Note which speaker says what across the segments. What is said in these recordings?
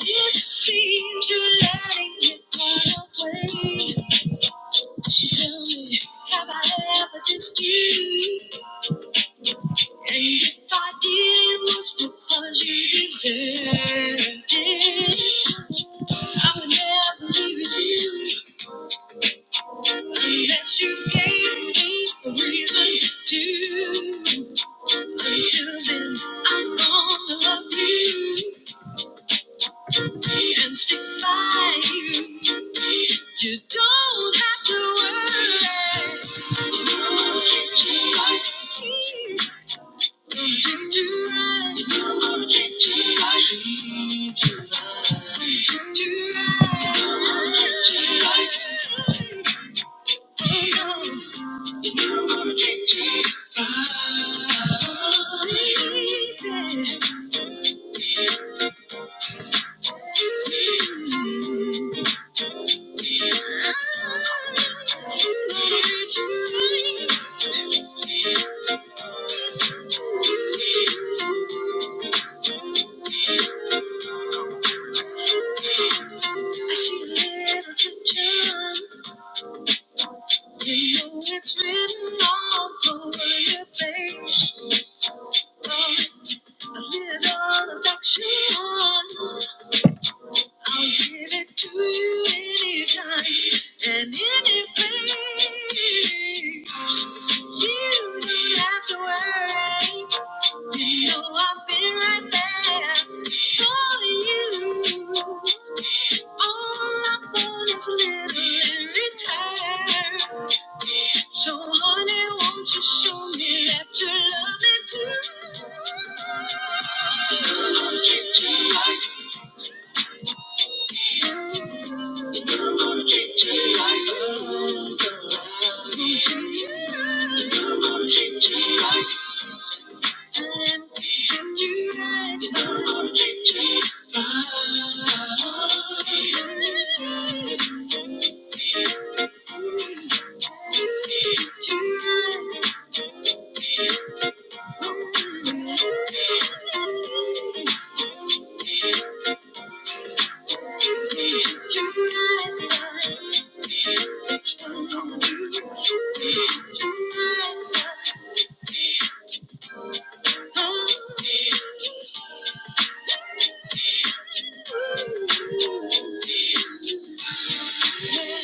Speaker 1: it seems you're letting it run away. Tell me, have I ever dissed you? And if I did, it was because you deserved it. I would never leave you unless you gave me a reason to. Until then, I'm gonna love you. and stick by you. You don't have to worry. You know I'm gonna treat you right. Gonna treat you right. You know I'm gonna treat you right. Treat you right. Gonna treat you right. You know I'm gonna treat you right. Oh, no. You know I'm gonna treat you right. Baby. And anything you don't have to worry. So I've been right there for you. All I want is a little in return. So honey, won't you show me that you love me too? You know what you do like. You know what you do like. You know what you do like. Thank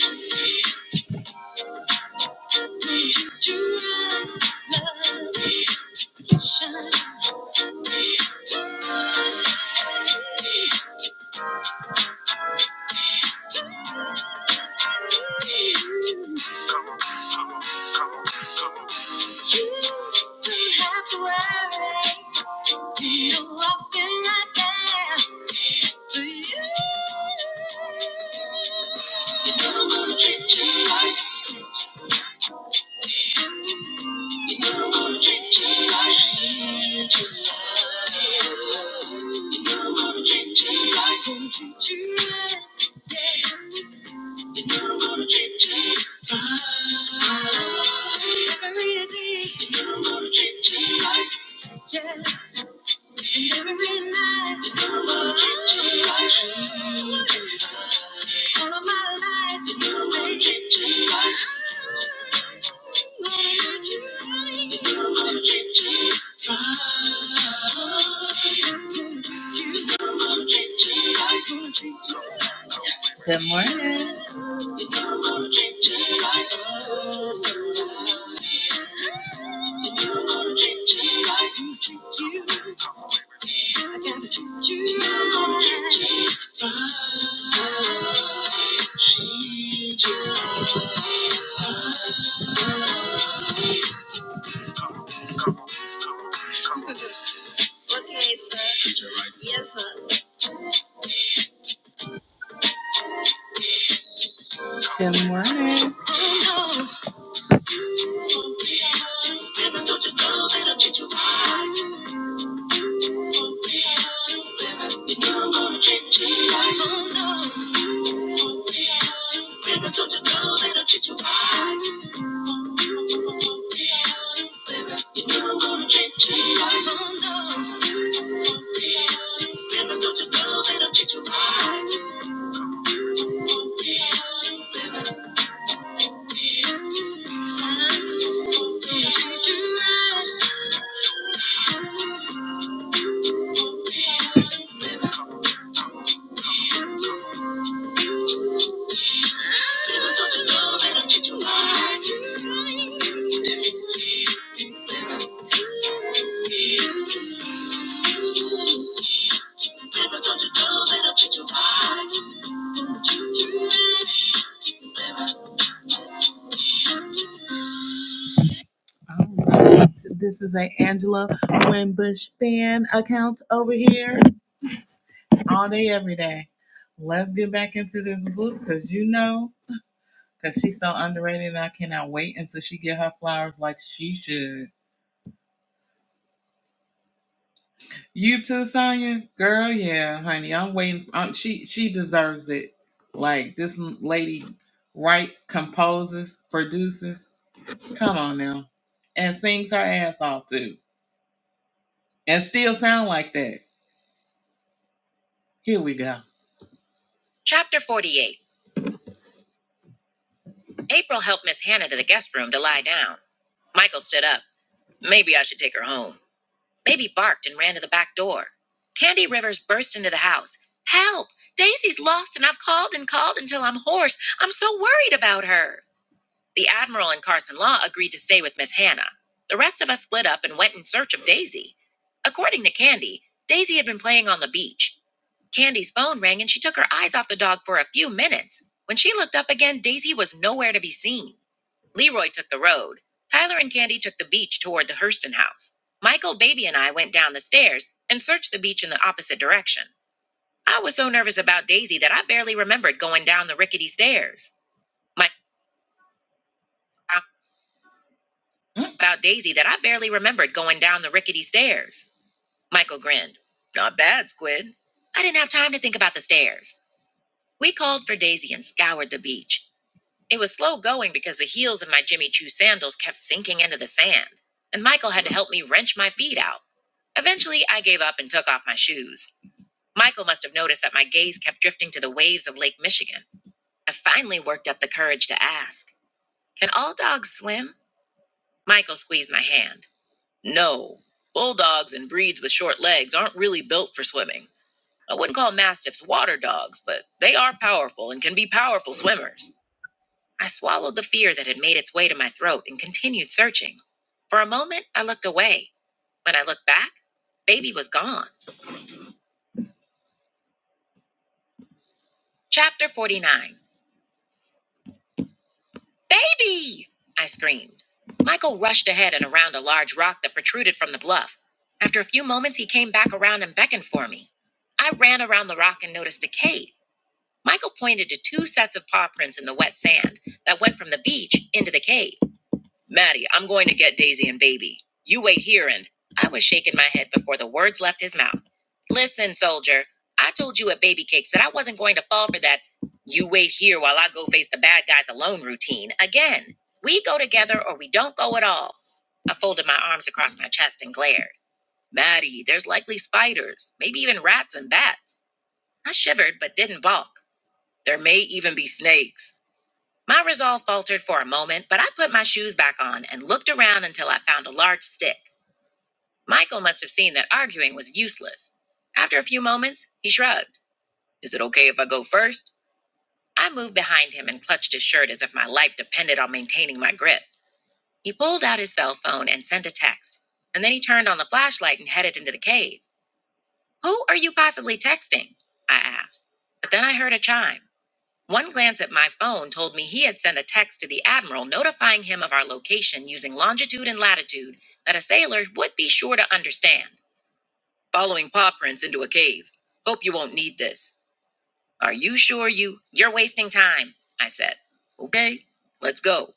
Speaker 1: you. You don't to You do it? Yeah. Thank you. Good morning. Yes, sir. Oh, no. Baby, Alright, This is a Angela Winbush fan account over here all day, every day. Let's get back into this book because you know Cause she's so underrated and I cannot wait until she get her flowers like she should. You too, Sonya? Girl, yeah, honey. I'm waiting. Um, she she deserves it. Like this lady write, composes, produces. Come on now. And sings her ass off too. And still sound like that. Here we go. Chapter 48. April helped Miss Hannah to the guest room to lie down. Michael stood up. Maybe I should take her home. Baby barked and ran to the back door. Candy Rivers burst into the house. Help! Daisy's lost, and I've called and called until I'm hoarse. I'm so worried about her. The Admiral and Carson Law agreed to stay with Miss Hannah. The rest of us split up and went in search of Daisy. According to Candy, Daisy had been playing on the beach. Candy's phone rang and she took her eyes off the dog for a few minutes. When she looked up again, Daisy was nowhere to be seen. Leroy took the road. Tyler and Candy took the beach toward the Hurston house. Michael, Baby, and I went down the stairs and searched the beach in the opposite direction. I was so nervous about Daisy that I barely remembered going down the rickety stairs. Mike about Daisy that I barely remembered going down the rickety stairs. Michael grinned. Not bad, Squid. I didn't have time to think about the stairs. We called for Daisy and scoured the beach. It was slow going because the heels of my Jimmy Choo sandals kept sinking into the sand, and Michael had to help me wrench my feet out. Eventually, I gave up and took off my shoes. Michael must have noticed that my gaze kept drifting to the waves of Lake Michigan. I finally worked up the courage to ask, Can all dogs swim? Michael squeezed my hand. No. Bulldogs and breeds with short legs aren't really built for swimming. I wouldn't call mastiffs water dogs, but they are powerful and can be powerful swimmers. I swallowed the fear that had made its way to my throat and continued searching. For a moment, I looked away. When I looked back, Baby was gone. Chapter 49 Baby! I screamed. Michael rushed ahead and around a large rock that protruded from the bluff. After a few moments, he came back around and beckoned for me. I ran around the rock and noticed a cave. Michael pointed to two sets of paw prints in the wet sand that went from the beach into the cave. Maddie, I'm going to get Daisy and baby. You wait here and I was shaking my head before the words left his mouth. Listen, soldier, I told you at Baby Cakes that I wasn't going to fall for that you wait here while I go face the bad guys alone routine again. We go together or we don't go at all. I folded my arms across my chest and glared. Maddie, there's likely spiders, maybe even rats and bats. I shivered but didn't balk. There may even be snakes. My resolve faltered for a moment, but I put my shoes back on and looked around until I found a large stick. Michael must have seen that arguing was useless. After a few moments, he shrugged. Is it okay if I go first? I moved behind him and clutched his shirt as if my life depended on maintaining my grip. He pulled out his cell phone and sent a text, and then he turned on the flashlight and headed into the cave. Who are you possibly texting? I asked. But then I heard a chime. One glance at my phone told me he had sent a text to the admiral notifying him of our location using longitude and latitude that a sailor would be sure to understand. Following paw prints into a cave. Hope you won't need this. Are you sure you you're wasting time? I said. Okay, let's go.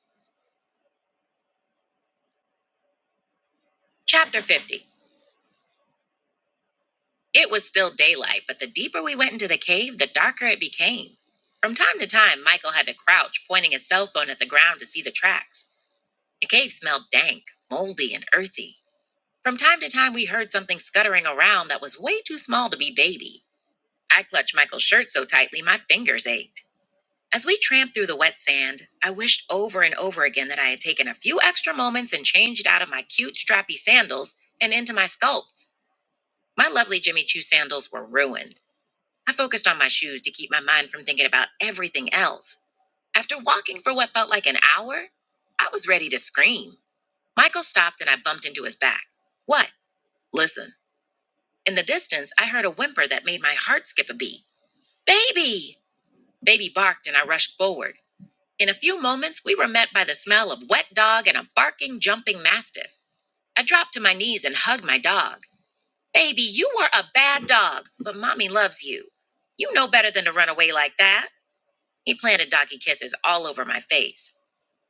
Speaker 1: Chapter 50. It was still daylight, but the deeper we went into the cave, the darker it became. From time to time, Michael had to crouch, pointing his cell phone at the ground to see the tracks. The cave smelled dank, moldy, and earthy. From time to time, we heard something scuttering around that was way too small to be baby. I clutched Michael's shirt so tightly my fingers ached. As we tramped through the wet sand, I wished over and over again that I had taken a few extra moments and changed out of my cute, strappy sandals and into my sculpts. My lovely Jimmy Choo sandals were ruined. I focused on my shoes to keep my mind from thinking about everything else. After walking for what felt like an hour, I was ready to scream. Michael stopped and I bumped into his back. What? Listen. In the distance, I heard a whimper that made my heart skip a beat. Baby! Baby barked and I rushed forward. In a few moments, we were met by the smell of wet dog and a barking, jumping mastiff. I dropped to my knees and hugged my dog. Baby, you were a bad dog, but mommy loves you. You know better than to run away like that. He planted doggy kisses all over my face.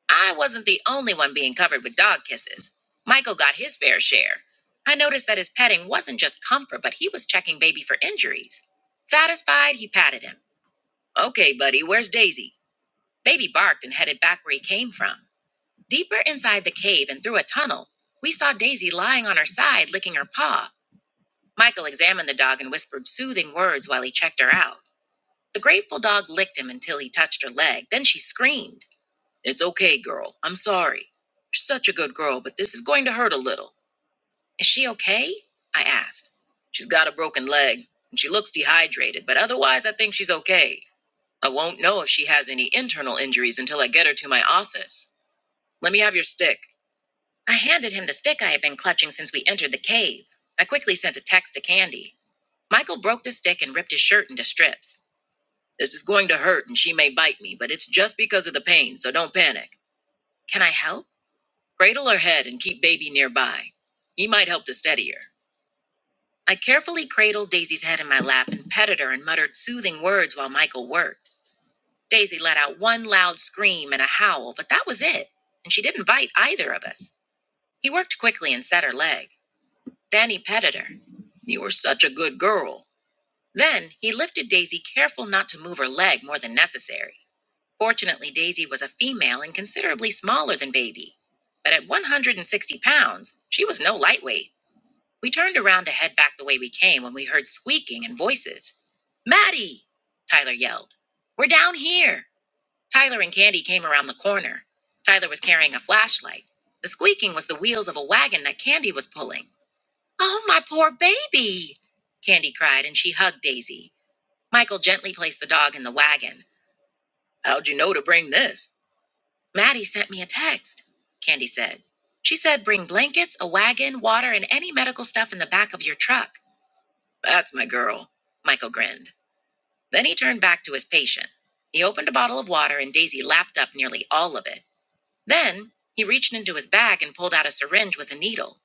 Speaker 1: I wasn't the only one being covered with dog kisses. Michael got his fair share. I noticed that his petting wasn't just comfort, but he was checking baby for injuries. Satisfied, he patted him. Okay, buddy, where's Daisy? Baby barked and headed back where he came from. Deeper inside the cave and through a tunnel, we saw Daisy lying on her side, licking her paw. Michael examined the dog and whispered soothing words while he checked her out. The grateful dog licked him until he touched her leg. Then she screamed. It's okay, girl. I'm sorry. You're such a good girl, but this is going to hurt a little. Is she okay? I asked. She's got a broken leg, and she looks dehydrated, but otherwise, I think she's okay. I won't know if she has any internal injuries until I get her to my office. Let me have your stick. I handed him the stick I had been clutching since we entered the cave. I quickly sent a text to Candy. Michael broke the stick and ripped his shirt into strips. This is going to hurt, and she may bite me, but it's just because of the pain, so don't panic. Can I help? Cradle her head and keep baby nearby. He might help to steady her. I carefully cradled Daisy's head in my lap and petted her and muttered soothing words while Michael worked. Daisy let out one loud scream and a howl, but that was it, and she didn't bite either of us. He worked quickly and set her leg. Then he petted her. You were such a good girl. Then he lifted Daisy, careful not to move her leg more than necessary. Fortunately, Daisy was a female and considerably smaller than Baby. But at 160 pounds, she was no lightweight. We turned around to head back the way we came when we heard squeaking and voices. Maddie! Tyler yelled. We're down here! Tyler and Candy came around the corner. Tyler was carrying a flashlight. The squeaking was the wheels of a wagon that Candy was pulling. Oh, my poor baby! Candy cried and she hugged Daisy. Michael gently placed the dog in the wagon. How'd you know to bring this? Maddie sent me a text, Candy said. She said bring blankets, a wagon, water, and any medical stuff in the back of your truck. That's my girl. Michael grinned. Then he turned back to his patient. He opened a bottle of water and Daisy lapped up nearly all of it. Then he reached into his bag and pulled out a syringe with a needle.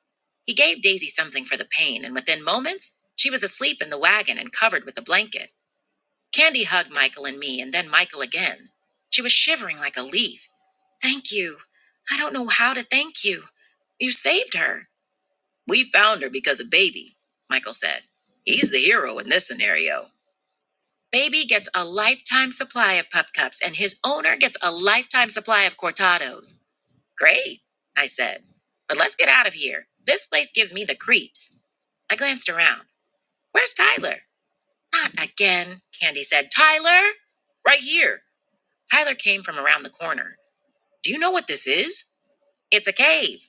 Speaker 1: He gave Daisy something for the pain, and within moments, she was asleep in the wagon and covered with a blanket. Candy hugged Michael and me, and then Michael again. She was shivering like a leaf. Thank you. I don't know how to thank you. You saved her. We found her because of Baby, Michael said. He's the hero in this scenario. Baby gets a lifetime supply of pup cups, and his owner gets a lifetime supply of cortados. Great, I said. But let's get out of here. This place gives me the creeps. I glanced around. Where's Tyler? Not again, Candy said. Tyler? Right here. Tyler came from around the corner. Do you know what this is? It's a cave,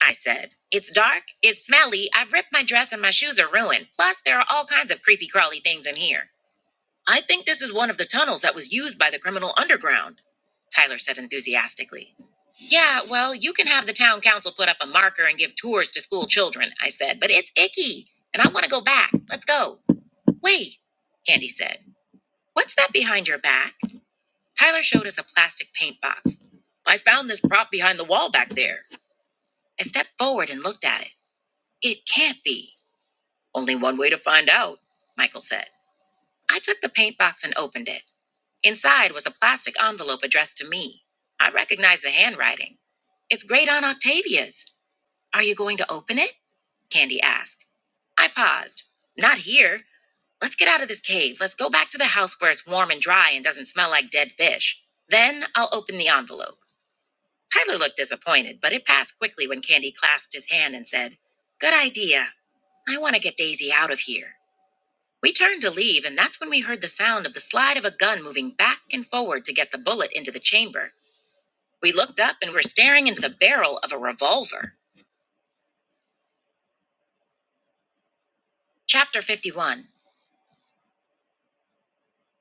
Speaker 1: I said. It's dark, it's smelly, I've ripped my dress, and my shoes are ruined. Plus, there are all kinds of creepy crawly things in here. I think this is one of the tunnels that was used by the criminal underground, Tyler said enthusiastically. Yeah, well, you can have the town council put up a marker and give tours to school children, I said, but it's icky, and I want to go back. Let's go. Wait, Candy said. What's that behind your back? Tyler showed us a plastic paint box. I found this prop behind the wall back there. I stepped forward and looked at it. It can't be. Only one way to find out, Michael said. I took the paint box and opened it. Inside was a plastic envelope addressed to me. I recognized the handwriting. It's great Aunt Octavia's. Are you going to open it? Candy asked. I paused. Not here. Let's get out of this cave. Let's go back to the house where it's warm and dry and doesn't smell like dead fish. Then I'll open the envelope. Tyler looked disappointed, but it passed quickly when Candy clasped his hand and said, Good idea. I want to get Daisy out of here. We turned to leave, and that's when we heard the sound of the slide of a gun moving back and forward to get the bullet into the chamber. We looked up and were staring into the barrel of a revolver. Chapter 51.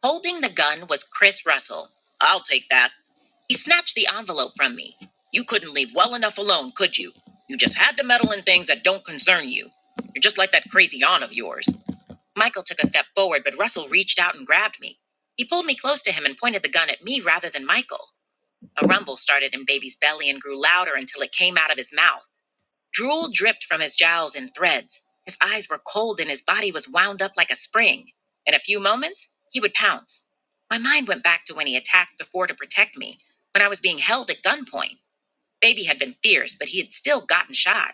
Speaker 1: Holding the gun was Chris Russell. I'll take that. He snatched the envelope from me. You couldn't leave well enough alone, could you? You just had to meddle in things that don't concern you. You're just like that crazy aunt of yours. Michael took a step forward, but Russell reached out and grabbed me. He pulled me close to him and pointed the gun at me rather than Michael. A rumble started in Baby's belly and grew louder until it came out of his mouth. Drool dripped from his jowls in threads. His eyes were cold and his body was wound up like a spring. In a few moments, he would pounce. My mind went back to when he attacked before to protect me, when I was being held at gunpoint. Baby had been fierce, but he had still gotten shot.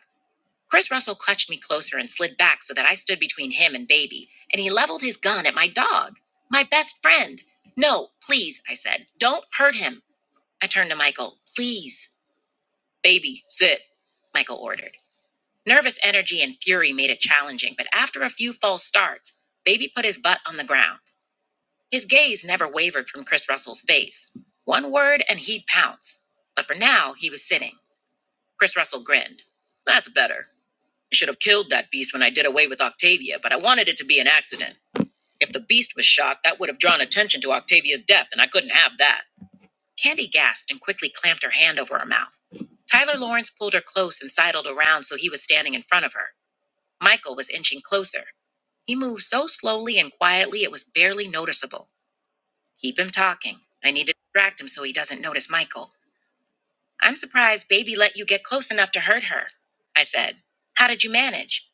Speaker 1: Chris Russell clutched me closer and slid back so that I stood between him and Baby, and he leveled his gun at my dog, my best friend. No, please, I said. Don't hurt him. I turned to Michael. Please. Baby, sit, Michael ordered. Nervous energy and fury made it challenging, but after a few false starts, Baby put his butt on the ground. His gaze never wavered from Chris Russell's face. One word and he'd pounce. But for now, he was sitting. Chris Russell grinned. That's better. I should have killed that beast when I did away with Octavia, but I wanted it to be an accident. If the beast was shocked, that would have drawn attention to Octavia's death, and I couldn't have that. Candy gasped and quickly clamped her hand over her mouth. Tyler Lawrence pulled her close and sidled around so he was standing in front of her. Michael was inching closer. He moved so slowly and quietly it was barely noticeable. Keep him talking. I need to distract him so he doesn't notice Michael. I'm surprised Baby let you get close enough to hurt her, I said. How did you manage?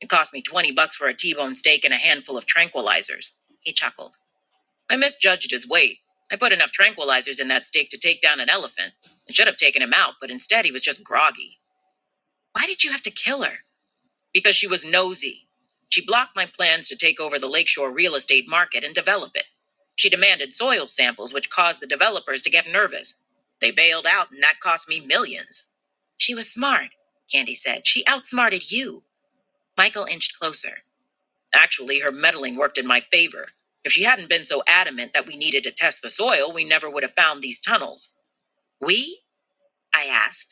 Speaker 1: It cost me 20 bucks for a T-bone steak and a handful of tranquilizers. He chuckled. I misjudged his weight. I put enough tranquilizers in that steak to take down an elephant. I should have taken him out, but instead he was just groggy. Why did you have to kill her? because she was nosy. She blocked my plans to take over the lakeshore real estate market and develop it. She demanded soil samples, which caused the developers to get nervous. They bailed out, and that cost me millions. She was smart, Candy said. She outsmarted you. Michael inched closer. Actually, her meddling worked in my favor. If she hadn't been so adamant that we needed to test the soil, we never would have found these tunnels. We? I asked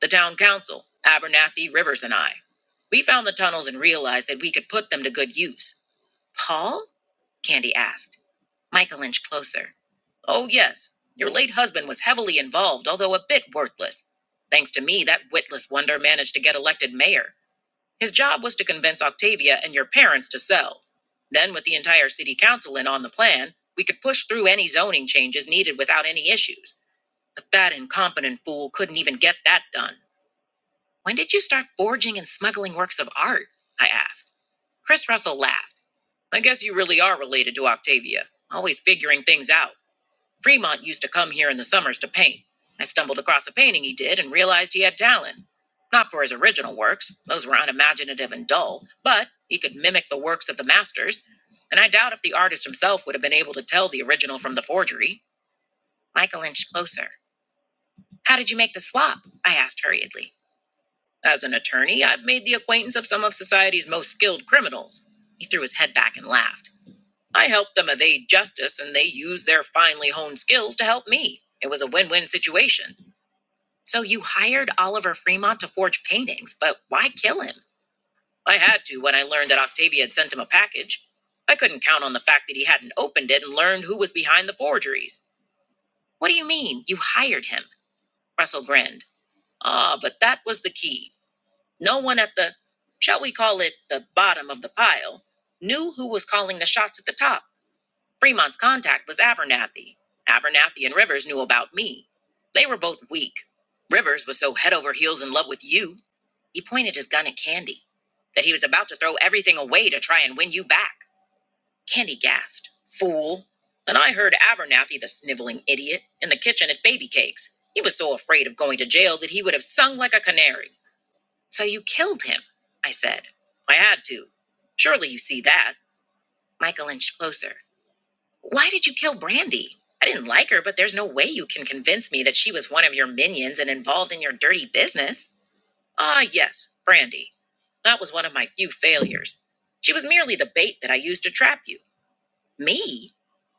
Speaker 1: the town council, Abernathy, Rivers, and I. We found the tunnels and realized that we could put them to good use. Paul? Candy asked. Michael inched closer. Oh, yes. Your late husband was heavily involved, although a bit worthless. Thanks to me, that witless wonder managed to get elected mayor. His job was to convince Octavia and your parents to sell. Then, with the entire city council in on the plan, we could push through any zoning changes needed without any issues. But that incompetent fool couldn't even get that done. When did you start forging and smuggling works of art? I asked. Chris Russell laughed. I guess you really are related to Octavia, always figuring things out. Fremont used to come here in the summers to paint. I stumbled across a painting he did and realized he had talent. Not for his original works, those were unimaginative and dull, but he could mimic the works of the masters, and I doubt if the artist himself would have been able to tell the original from the forgery. Michael inched closer. How did you make the swap? I asked hurriedly. As an attorney, I've made the acquaintance of some of society's most skilled criminals. He threw his head back and laughed. I helped them evade justice, and they used their finely honed skills to help me. It was a win win situation. So you hired Oliver Fremont to forge paintings, but why kill him? I had to when I learned that Octavia had sent him a package. I couldn't count on the fact that he hadn't opened it and learned who was behind the forgeries. What do you mean, you hired him? Russell grinned. Ah, but that was the key. No one at the, shall we call it, the bottom of the pile, knew who was calling the shots at the top. Fremont's contact was Abernathy. Abernathy and Rivers knew about me. They were both weak. Rivers was so head over heels in love with you. He pointed his gun at Candy, that he was about to throw everything away to try and win you back. Candy gasped, Fool. And I heard Abernathy, the sniveling idiot, in the kitchen at Baby Cakes. He was so afraid of going to jail that he would have sung like a canary. So you killed him, I said. I had to. Surely you see that. Michael inched closer. Why did you kill Brandy? I didn't like her, but there's no way you can convince me that she was one of your minions and involved in your dirty business. Ah, yes, Brandy. That was one of my few failures. She was merely the bait that I used to trap you. Me?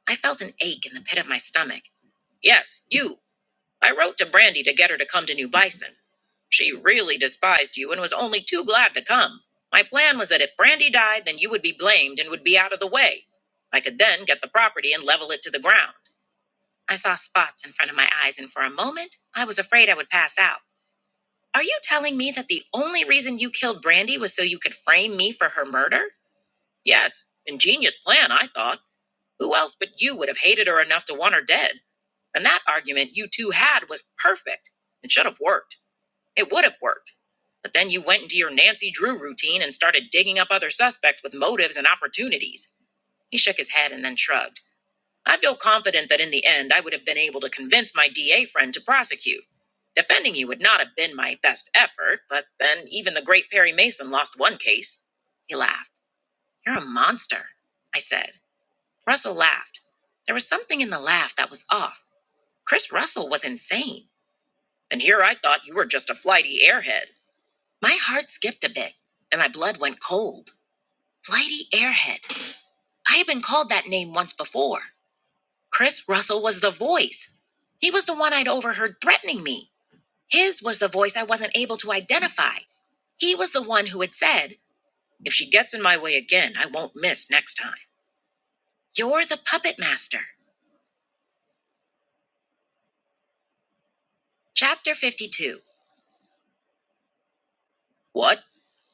Speaker 1: I felt an ache in the pit of my stomach. Yes, you. I wrote to Brandy to get her to come to New Bison. She really despised you and was only too glad to come. My plan was that if Brandy died, then you would be blamed and would be out of the way. I could then get the property and level it to the ground. I saw spots in front of my eyes, and for a moment, I was afraid I would pass out. Are you telling me that the only reason you killed Brandy was so you could frame me for her murder? Yes, ingenious plan, I thought. Who else but you would have hated her enough to want her dead? And that argument you two had was perfect. It should have worked. It would have worked. But then you went into your Nancy Drew routine and started digging up other suspects with motives and opportunities. He shook his head and then shrugged. I feel confident that in the end, I would have been able to convince my DA friend to prosecute. Defending you would not have been my best effort, but then even the great Perry Mason lost one case. He laughed. You're a monster, I said. Russell laughed. There was something in the laugh that was off. Chris Russell was insane. And here I thought you were just a flighty airhead. My heart skipped a bit, and my blood went cold. Flighty Airhead. I had been called that name once before. Chris Russell was the voice. He was the one I'd overheard threatening me. His was the voice I wasn't able to identify. He was the one who had said, If she gets in my way again, I won't miss next time. You're the puppet master. Chapter 52. What?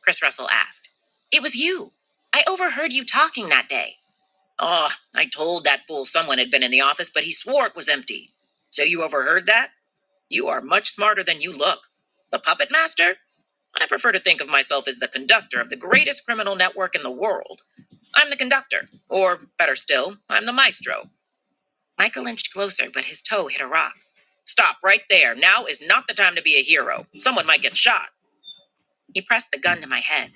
Speaker 1: Chris Russell asked. It was you. I overheard you talking that day. Oh, I told that fool someone had been in the office, but he swore it was empty. So you overheard that? You are much smarter than you look. The puppet master? I prefer to think of myself as the conductor of the greatest criminal network in the world. I'm the conductor. Or, better still, I'm the maestro. Michael inched closer, but his toe hit a rock. Stop right there. Now is not the time to be a hero. Someone might get shot. He pressed the gun to my head.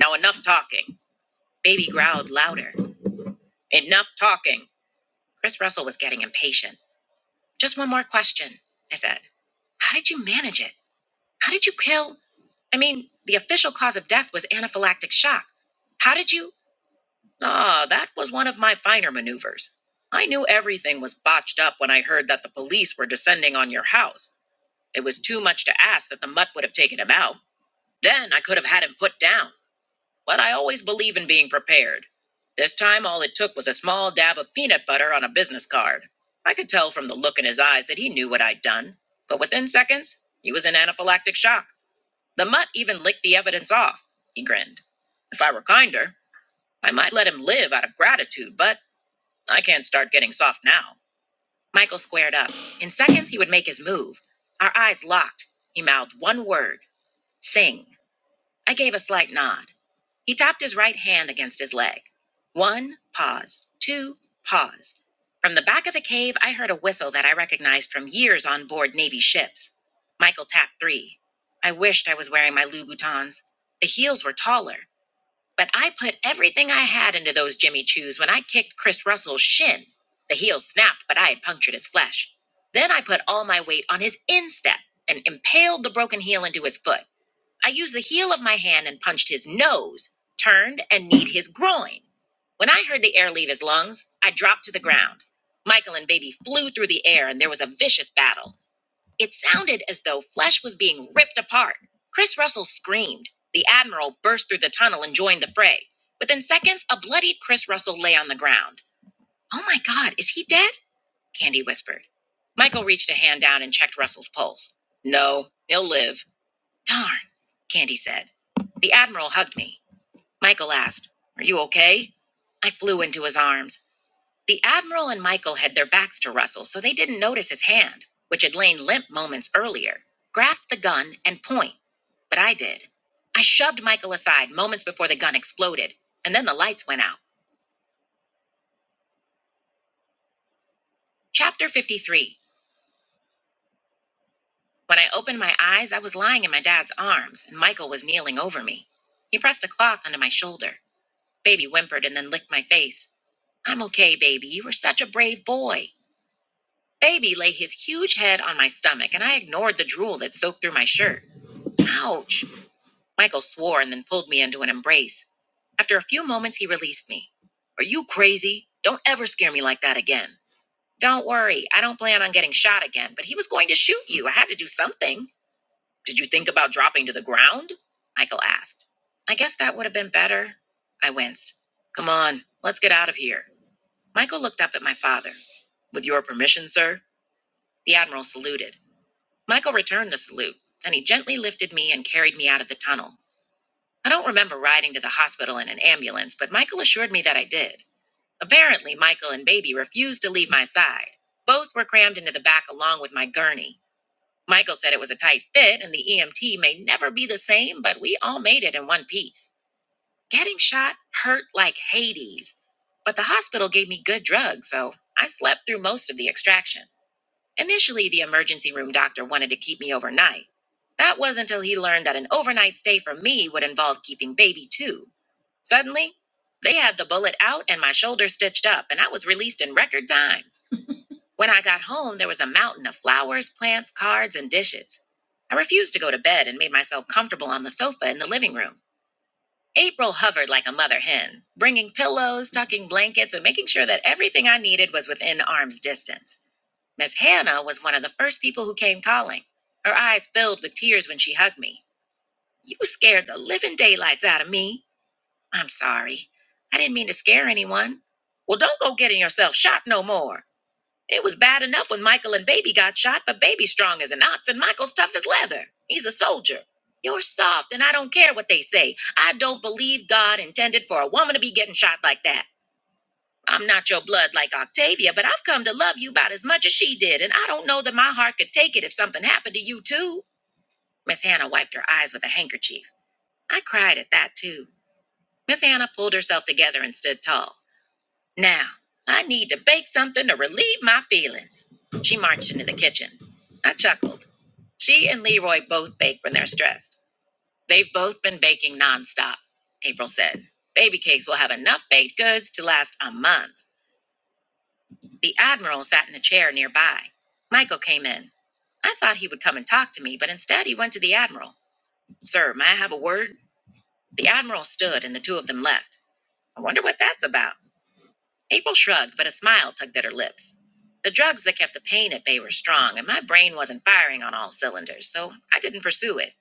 Speaker 1: Now enough talking. Baby growled louder. Enough talking. Chris Russell was getting impatient. Just one more question, I said. How did you manage it? How did you kill? I mean, the official cause of death was anaphylactic shock. How did you? Ah, that was one of my finer maneuvers. I knew everything was botched up when I heard that the police were descending on your house. It was too much to ask that the mutt would have taken him out. Then I could have had him put down but I always believe in being prepared. This time, all it took was a small dab of peanut butter on a business card. I could tell from the look in his eyes that he knew what I'd done, but within seconds, he was in anaphylactic shock. The mutt even licked the evidence off. He grinned. If I were kinder, I might let him live out of gratitude, but I can't start getting soft now. Michael squared up. In seconds, he would make his move. Our eyes locked. He mouthed one word sing. I gave a slight nod. He tapped his right hand against his leg. One, pause. Two, pause. From the back of the cave, I heard a whistle that I recognized from years on board Navy ships. Michael tapped three. I wished I was wearing my Louboutins. The heels were taller, but I put everything I had into those Jimmy Choos when I kicked Chris Russell's shin. The heel snapped, but I had punctured his flesh. Then I put all my weight on his instep and impaled the broken heel into his foot. I used the heel of my hand and punched his nose, turned, and kneed his groin. When I heard the air leave his lungs, I dropped to the ground. Michael and Baby flew through the air, and there was a vicious battle. It sounded as though flesh was being ripped apart. Chris Russell screamed. The Admiral burst through the tunnel and joined the fray. Within seconds, a bloodied Chris Russell lay on the ground. Oh my God, is he dead? Candy whispered. Michael reached a hand down and checked Russell's pulse. No, he'll live. Darn, Candy said. The Admiral hugged me. Michael asked, Are you okay? I flew into his arms. The Admiral and Michael had their backs to Russell, so they didn't notice his hand, which had lain limp moments earlier, Grasped the gun and point. But I did. I shoved Michael aside moments before the gun exploded, and then the lights went out. Chapter 53. When I opened my eyes, I was lying in my dad's arms, and Michael was kneeling over me. He pressed a cloth under my shoulder. Baby whimpered and then licked my face. I'm okay, baby. You were such a brave boy. Baby lay his huge head on my stomach, and I ignored the drool that soaked through my shirt. Ouch! Michael swore and then pulled me into an embrace. After a few moments, he released me. Are you crazy? Don't ever scare me like that again. Don't worry, I don't plan on getting shot again, but he was going to shoot you. I had to do something. Did you think about dropping to the ground? Michael asked. I guess that would have been better. I winced. Come on, let's get out of here. Michael looked up at my father. With your permission, sir? The Admiral saluted. Michael returned the salute, and he gently lifted me and carried me out of the tunnel. I don't remember riding to the hospital in an ambulance, but Michael assured me that I did. Apparently, Michael and Baby refused to leave my side. Both were crammed into the back along with my gurney. Michael said it was a tight fit and the EMT may never be the same, but we all made it in one piece. Getting shot hurt like Hades, but the hospital gave me good drugs, so I slept through most of the extraction. Initially, the emergency room doctor wanted to keep me overnight. That was until he learned that an overnight stay for me would involve keeping baby too. Suddenly, they had the bullet out and my shoulder stitched up, and I was released in record time. When I got home, there was a mountain of flowers, plants, cards, and dishes. I refused to go to bed and made myself comfortable on the sofa in the living room. April hovered like a mother hen, bringing pillows, tucking blankets, and making sure that everything I needed was within arm's distance. Miss Hannah was one of the first people who came calling. Her eyes filled with tears when she hugged me. You scared the living daylights out of me. I'm sorry. I didn't mean to scare anyone. Well, don't go getting yourself shot no more. It was bad enough when Michael and Baby got shot, but Baby's strong as an ox and Michael's tough as leather. He's a soldier. You're soft, and I don't care what they say. I don't believe God intended for a woman to be getting shot like that. I'm not your blood like Octavia, but I've come to love you about as much as she did, and I don't know that my heart could take it if something happened to you, too. Miss Hannah wiped her eyes with a handkerchief. I cried at that, too. Miss Hannah pulled herself together and stood tall. Now, I need to bake something to relieve my feelings. She marched into the kitchen. I chuckled. She and Leroy both bake when they're stressed. They've both been baking nonstop, April said. Baby cakes will have enough baked goods to last a month. The Admiral sat in a chair nearby. Michael came in. I thought he would come and talk to me, but instead he went to the Admiral. Sir, may I have a word? The Admiral stood and the two of them left. I wonder what that's about. April shrugged, but a smile tugged at her lips. The drugs that kept the pain at bay were strong, and my brain wasn't firing on all cylinders, so I didn't pursue it.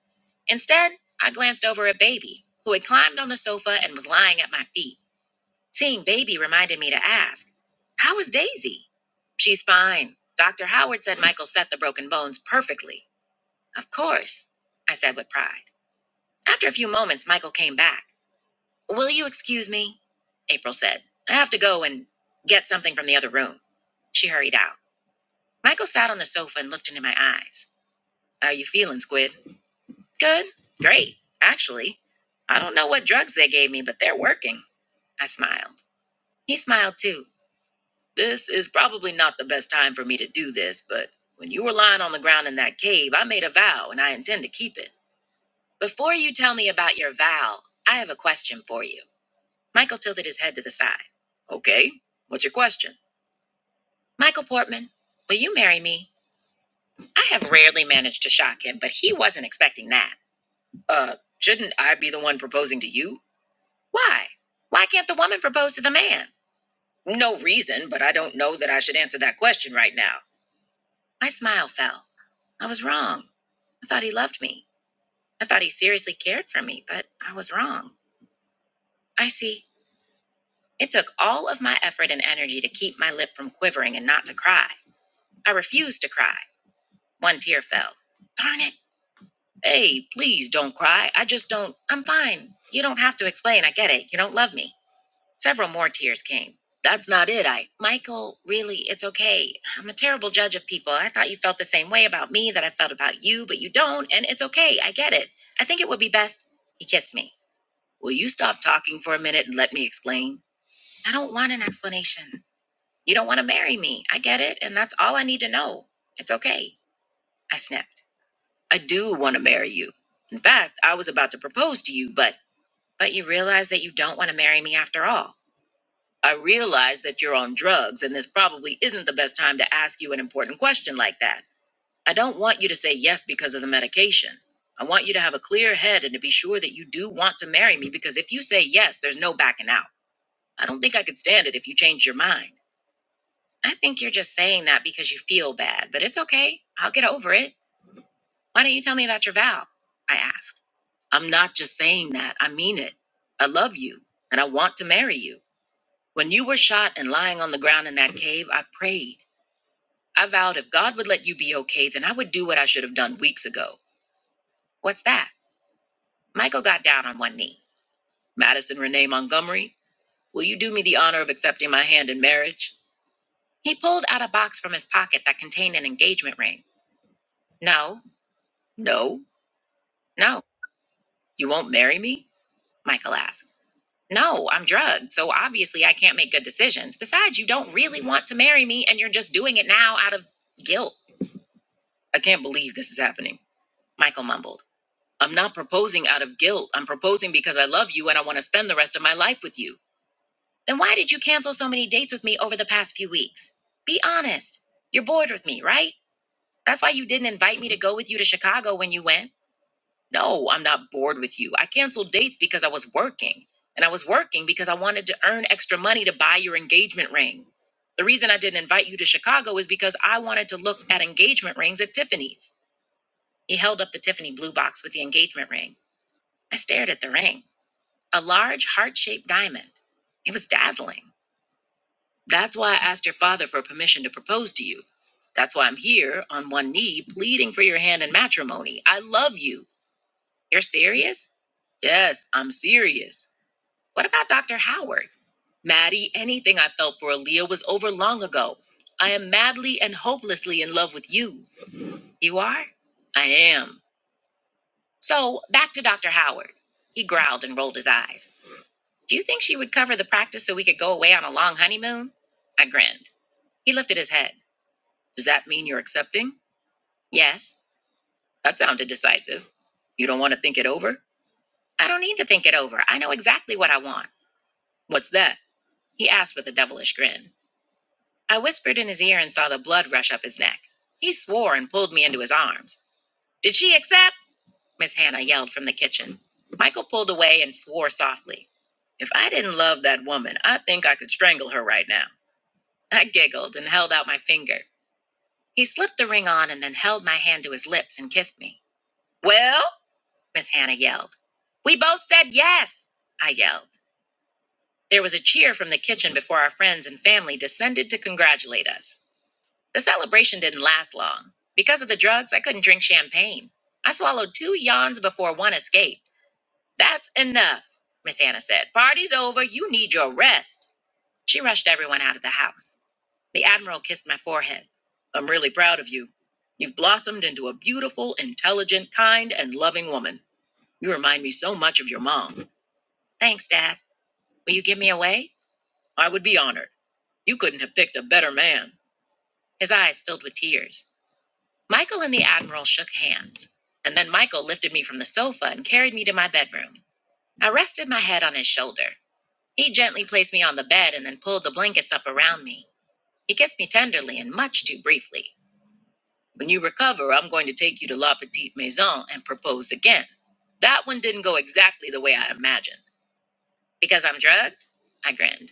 Speaker 1: Instead, I glanced over at Baby, who had climbed on the sofa and was lying at my feet. Seeing Baby reminded me to ask, How is Daisy? She's fine. Dr. Howard said Michael set the broken bones perfectly. Of course, I said with pride. After a few moments, Michael came back. Will you excuse me? April said. I have to go and get something from the other room. She hurried out. Michael sat on the sofa and looked into my eyes. How are you feeling, Squid? Good. Great, actually. I don't know what drugs they gave me, but they're working. I smiled. He smiled too. This is probably not the best time for me to do this, but when you were lying on the ground in that cave, I made a vow and I intend to keep it. Before you tell me about your vow, I have a question for you. Michael tilted his head to the side. Okay, what's your question? Michael Portman, will you marry me? I have rarely managed to shock him, but he wasn't expecting that. Uh, shouldn't I be the one proposing to you? Why? Why can't the woman propose to the man? No reason, but I don't know that I should answer that question right now. My smile fell. I was wrong. I thought he loved me. I thought he seriously cared for me, but I was wrong. I see. It took all of my effort and energy to keep my lip from quivering and not to cry. I refused to cry. One tear fell. Darn it. Hey, please don't cry. I just don't. I'm fine. You don't have to explain. I get it. You don't love me. Several more tears came. That's not it, I. Michael, really, it's okay. I'm a terrible judge of people. I thought you felt the same way about me that I felt about you, but you don't, and it's okay. I get it. I think it would be best. He kissed me. Will you stop talking for a minute and let me explain? I don't want an explanation. You don't want to marry me. I get it, and that's all I need to know. It's okay. I sniffed. I do want to marry you. In fact, I was about to propose to you, but. But you realize that you don't want to marry me after all. I realize that you're on drugs, and this probably isn't the best time to ask you an important question like that. I don't want you to say yes because of the medication. I want you to have a clear head and to be sure that you do want to marry me because if you say yes, there's no backing out. I don't think I could stand it if you change your mind. I think you're just saying that because you feel bad, but it's okay. I'll get over it. Why don't you tell me about your vow? I asked. I'm not just saying that. I mean it. I love you and I want to marry you. When you were shot and lying on the ground in that cave, I prayed. I vowed if God would let you be okay, then I would do what I should have done weeks ago. What's that? Michael got down on one knee. Madison Renee Montgomery, will you do me the honor of accepting my hand in marriage? He pulled out a box from his pocket that contained an engagement ring. No, no, no. You won't marry me? Michael asked. No, I'm drugged. So obviously I can't make good decisions. Besides, you don't really want to marry me and you're just doing it now out of guilt. I can't believe this is happening. Michael mumbled. I'm not proposing out of guilt. I'm proposing because I love you and I want to spend the rest of my life with you. Then why did you cancel so many dates with me over the past few weeks? Be honest. You're bored with me, right? That's why you didn't invite me to go with you to Chicago when you went. No, I'm not bored with you. I canceled dates because I was working. And I was working because I wanted to earn extra money to buy your engagement ring. The reason I didn't invite you to Chicago is because I wanted to look at engagement rings at Tiffany's. He held up the Tiffany blue box with the engagement ring. I stared at the ring, a large heart shaped diamond. It was dazzling. That's why I asked your father for permission to propose to you. That's why I'm here on one knee pleading for your hand in matrimony. I love you. You're serious? Yes, I'm serious. What about Dr. Howard? Maddie, anything I felt for Aaliyah was over long ago. I am madly and hopelessly in love with you. You are? I am. So, back to Dr. Howard. He growled and rolled his eyes. Do you think she would cover the practice so we could go away on a long honeymoon? I grinned. He lifted his head. Does that mean you're accepting? Yes. That sounded decisive. You don't want to think it over? I don't need to think it over. I know exactly what I want. What's that? he asked with a devilish grin. I whispered in his ear and saw the blood rush up his neck. He swore and pulled me into his arms. Did she accept? Miss Hannah yelled from the kitchen. Michael pulled away and swore softly. If I didn't love that woman, I think I could strangle her right now. I giggled and held out my finger. He slipped the ring on and then held my hand to his lips and kissed me. Well? Miss Hannah yelled. We both said yes, I yelled. There was a cheer from the kitchen before our friends and family descended to congratulate us. The celebration didn't last long. Because of the drugs, I couldn't drink champagne. I swallowed two yawns before one escaped. That's enough, Miss Anna said. Party's over. You need your rest. She rushed everyone out of the house. The Admiral kissed my forehead. I'm really proud of you. You've blossomed into a beautiful, intelligent, kind, and loving woman. You remind me so much of your mom. Thanks, Dad. Will you give me away? I would be honored. You couldn't have picked a better man. His eyes filled with tears. Michael and the Admiral shook hands, and then Michael lifted me from the sofa and carried me to my bedroom. I rested my head on his shoulder. He gently placed me on the bed and then pulled the blankets up around me. He kissed me tenderly and much too briefly. When you recover, I'm going to take you to La Petite Maison and propose again. That one didn't go exactly the way I imagined. Because I'm drugged? I grinned.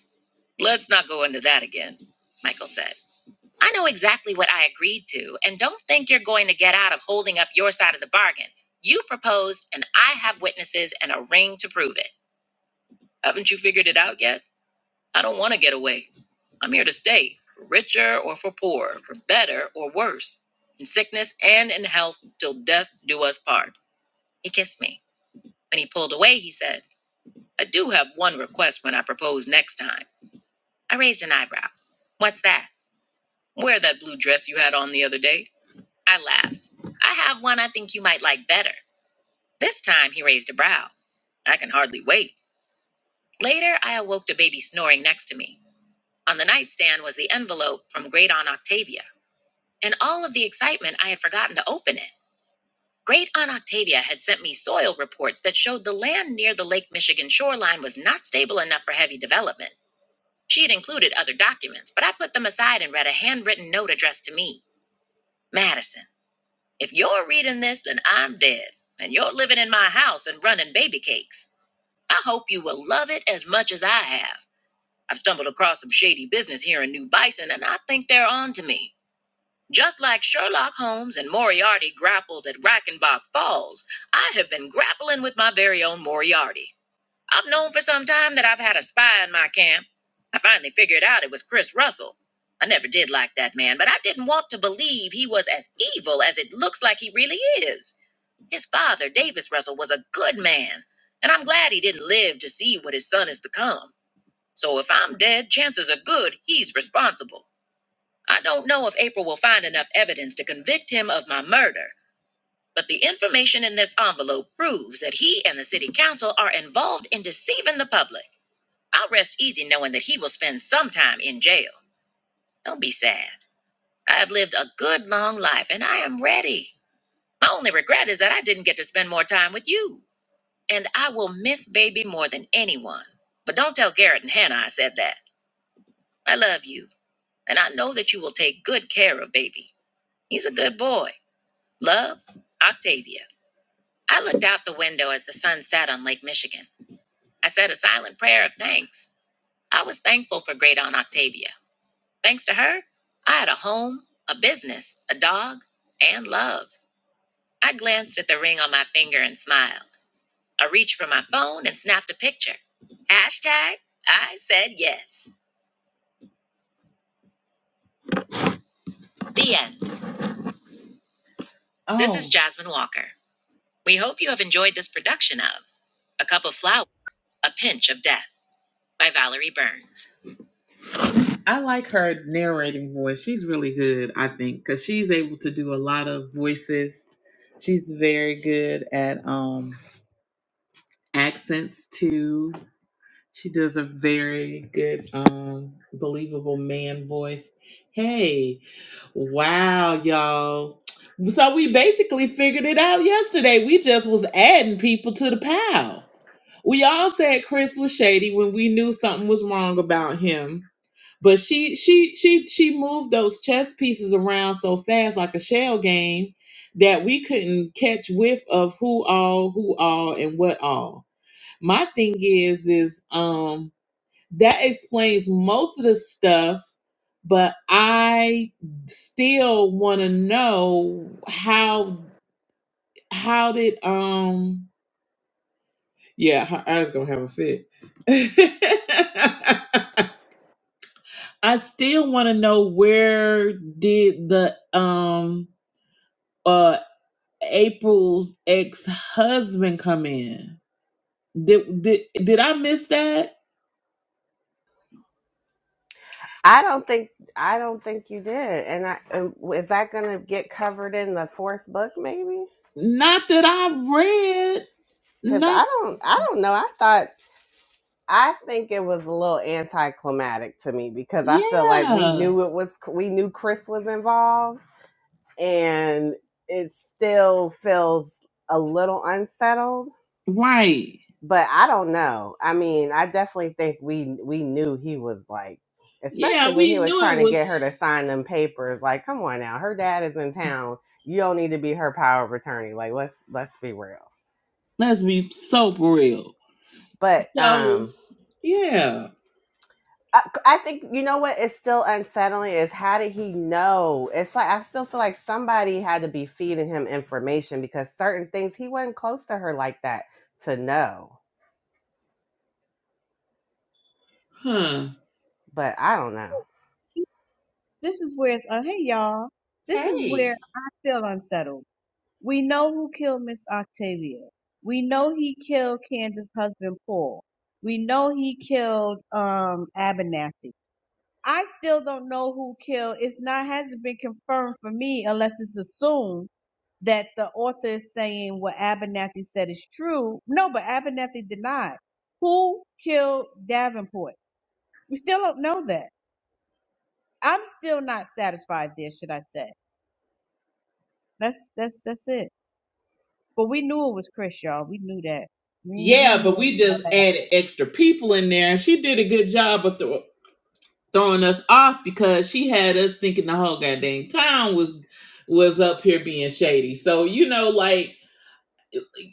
Speaker 1: Let's not go into that again, Michael said. I know exactly what I agreed to, and don't think you're going to get out of holding up your side of the bargain. You proposed, and I have witnesses and a ring to prove it. Haven't you figured it out yet? I don't want to get away. I'm here to stay, for richer or for poorer, for better or worse, in sickness and in health, till death do us part. He kissed me. When he pulled away, he said, I do have one request when I propose next time. I raised an eyebrow. What's that? Wear that blue dress you had on the other day. I laughed. I have one I think you might like better. This time he raised a brow. I can hardly wait. Later, I awoke to baby snoring next to me. On the nightstand was the envelope from Great Aunt Octavia. In all of the excitement, I had forgotten to open it. Great Aunt Octavia had sent me soil reports that showed the land near the Lake Michigan shoreline was not stable enough for heavy development. She had included other documents, but I put them aside and read a handwritten note addressed to me. Madison. If you're reading this, then I'm dead, and you're living in my house and running baby cakes. I hope you will love it as much as I have. I've stumbled across some shady business here in New Bison, and I think they're on to me. Just like Sherlock Holmes and Moriarty grappled at Reichenbach Falls, I have been grappling with my very own Moriarty. I've known for some time that I've had a spy in my camp. I finally figured out it was Chris Russell. I never did like that man, but I didn't want to believe he was as evil as it looks like he really is. His father, Davis Russell, was a good man, and I'm glad he didn't live to see what his son has become. So if I'm dead, chances are good he's responsible. I don't know if April will find enough evidence to convict him of my murder, but the information in this envelope proves that he and the city council are involved in deceiving the public. I'll rest easy knowing that he will spend some time in jail. Don't be sad. I have lived a good long life and I am ready. My only regret is that I didn't get to spend more time with you. And I will miss baby more than anyone. But don't tell Garrett and Hannah I said that. I love you, and I know that you will take good care of baby. He's a good boy. Love, Octavia. I looked out the window as the sun set on Lake Michigan. I said a silent prayer of thanks. I was thankful for great aunt Octavia. Thanks to her, I had a home, a business, a dog, and love. I glanced at the ring on my finger and smiled. I reached for my phone and snapped a picture. Hashtag I said yes. The end. Oh. This is Oh. Jasmine Walker. We hope you have enjoyed this production of A Cup of Flour, A Pinch of Death by Valerie Burns. I like her narrating voice. She's really good, I think, because she's able to do a lot of voices. She's very good at um accents too She does a very good, um, believable man voice. Hey, wow, y'all. So we basically figured it out yesterday. We just was adding people to the pile. We all said Chris was shady when we knew something was wrong about him. But she she she she moved those chess pieces around so fast like a shell game that we couldn't catch whiff of who all, who all, and what all. My thing is, is um that explains most of the stuff, but I still want to know how how did um yeah, her eyes gonna have a fit. I still want to know where did the um uh April's ex-husband come in? Did did did I miss that?
Speaker 2: I don't think I don't think you did. And I, and is that going to get covered in the fourth book maybe?
Speaker 1: Not that I read.
Speaker 2: Cuz
Speaker 1: Not
Speaker 2: I don't I don't know. I thought I think it was a little anticlimactic to me because I felt like we
Speaker 1: yeah.
Speaker 2: knew it was we knew Chris was involved and it still feels a little unsettled
Speaker 1: Right.
Speaker 2: but I don't know. I mean, I definitely think we we knew he was like,
Speaker 1: Yeah,
Speaker 2: especially when he
Speaker 1: we
Speaker 2: was
Speaker 1: knew
Speaker 2: trying
Speaker 1: it
Speaker 2: to
Speaker 1: was.
Speaker 2: get her to sign them papers. Like, come on now, her dad is in town. You don't need to be her power of attorney. Like, let's let's be real.
Speaker 1: Let's be so for real.
Speaker 2: But
Speaker 1: So,
Speaker 2: um,
Speaker 1: yeah.
Speaker 2: I, I think you know what is still unsettling is how did he know? It's like I still feel like somebody had to be feeding him information because certain things he wasn't close to her like that to know.
Speaker 1: Huh.
Speaker 2: But I don't know.
Speaker 3: This is where it's, uh, hey y'all, this is where
Speaker 1: Hey.
Speaker 3: I feel unsettled. We know who killed Miss Octavia. We know he killed Candace's husband, Paul. We know he killed, um, Abernathy. I still don't know who killed. It's not, hasn't been confirmed for me unless it's assumed that the author is saying what Abernathy said is true. No, but Abernathy denied. Who killed Davenport? We still don't know that. I'm still not satisfied there, should I say. That's that's that's it. But we knew it was Chris, y'all. We knew that. We we
Speaker 1: Yeah,
Speaker 3: knew it
Speaker 1: but we
Speaker 3: was all
Speaker 1: just
Speaker 3: that.
Speaker 1: added extra people in there. and She did a good job of thro- throwing us off because she had us thinking the whole goddamn town was was up here being shady. So, you know, like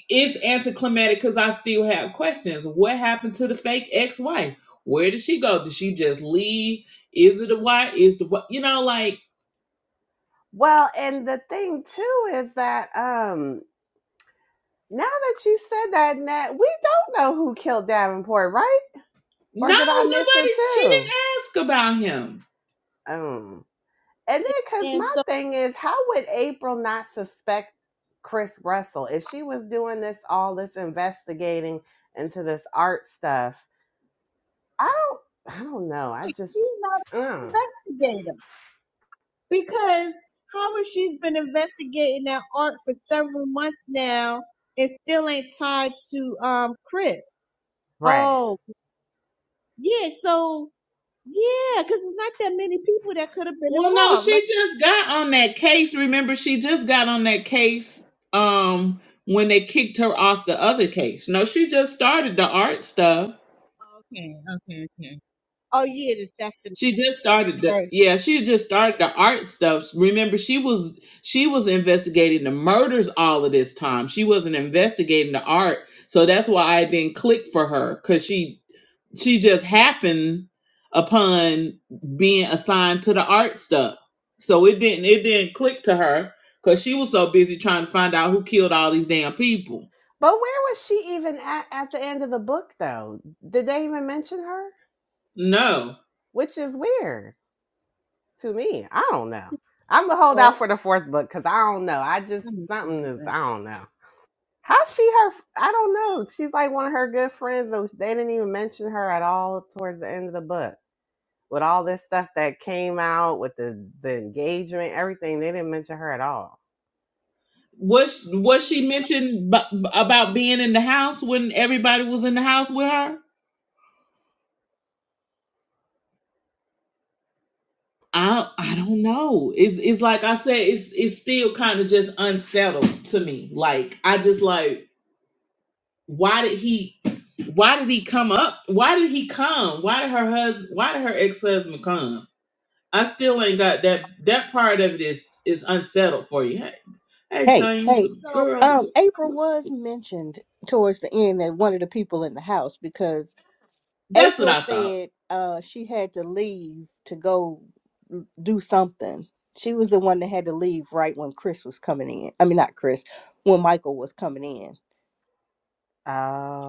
Speaker 1: it's anticlimactic because I still have questions. What happened to the fake ex-wife? Where did she go? Did she just leave? Is it a wife? Is the what? You know, like
Speaker 2: Well, and the thing too is that um now that you said that, Nat, we don't know who killed Davenport, right? Or
Speaker 1: No,
Speaker 2: did I miss it
Speaker 1: nobody. She
Speaker 2: too?
Speaker 1: didn't ask about him.
Speaker 2: Um, and then because
Speaker 3: And
Speaker 2: my
Speaker 3: so
Speaker 2: thing is, how would April not suspect Chris Russell if she was doing this all this investigating into this art stuff? I don't, I don't know. I just,
Speaker 3: she's not
Speaker 2: uh,
Speaker 3: an investigator because how has she's been investigating that art for several months now and still ain't tied to um Chris?
Speaker 2: right.
Speaker 3: Oh yeah, so yeah, because it's not that many people that could have been
Speaker 1: Well, no,
Speaker 3: involved. Like
Speaker 1: she just got on that case. Remember, she just got on that case um when they kicked her off the other case. No, she just started the art stuff.
Speaker 3: okay, okay, okay. Oh yeah, the theft in
Speaker 1: She just started
Speaker 3: the
Speaker 1: the
Speaker 3: first
Speaker 1: yeah, she had just started the art stuff. Remember, she was she was investigating the murders all of this time. She wasn't investigating the art. So that's why I didn't click for her cuz she she just happened upon being assigned to the art stuff. So it didn't it didn't click to her cuz she was so busy trying to find out who killed all these damn people.
Speaker 2: But where was she even at at the end of the book though? Did they even mention her?
Speaker 1: No.
Speaker 2: Which is weird. to me. I don't know. I'm gonna hold out
Speaker 3: book.
Speaker 2: for the fourth book because I don't know. I just
Speaker 3: Let me see
Speaker 2: something is
Speaker 3: that.
Speaker 2: I don't know. How's she her? I I don't know. She's like one of her good friends. and They didn't even mention her at all towards the end of the book. With all this stuff that came out with the the engagement, everything, they didn't mention her at all.
Speaker 1: Was was
Speaker 3: He-
Speaker 1: she mentioned b- about being in the house when everybody was in the house with her? I I don't know. It's it's like I said, it's it's still kind of just unsettled to me. Like I just like why did he why did he come up? Why did he come? Why did her husband why did her ex husband come? I still ain't got that that part of it is is unsettled for you. Hey, hey
Speaker 4: Hey,
Speaker 1: son,
Speaker 4: hey,
Speaker 3: So
Speaker 4: um,
Speaker 1: girl.
Speaker 4: April was mentioned towards the end as one of the people in the house because
Speaker 1: That's what
Speaker 4: April
Speaker 1: I thought.
Speaker 4: said uh, she had to leave to go l- do something. She was the one that had to leave right when Chris was coming in. I mean, not Chris, when Michael was coming in.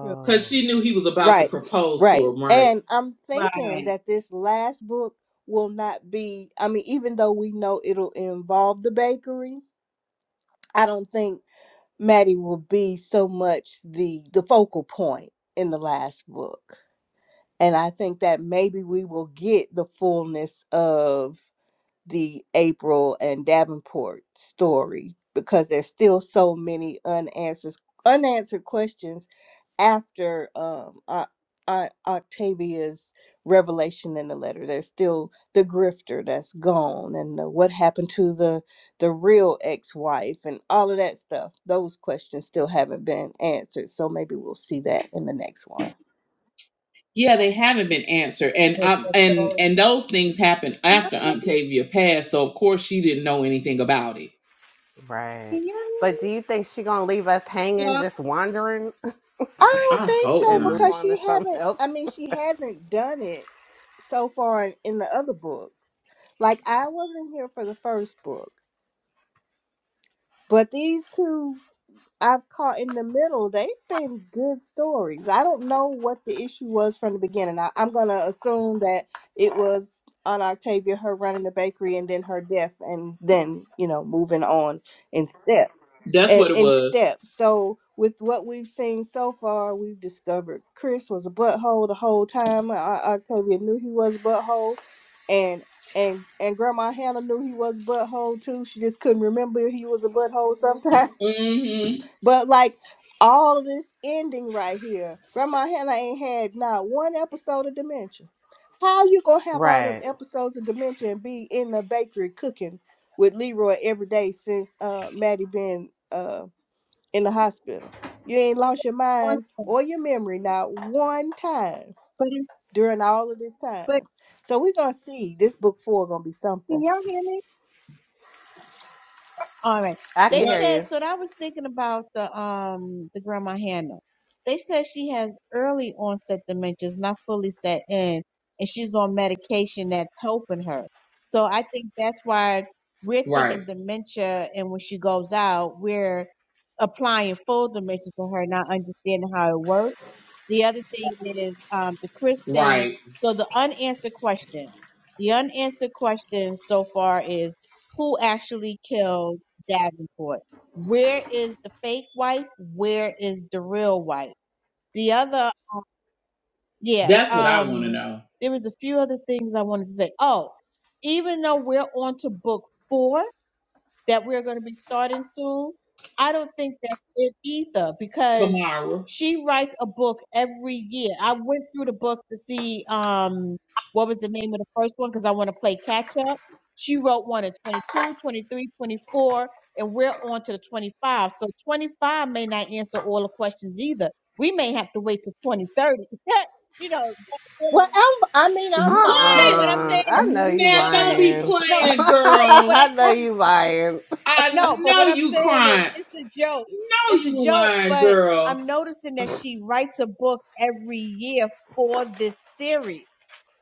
Speaker 3: true.
Speaker 1: Cause she knew he was about to
Speaker 4: Right,
Speaker 1: propose to her,
Speaker 4: right.
Speaker 1: right?
Speaker 4: And I'm thinking
Speaker 3: Right.
Speaker 4: that this last book will not be, I mean, even though we know it'll involve the bakery, I don't think. Maddie will be so much the the focal point in the last book. And I think that maybe we will get the fullness of the April and Davenport story because there's still so many unanswered unanswered questions after um O- O- Octavia's revelation in the letter. There's still the grifter that's gone and the what happened to the the real ex-wife and all of that stuff. Those questions still haven't been answered. So maybe we'll see that in the next one.
Speaker 1: Yeah, they haven't been answered, and
Speaker 3: Make
Speaker 1: um,
Speaker 3: it
Speaker 1: and
Speaker 3: so.
Speaker 1: and those things happened
Speaker 3: Can you
Speaker 1: after Aunt Tavia passed, so of course she didn't know anything about it.
Speaker 2: right.
Speaker 3: hear
Speaker 2: But do
Speaker 3: me?
Speaker 2: you think she gonna leave us hanging,
Speaker 3: Yeah,
Speaker 2: just wandering,
Speaker 4: I
Speaker 1: I
Speaker 4: don't think
Speaker 1: hope
Speaker 4: so
Speaker 2: and move
Speaker 1: not.
Speaker 4: because
Speaker 2: on to
Speaker 4: she
Speaker 2: something
Speaker 4: haven't.
Speaker 2: else?
Speaker 4: I mean, she hasn't done it so far in, in the other books. Like I wasn't here for the first book, but these two I've caught in the middle. They've been good stories. I don't know what the issue was from the beginning. I, I'm going to assume that it was on Octavia, her running the bakery, and then her death, and then, you know, moving on in step.
Speaker 1: That's
Speaker 4: And
Speaker 1: what it
Speaker 4: in
Speaker 1: was.
Speaker 4: step. So, with what we've seen so far, we've discovered Chris was a butthole the whole time. O- Octavia knew he was a butthole. And and and Grandma Hannah knew he was a butthole too. She just couldn't remember he was a butthole sometimes.
Speaker 1: Mm hmm
Speaker 4: But like all of this ending right here, Grandma Hannah ain't had not one episode of dementia. How you gonna have all them
Speaker 2: Right.
Speaker 4: episodes of dementia and be in the bakery cooking with Leroy every day since uh Maddie been uh in the hospital? You ain't lost your mind
Speaker 3: awesome.
Speaker 4: or your memory not one time
Speaker 3: But,
Speaker 4: during all of this
Speaker 3: but
Speaker 4: time. So we're gonna see this book four gonna be
Speaker 3: can
Speaker 4: something.
Speaker 3: you All right.
Speaker 2: I
Speaker 3: They
Speaker 2: can hear
Speaker 1: What?
Speaker 3: said
Speaker 2: you.
Speaker 3: so. That I was thinking about the um the grandma Hannah. They said she has early onset dementia, it's not fully set in, and she's on medication that's helping her. So I think that's why we're
Speaker 1: Right,
Speaker 3: thinking dementia, and when she goes out, we're applying full dementia to her, not understanding how it works. The other thing is um, the Chris thing.
Speaker 1: right.
Speaker 3: So the unanswered questions. The unanswered questions so far is who actually killed Davenport. Where is the fake wife? Where is the real wife? The other, yeah,
Speaker 1: That's what I want to
Speaker 3: um,
Speaker 1: know.
Speaker 3: there was a few other things I wanted to say. Oh, even though we're on to book four, that we're going to be starting soon. I don't think that's it either because
Speaker 1: Tomorrow.
Speaker 3: she writes a book every year. I went through the books to see um what was the name of the first one because I want to play catch up. She wrote one in 22, 23, 24, and we're on to the 25. So 25 may not answer all the questions either. We may have to wait till 2030. you know,
Speaker 4: Well, I'm, I mean, I'm fine
Speaker 3: no,
Speaker 1: What?
Speaker 4: with
Speaker 3: what I'm
Speaker 4: it.
Speaker 2: Uh-uh.
Speaker 3: saying
Speaker 2: I
Speaker 3: is,
Speaker 2: know you
Speaker 3: no,
Speaker 1: Nah,
Speaker 3: no,
Speaker 1: don't be
Speaker 2: lying.
Speaker 3: no,
Speaker 4: Uh,
Speaker 1: playing,
Speaker 3: no, but what
Speaker 1: girl.
Speaker 3: I'm
Speaker 2: I know
Speaker 4: I,
Speaker 3: saying
Speaker 2: you lying.
Speaker 1: I
Speaker 3: no, but
Speaker 1: know
Speaker 3: what I'm
Speaker 1: you
Speaker 3: saying is
Speaker 1: crying.
Speaker 3: it's a joke.
Speaker 1: I know
Speaker 3: It's a
Speaker 1: you
Speaker 3: joke,
Speaker 1: lying,
Speaker 3: but
Speaker 1: girl.
Speaker 3: I'm noticing that she writes a book every year for this series.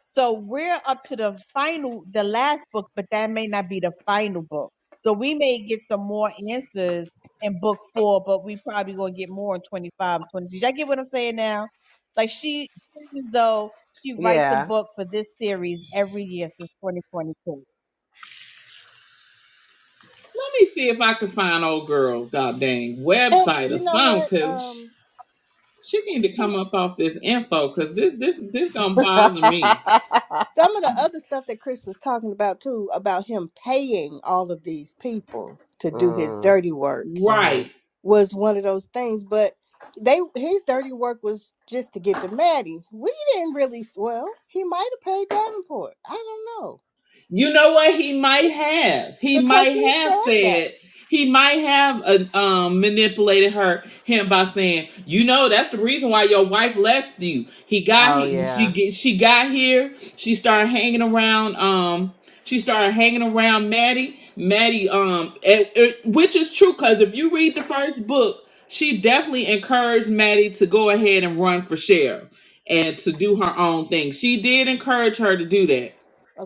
Speaker 3: So we're up to the final, the last book, but that may not be the final book. So we may get some more answers in book four, but we probably gonna get more in 25, 26. Y'all get what I'm saying now? Like she, it's as though she writes a
Speaker 2: Yeah.
Speaker 3: book for this series every year since 2022.
Speaker 1: Let me see if I can find old girl, god dang,
Speaker 4: and
Speaker 1: website or
Speaker 4: you know
Speaker 1: something,
Speaker 4: what?
Speaker 1: cause
Speaker 4: Um,
Speaker 1: she need to
Speaker 4: some
Speaker 1: come up off this info, cause this this this gonna
Speaker 2: mm,
Speaker 1: bother me.
Speaker 4: some of the other stuff that Chris was talking about too, about him paying all of these people to do his
Speaker 2: hmm
Speaker 4: dirty work.
Speaker 1: Right.
Speaker 4: was one of those things. But they his dirty work was just to get to Maddie. We didn't really. Well, he might have paid Davenport. I don't know
Speaker 1: You know what he might have? He
Speaker 4: because
Speaker 1: might
Speaker 4: he
Speaker 1: have
Speaker 4: said that.
Speaker 1: said he might have uh, um, manipulated her him by saying, "You know, that's the reason why your wife left you. He got
Speaker 2: Oh
Speaker 1: he, she
Speaker 2: yeah.
Speaker 1: get- she got here. She started hanging around. Um, she started hanging around Maddie. Maddie. Um, it, it- which is true because if you read the first book, she definitely encouraged Maddie to go ahead and run for sheriff and to do her own thing. She did encourage her to do that."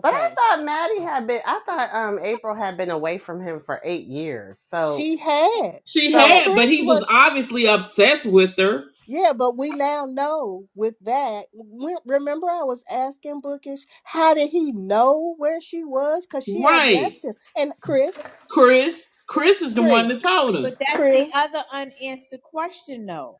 Speaker 2: But I thought Maddie had been I thought um April had been away from him for eight years. So
Speaker 4: she had.
Speaker 1: She
Speaker 4: So
Speaker 2: so
Speaker 1: had, but
Speaker 4: Chris
Speaker 1: he was
Speaker 4: was.
Speaker 1: obviously obsessed with her.
Speaker 4: Yeah, but we now know with that. we- Remember, I was asking Bookish, how did he know where she was? Because she had
Speaker 1: Right.
Speaker 4: left him. And Chris,
Speaker 1: Chris. Chris is the one that
Speaker 4: Chris,
Speaker 1: told
Speaker 3: But
Speaker 1: him.
Speaker 3: that's the
Speaker 4: Chris,
Speaker 3: other unanswered question, though.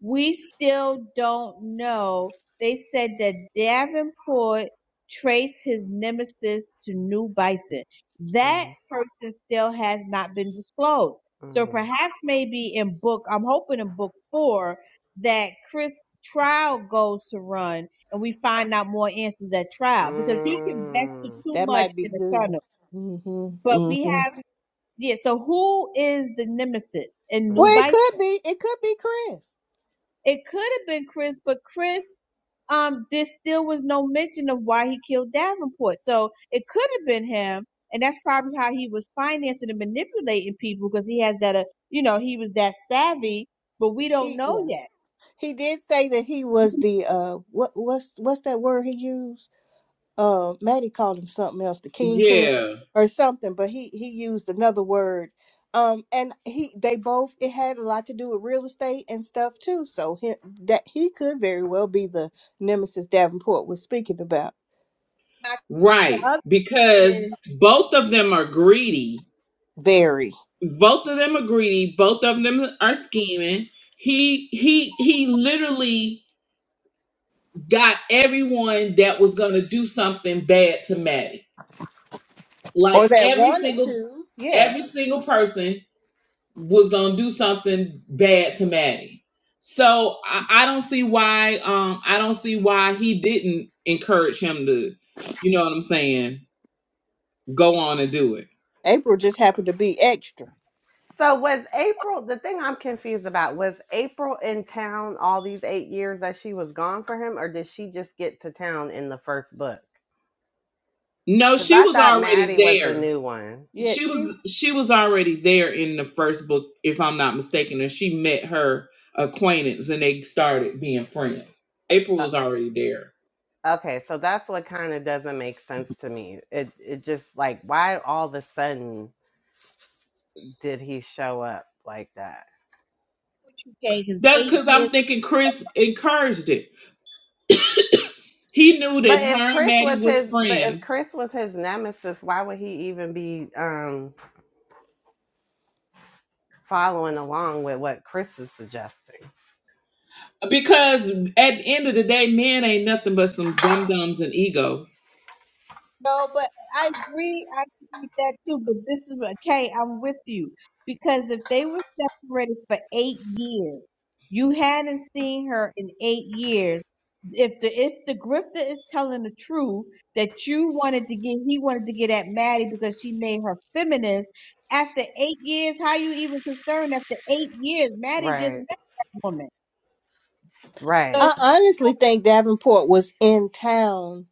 Speaker 3: We still don't know. They said that Davenport traced his nemesis to New Bison. That
Speaker 2: Mhm,
Speaker 3: person still has not been disclosed. So
Speaker 2: mhm,
Speaker 3: perhaps maybe in book, I'm hoping in book four that Chris trial goes to run and we find out more answers at trial because he can vested
Speaker 2: mm,
Speaker 3: too
Speaker 4: that
Speaker 3: much
Speaker 4: might be
Speaker 3: in the
Speaker 4: good.
Speaker 3: tunnel.
Speaker 4: Mm-hmm,
Speaker 3: But we
Speaker 4: mm-hmm.
Speaker 3: have yeah, so who is the nemesis in
Speaker 4: Well, it
Speaker 2: mhm.
Speaker 3: Nubite?
Speaker 4: could be. It could be Chris.
Speaker 3: It could have been Chris, but Chris, um, there still was no mention of why he killed Davenport. So it could have been him, and that's probably how he was financing and manipulating people because he has that, uh, you know, he was that savvy, but we don't
Speaker 4: He
Speaker 3: know
Speaker 4: yeah.
Speaker 3: yet.
Speaker 4: He did say that he was the uh what what's what's that word he used? Uh, Maddie called him something else, the kingpin
Speaker 1: Yeah.
Speaker 4: or something, but he he used another word. Um, and he they both it had a lot to do with real estate and stuff too. So him that he could very well be the nemesis Davenport was speaking about.
Speaker 3: Now,
Speaker 1: Right.
Speaker 3: the other
Speaker 1: Because
Speaker 3: is,
Speaker 1: both of them are greedy.
Speaker 4: Very
Speaker 1: both of them are greedy both of them are scheming he he he literally got everyone that was gonna do something bad to maddie
Speaker 4: or
Speaker 1: like
Speaker 4: that
Speaker 1: every
Speaker 4: wanted
Speaker 1: single
Speaker 4: to. Yeah,
Speaker 1: every single person was gonna do something bad to maddie so i, I don't see why um i don't see why he didn't encourage him to you know what i'm saying go on and do it
Speaker 4: April just happened to be extra.
Speaker 2: so was April the thing I'm confused about, was April in town all these eight years that she was gone for him, or did she just get to town in the first book?
Speaker 1: no
Speaker 2: Because
Speaker 1: she
Speaker 2: I
Speaker 1: was
Speaker 2: thought
Speaker 1: already
Speaker 2: Maddie was the
Speaker 1: there
Speaker 2: new one.
Speaker 4: Yeah,
Speaker 1: she
Speaker 4: she
Speaker 1: was she was already there in the first book, if I'm not mistaken, and she met her acquaintance and they started being friends. April
Speaker 2: Uh,
Speaker 1: was already there.
Speaker 2: okay, so that's what kind of doesn't make sense to me. It it just like why all of a sudden did he show up like that?
Speaker 3: 2K, his
Speaker 1: That's
Speaker 3: eight
Speaker 1: because
Speaker 3: years.
Speaker 1: I'm thinking Chris encouraged it. He knew
Speaker 2: But
Speaker 1: that
Speaker 2: if
Speaker 1: her and
Speaker 2: Chris
Speaker 1: Maddie
Speaker 2: was
Speaker 1: was
Speaker 2: his, but if
Speaker 1: friends
Speaker 2: Chris was his nemesis, why would he even be um following along with what Chris is suggesting?
Speaker 1: Because at the end of the day, men ain't nothing but some dum dums and egos.
Speaker 3: No, but I agree. I agree with that too. But this is what, Kay, I'm with you. Because if they were separated for eight years, you hadn't seen her in eight years. If the if the grifter is telling the truth that you wanted to get, he wanted to get at Maddie because she made her feminist. After eight years, how you even concerned? After eight years, Maddie just
Speaker 2: Right,
Speaker 3: met that woman. So
Speaker 2: right.
Speaker 4: I
Speaker 3: it's
Speaker 4: honestly think Davenport was in town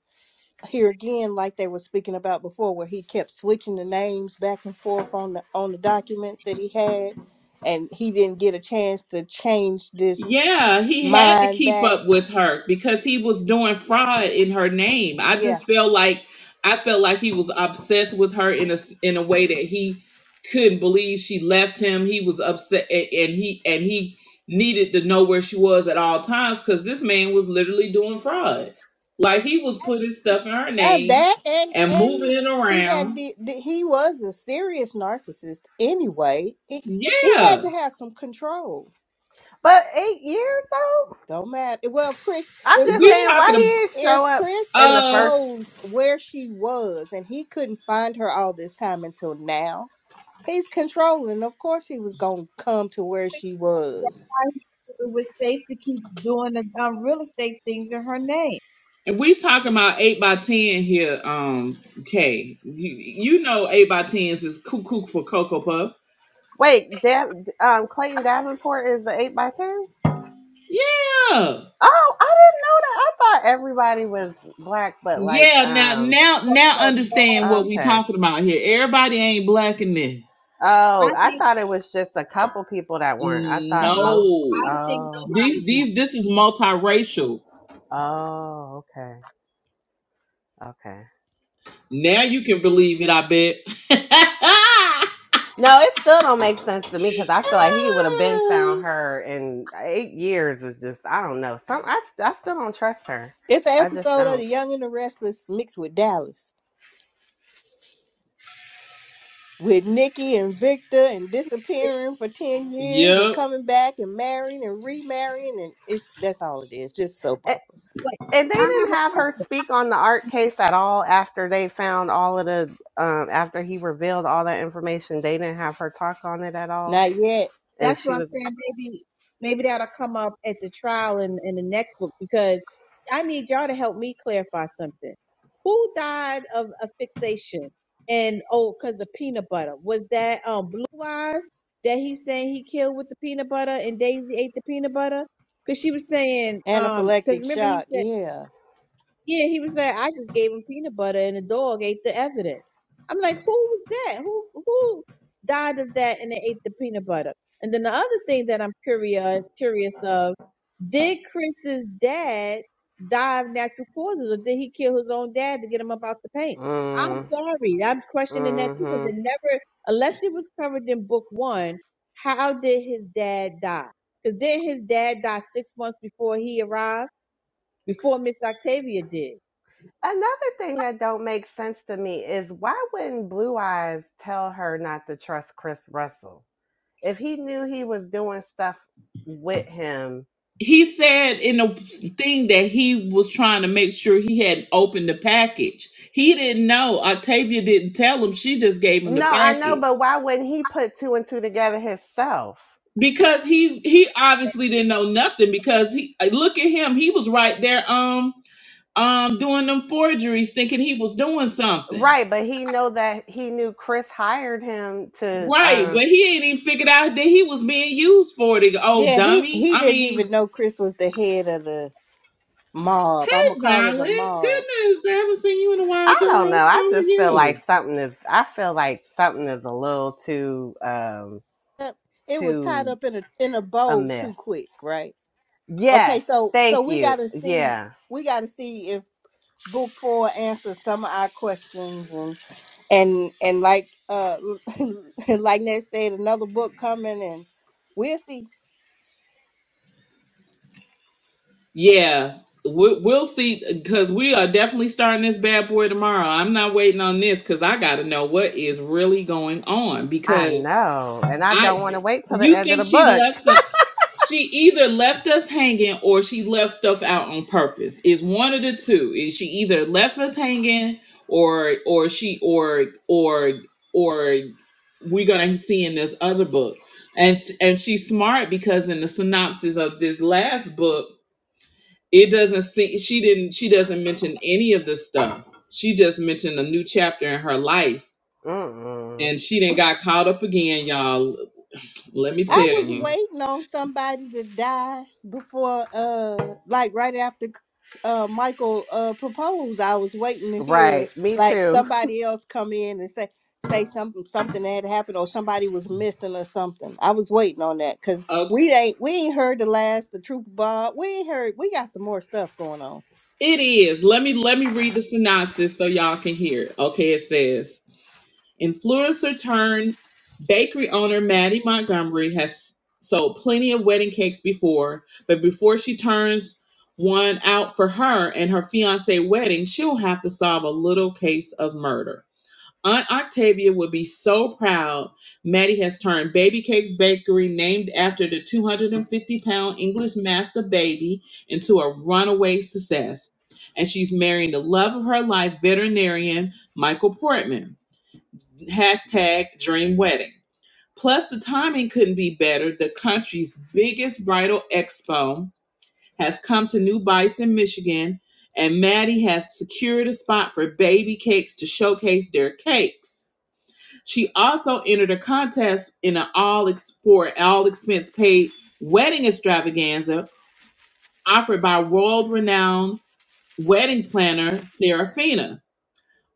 Speaker 4: here again, like they were speaking about before, where he kept switching the names back and forth on the on the documents that he had, and he didn't get a chance to change this
Speaker 1: Yeah, he had to
Speaker 4: mind
Speaker 1: keep
Speaker 4: back.
Speaker 1: up with her because he was doing fraud in her name. I
Speaker 4: Yeah,
Speaker 1: just felt like I felt like he was obsessed with her in a in a way that he couldn't believe she left him. He was upset a- and he and he needed to know where she was at all times cuz this man was literally doing fraud. Like he was putting stuff in her
Speaker 4: uh,
Speaker 1: name
Speaker 4: that and
Speaker 1: and
Speaker 4: and
Speaker 1: moving it
Speaker 4: he had
Speaker 1: around.
Speaker 4: the, the he was a serious narcissist anyway. He he had to
Speaker 1: Yeah.
Speaker 4: have some control.
Speaker 2: But eight years though,
Speaker 4: Don't matter. Well, if Chris,
Speaker 2: I'm
Speaker 4: if
Speaker 2: just
Speaker 4: Chris,
Speaker 1: We
Speaker 2: saying why
Speaker 1: talking
Speaker 2: he didn't
Speaker 4: if
Speaker 2: show up
Speaker 4: Chris
Speaker 2: in the
Speaker 1: about
Speaker 2: first.
Speaker 4: exposed where she was and he couldn't find her all this time until now, he's controlling. Of course, he was gonna come to where she was.
Speaker 3: like it was safe to keep doing the um, real estate things in her name.
Speaker 1: And we talking about eight by ten here, um, Kay. You, you know eight by tens is cuckoo for cocoa puffs.
Speaker 2: Wait, Dav, um, Clayton Davenport is the eight by ten.
Speaker 1: Yeah.
Speaker 2: Oh, I didn't know that. I thought everybody was black, but like,
Speaker 1: Yeah, now
Speaker 2: um,
Speaker 1: now
Speaker 3: so,
Speaker 1: now
Speaker 3: so
Speaker 1: understand what
Speaker 3: mad.
Speaker 1: we
Speaker 2: okay.
Speaker 1: talking about here. Everybody ain't black in this.
Speaker 3: I
Speaker 2: Oh, I
Speaker 3: think
Speaker 2: thought it was just a couple people that weren't. I thought
Speaker 3: no,
Speaker 2: most.
Speaker 1: No.
Speaker 3: I don't think
Speaker 2: Oh,
Speaker 3: nobody
Speaker 1: These
Speaker 3: be.
Speaker 1: these this is multiracial.
Speaker 2: oh, okay, okay.
Speaker 1: Now you can believe it, I bet.
Speaker 2: No, it still don't make sense to me because I feel like he would have been found her in eight years. Is just I don't know. Some I, I still don't trust her.
Speaker 4: It's an
Speaker 2: I just
Speaker 4: episode of The
Speaker 2: don't.
Speaker 4: Young and the Restless mixed with Dallas, with Nikki and Victor and disappearing for ten years and
Speaker 1: yep.
Speaker 4: coming back and marrying and remarrying and it's that's all it is. Just soap opera.
Speaker 3: Wait,
Speaker 2: and they
Speaker 3: I have
Speaker 2: didn't
Speaker 3: a
Speaker 2: have her
Speaker 3: question.
Speaker 2: speak on the art case at all after they found all of the um after he revealed all that information they didn't have her talk on it at all
Speaker 4: Not yet.
Speaker 2: and
Speaker 3: That's
Speaker 2: she
Speaker 3: what I'm
Speaker 2: was
Speaker 3: saying. Maybe maybe that'll come up at the trial in, in the next book because I need y'all to help me clarify something. Who died of a fixation? And oh, because of peanut butter. Was that um blue eyes that he's saying he killed with the peanut butter and Daisy ate the peanut butter? Because she was saying, um, because
Speaker 4: Anaphylactic
Speaker 3: remember he
Speaker 4: shock.
Speaker 3: said
Speaker 4: Yeah.
Speaker 3: Yeah, he was like, I just gave him peanut butter and the dog ate the evidence. I'm like, who was that? Who who died of that and they ate the peanut butter? And then the other thing that I'm curious curious of, did Chris's dad die of natural causes or did he kill his own dad to get him up out the paint? I'm
Speaker 2: mm,
Speaker 3: sorry. I'm questioning that too because
Speaker 2: hmm
Speaker 3: it never unless it was covered in book one, how did his dad die? Because did his dad die six months before he arrived? Before Miss Octavia did.
Speaker 2: another thing that don't make sense to me is why wouldn't blue eyes tell her not to trust chris russell if he knew he was doing stuff with him
Speaker 1: he said in the thing that he was trying to make sure he hadn't opened the package. He didn't know. Octavia didn't tell him. She just gave him the
Speaker 2: no i know
Speaker 1: package
Speaker 2: but why wouldn't he put two and two together himself
Speaker 1: because he he obviously didn't know nothing because he look at him. He was right there um um doing them forgeries, thinking he was doing something.
Speaker 2: Right, but he know that he knew Chris hired him to.
Speaker 1: Right,
Speaker 2: Uh,
Speaker 1: but he ain't even figured out that he was being used for it. Oh,
Speaker 4: Yeah, he
Speaker 1: dummy!
Speaker 4: he
Speaker 1: I
Speaker 4: didn't
Speaker 1: mean,
Speaker 4: even know Chris was the head of the mob. I'm gonna
Speaker 1: hey,
Speaker 4: call it the
Speaker 1: Violet,
Speaker 4: mob.
Speaker 1: goodness, I haven't seen you in a while,
Speaker 2: I don't know.
Speaker 1: girl. How
Speaker 2: I
Speaker 1: are
Speaker 2: just feel
Speaker 1: you?
Speaker 2: like something is. I feel like something is a little too um
Speaker 4: Yep, It was tied
Speaker 2: too
Speaker 4: up in a in a bow too
Speaker 2: amiss.
Speaker 4: quick, right? Okay,
Speaker 2: Yes,
Speaker 4: so so
Speaker 2: thank
Speaker 4: we
Speaker 2: you.
Speaker 4: gotta see
Speaker 2: Yeah,
Speaker 4: we gotta see if book four answers some of our questions and and and like uh like Ned said, another book coming and we'll see.
Speaker 1: Yeah, we, we'll see because we are definitely starting this bad boy tomorrow. I'm not waiting on this because I got to know what is really going on
Speaker 2: I
Speaker 1: because
Speaker 2: know, and I
Speaker 1: I,
Speaker 2: don't want to wait till the
Speaker 1: you
Speaker 2: end of
Speaker 1: think
Speaker 2: the
Speaker 1: she
Speaker 2: book.
Speaker 1: left some. She either left us hanging or she left stuff out on purpose. It's one of the two. Is she either left us hanging or or she or or or we're gonna see in this other book. And s- and she's smart because in the synopsis of this last book it doesn't see she didn't she doesn't mention any of this stuff she just mentioned a new chapter in her life
Speaker 2: Mm-mm,
Speaker 1: and she didn't got caught up again y'all let me
Speaker 4: I
Speaker 1: tell
Speaker 4: was
Speaker 1: you
Speaker 2: mm-mm.
Speaker 4: waiting on somebody to die before uh like right after uh Michael uh proposed. I was waiting to
Speaker 2: Right,
Speaker 4: hear
Speaker 2: me
Speaker 4: like
Speaker 2: too.
Speaker 4: somebody else come in and say say something something that had happened or somebody was missing or something. I was waiting on that cuz
Speaker 1: oh
Speaker 4: we ain't we ain't heard the last the troop Bob. We ain't heard we got some more stuff going on.
Speaker 1: it is let me let me read the synopsis so y'all can hear it okay it says influencer turned bakery owner maddie montgomery has sold plenty of wedding cakes before but before she turns one out for her and her fiance wedding she'll have to solve a little case of murder Aunt Octavia would be so proud. Maddie has turned Baby Cakes Bakery, named after the 250 pound English master baby, into a runaway success. And she's marrying the love of her life, veterinarian Michael Portman. Hashtag dream wedding. Plus, the timing couldn't be better. The country's biggest bridal expo has come to New Bison, Michigan, and Maddie has secured a spot for baby cakes to showcase their cakes. She also entered a contest in an all for all expense paid wedding extravaganza offered by world renowned wedding planner Serafina.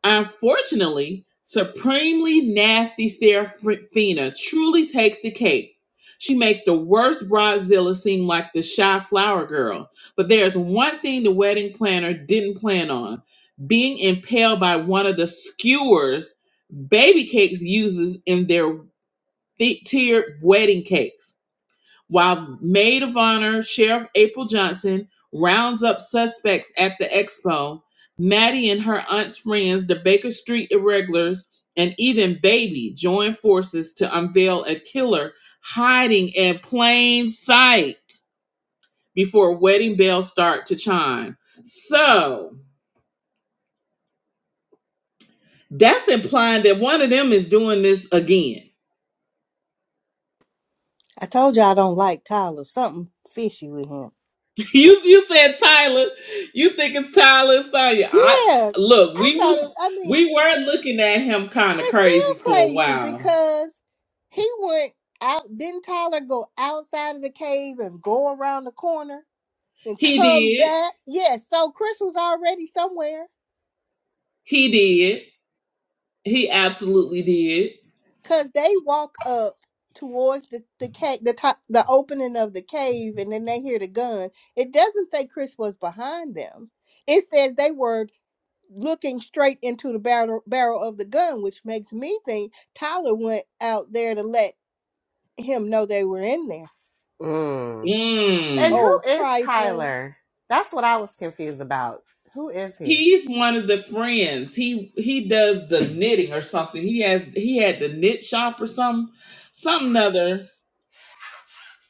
Speaker 1: Unfortunately, supremely nasty Serafina truly takes the cake. She makes the worst bridezilla seem like the shy flower girl. But there's one thing the wedding planner didn't plan on being impaled by one of the skewers baby cakes uses in their thick tiered wedding cakes, while maid of honor Sheriff April Johnson rounds up suspects at the expo. Maddie and her aunt's friends, the Baker Street Irregulars, and even Baby join forces to unveil a killer hiding in plain sight before wedding bells start to chime. So that's implying that one of them is doing this again.
Speaker 4: I told you I don't like Tyler. Something fishy with him.
Speaker 1: You you said Tyler. You think it's Tyler and Sonya. I
Speaker 4: Yeah.
Speaker 1: look,
Speaker 4: I
Speaker 1: we
Speaker 4: thought
Speaker 1: was
Speaker 4: it, I mean
Speaker 1: we were looking at him kind of
Speaker 4: It's
Speaker 1: crazy
Speaker 4: still
Speaker 1: for a
Speaker 4: crazy
Speaker 1: while.
Speaker 4: because he went out. Didn't Tyler go outside of the cave and go around the corner and
Speaker 1: He
Speaker 4: come
Speaker 1: did.
Speaker 4: back? Yes. so Chris was already somewhere
Speaker 1: He did. He absolutely did.
Speaker 4: because they walk up towards the the cave, the top, the opening of the cave, and then they hear the gun. It doesn't say Chris was behind them. It says they were looking straight into the barrel barrel of the gun, which makes me think Tyler went out there to let him know they were in there
Speaker 2: Mm. And
Speaker 1: Mm.
Speaker 4: Oh,
Speaker 2: who is
Speaker 4: trifling.
Speaker 2: Tyler? That's what I was confused about. Who is he?
Speaker 1: He's one of the friends. He he does the knitting or something. He has he had the knit shop or something. Something other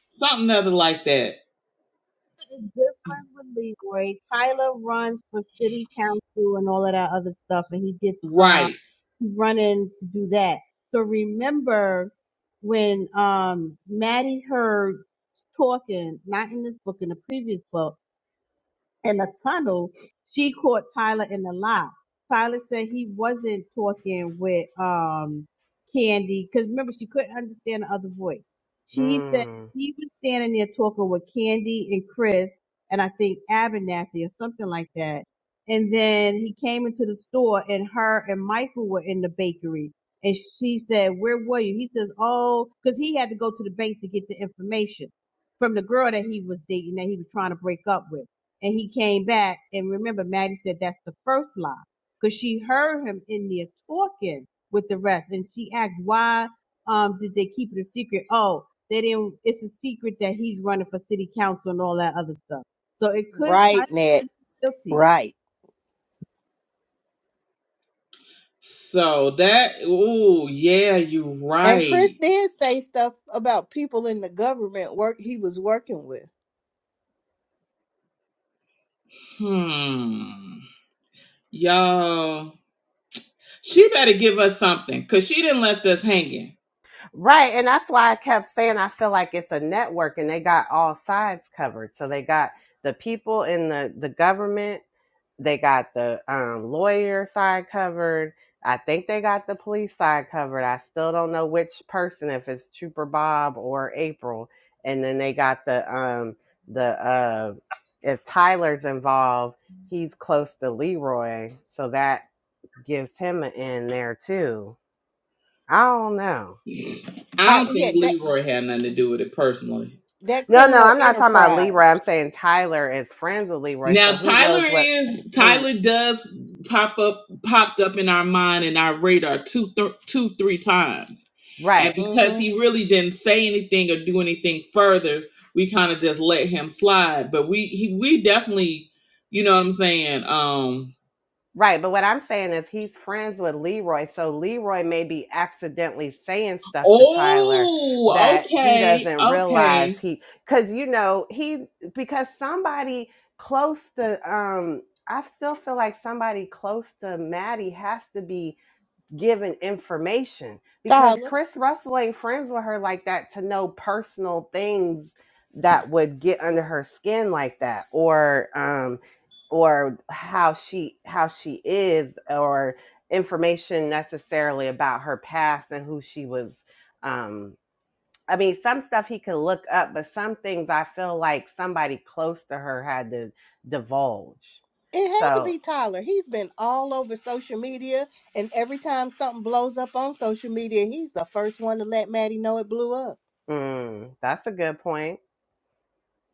Speaker 1: something other like that.
Speaker 3: It's different with Leroy. Tyler runs for city council and all of that other stuff, and he gets uh,
Speaker 1: Right.
Speaker 3: running to do that. So remember when um Maddie heard was talking, not in this book, in the previous book in a tunnel, she caught Tyler in the lie. Tyler said he wasn't talking with um Candy because remember she couldn't understand the other voice. She said
Speaker 2: Mm.
Speaker 3: he was standing there talking with Candy and Chris and I think Abernathy or something like that. And then he came into the store and her and Michael were in the bakery. And she said, Where were you? He says, Oh, because he had to go to the bank to get the information from the girl that he was dating that he was trying to break up with and he came back. And remember, Maddie said that's the first lie because she heard him in there talking with the rest, and she asked why um did they keep it a secret? Oh, they didn't. It's a secret that he's running for city council and all that other stuff. So it could tie
Speaker 4: Right, Ned.
Speaker 3: guilty.
Speaker 4: Right.
Speaker 1: So that ooh, yeah, you're
Speaker 4: And Chris
Speaker 1: right.
Speaker 4: did say stuff about people in the government work he was working with.
Speaker 1: Hmm. Y'all, she better give us something because she didn't left us hanging.
Speaker 2: Right. And that's why I kept saying I feel like it's a network and they got all sides covered. So they got the people in the, the government, they got the um, lawyer side covered. I think they got the police side covered. I still don't know which person, if it's Trooper Bob or April. And then they got the um the uh if Tyler's involved, he's close to Leroy, so that gives him an in there too. I don't know.
Speaker 1: I
Speaker 4: I
Speaker 1: don't
Speaker 4: yeah,
Speaker 1: think
Speaker 4: that
Speaker 1: Leroy had nothing to do with it personally.
Speaker 4: that
Speaker 2: No, no,
Speaker 4: criminal
Speaker 2: I'm not talking about Leroy.
Speaker 4: enterprise.
Speaker 2: I'm saying Tyler is friends with Leroy,
Speaker 1: Now
Speaker 2: so who
Speaker 1: Tyler
Speaker 2: knows what
Speaker 1: is
Speaker 2: who
Speaker 1: Tyler does pop up popped up in our mind and our radar two th- two three times, and
Speaker 2: right.
Speaker 1: because
Speaker 4: Mm-hmm.
Speaker 1: he really didn't say anything or do anything further, we kind of just let him slide. But we he, we definitely, you know what I'm saying. Um.
Speaker 2: Right, but what I'm saying is he's friends with Leroy, so Leroy may be accidentally saying stuff to Tyler
Speaker 1: Oh,
Speaker 2: that he
Speaker 1: okay,
Speaker 2: doesn't
Speaker 1: okay.
Speaker 2: realize he cuz you know, he because somebody close to um I still feel like somebody close to Maddie has to be giving information because
Speaker 4: Tyler.
Speaker 2: Chris Russell ain't friends with her like that to know personal things that would get under her skin like that or um or how she how she is or information necessarily about her past and who she was um I mean some stuff he could look up but some things I feel like somebody close to her had to divulge.
Speaker 4: It had to
Speaker 2: So,
Speaker 4: be Tyler. He's been all over social media, and every time something blows up on social media, he's the first one to let Maddie know it blew up.
Speaker 2: mm, that's a good point.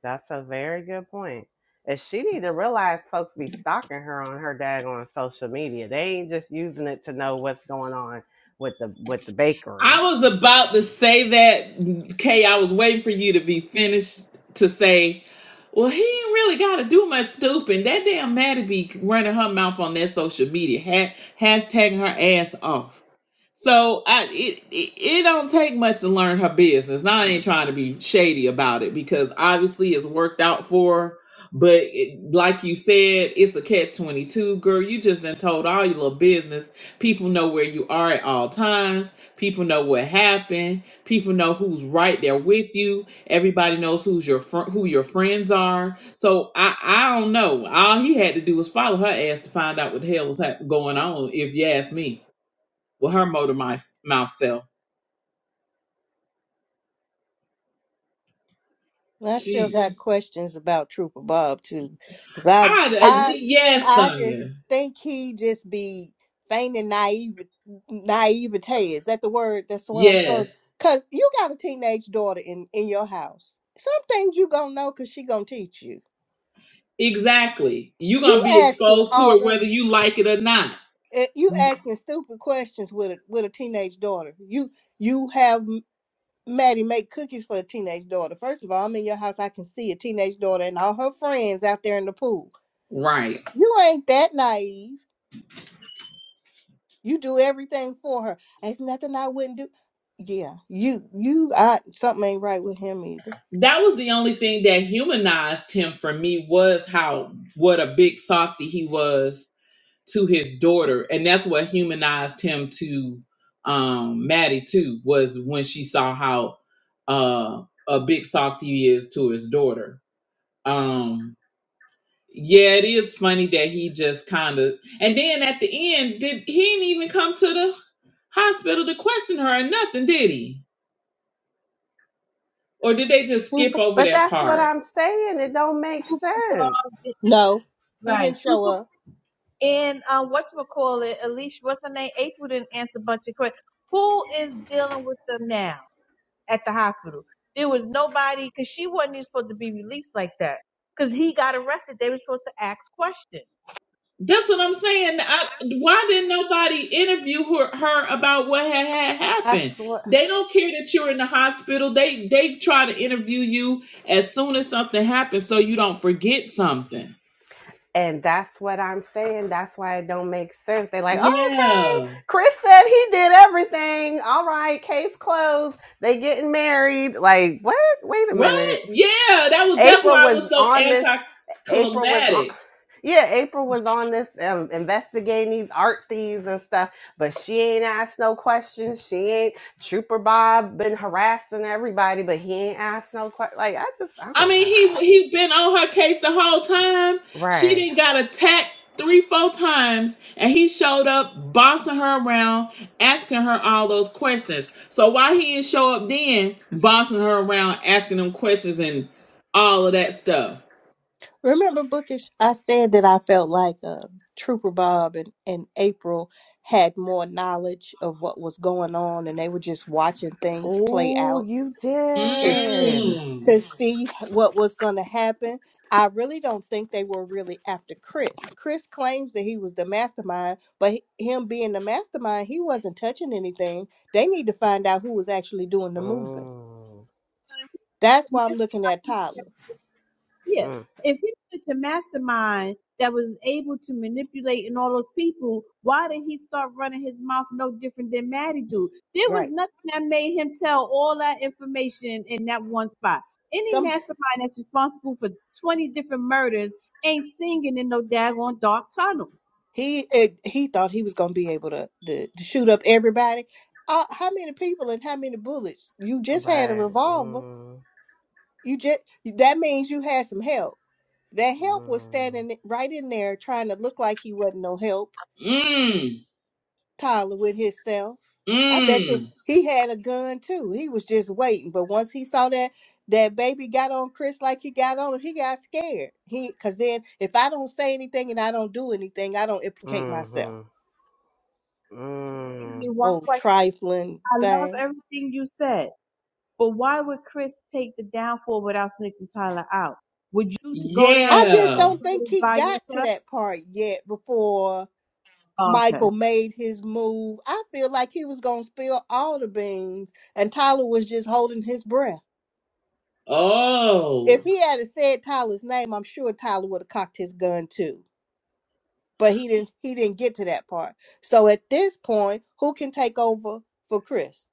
Speaker 2: That's a very good point. And she need to realize folks be stalking her on her dag on social media. They ain't just using it to know what's going on with the with the bakery.
Speaker 1: I was about to say that, Kay. I was waiting for you to be finished to say, well, he ain't really got to do much snooping. That damn Maddie be running her mouth on that social media, ha- hashtagging her ass off. So I it, it it don't take much to learn her business. Now I ain't trying to be shady about it because obviously it's worked out for her. But it, like you said, it's a catch twenty two, girl. You just done told all your little business. People know where you are at all times. People know what happened. People know who's right there with you. Everybody knows who's your fr- who your friends are. So I I don't know. All he had to do was follow her ass to find out what the hell was hap- going on. If you ask me with her motor mouth, mouth self.
Speaker 4: Well, I still
Speaker 1: She,
Speaker 4: got questions about Trooper Bob too, because I,
Speaker 1: I-
Speaker 4: I,
Speaker 1: yes,
Speaker 4: I
Speaker 1: Sonya,
Speaker 4: just think he just be feigning naive naivete. Is that the word? That's what I'm
Speaker 1: yes,
Speaker 4: supposed. Because you got a teenage daughter in in your house. Some things you gonna know because she gonna teach you.
Speaker 1: exactly. You're
Speaker 4: You
Speaker 1: gonna be
Speaker 4: asking
Speaker 1: exposed to
Speaker 4: all
Speaker 1: it whether
Speaker 4: them.
Speaker 1: you like it or not.
Speaker 4: eh, You asking stupid questions with a with a teenage daughter. You you have Maddie make cookies for a teenage daughter. First of all, I'm in your house. I can see a teenage daughter and all her friends out there in the pool.
Speaker 1: Right.
Speaker 4: You ain't that naive. You do everything for her. There's nothing I wouldn't do. Yeah, you, you, I something ain't right with him either.
Speaker 1: That was the only thing that humanized him for me was how what a big softy he was to his daughter, and that's what humanized him to um Maddie too. Was when she saw how uh a big softy he is to his daughter. Um Yeah, it is funny that he just kind of. And then at the end, did he didn't even come to the hospital to question her or nothing, did he? Or did they just skip
Speaker 3: Trooper,
Speaker 1: over
Speaker 2: But
Speaker 1: that
Speaker 2: that's what
Speaker 1: part?
Speaker 2: I'm saying. It don't make
Speaker 3: Trooper,
Speaker 2: sense.
Speaker 3: uh,
Speaker 4: No, he didn't
Speaker 3: right?
Speaker 4: show
Speaker 3: Trooper
Speaker 4: up.
Speaker 3: and um, what you call it? Alicia, what's her name? April didn't answer a bunch of questions. Who is dealing with them now? at the hospital. There was nobody because she wasn't even supposed to be released like that. Because he got arrested, they were supposed to ask questions.
Speaker 1: That's what I'm saying. I, why didn't nobody interview her, her about what had, had happened?
Speaker 2: That's what
Speaker 1: They don't care that you're in the hospital. They they try to interview you as soon as something happens so you don't forget something.
Speaker 2: and that's what I'm saying. That's why it don't make sense. They like, oh, okay,
Speaker 1: Yeah.
Speaker 2: Chris said he did everything. All right, case closed. They getting married. Like, what? Wait a minute.
Speaker 1: Right? Yeah, that was that's
Speaker 2: April
Speaker 1: why I was
Speaker 2: was
Speaker 1: so
Speaker 2: on this. April was on.
Speaker 1: anticlimactic.
Speaker 2: Yeah, April was on this um, investigating these art thieves and stuff, but she ain't asked no questions. She ain't Trooper Bob been harassing everybody, but he ain't asked no questions. Like I just, I
Speaker 1: I
Speaker 2: don't
Speaker 1: mean,
Speaker 2: know.
Speaker 1: he he been on her case the whole time. She
Speaker 2: Right.
Speaker 1: didn't got attacked three, four times, and he showed up bossing her around, asking her all those questions. So why he didn't show up then, bossing her around, asking them questions and all of that stuff?
Speaker 4: Remember, Bookish, I said that I felt like uh, Trooper Bob and, and April had more knowledge of what was going on, and they were just watching things play
Speaker 2: Oh,
Speaker 4: out
Speaker 2: you
Speaker 4: to see
Speaker 2: did.
Speaker 1: Mmm.
Speaker 4: to see what was going to happen. I really don't think they were really after Chris. Chris claims that he was the mastermind, but h- him being the mastermind, he wasn't touching anything. They need to find out who was actually doing the moving.
Speaker 2: Mm.
Speaker 4: That's
Speaker 3: And
Speaker 4: why I'm
Speaker 3: that's-
Speaker 4: looking at Tyler.
Speaker 3: yeah.
Speaker 2: Mm.
Speaker 3: If he was such a mastermind that was able to manipulate and all those people, why did he start running his mouth no different than Maddie do? There was
Speaker 4: Right.
Speaker 3: nothing that made him tell all that information in that one spot. Any
Speaker 4: Some
Speaker 3: mastermind that's responsible for 20 different murders ain't singing in no daggone dark tunnel.
Speaker 4: he it, he thought he was going to be able to, to to shoot up everybody. Uh, how many people and how many bullets? You just had a
Speaker 2: Right.
Speaker 4: revolver.
Speaker 2: Mm.
Speaker 4: You just that means you had some help That help was
Speaker 2: Mm.
Speaker 4: standing right in there trying to look like he wasn't no help,
Speaker 1: Mmm.
Speaker 4: Tyler with himself. I bet
Speaker 1: Mmm.
Speaker 4: you he had a gun too. He was just waiting. But once he saw that that baby got on Chris like he got on him, he got scared. He cause then if I don't say anything and I don't do anything, I don't implicate myself
Speaker 2: Mm-hmm.
Speaker 3: Give
Speaker 2: Mm.
Speaker 3: me, one
Speaker 4: on trifling
Speaker 3: I love
Speaker 4: thing.
Speaker 3: everything you said, but why would Chris take the downfall without snitching Tyler out? Would you t- go down
Speaker 4: I
Speaker 3: for all
Speaker 4: just
Speaker 3: those
Speaker 1: Yeah.
Speaker 4: don't think
Speaker 3: murders
Speaker 4: he
Speaker 3: by
Speaker 4: got to
Speaker 3: yourself?
Speaker 4: that part yet before
Speaker 3: Oh, okay.
Speaker 4: Michael made his move, I feel like he was gonna spill all the beans, and Tyler was just holding his breath. If
Speaker 1: Oh.
Speaker 4: he had have said Tyler's name, I'm sure Tyler would have cocked his gun too. But he didn't. He didn't get to that part. So at this point, who can take over for Chris?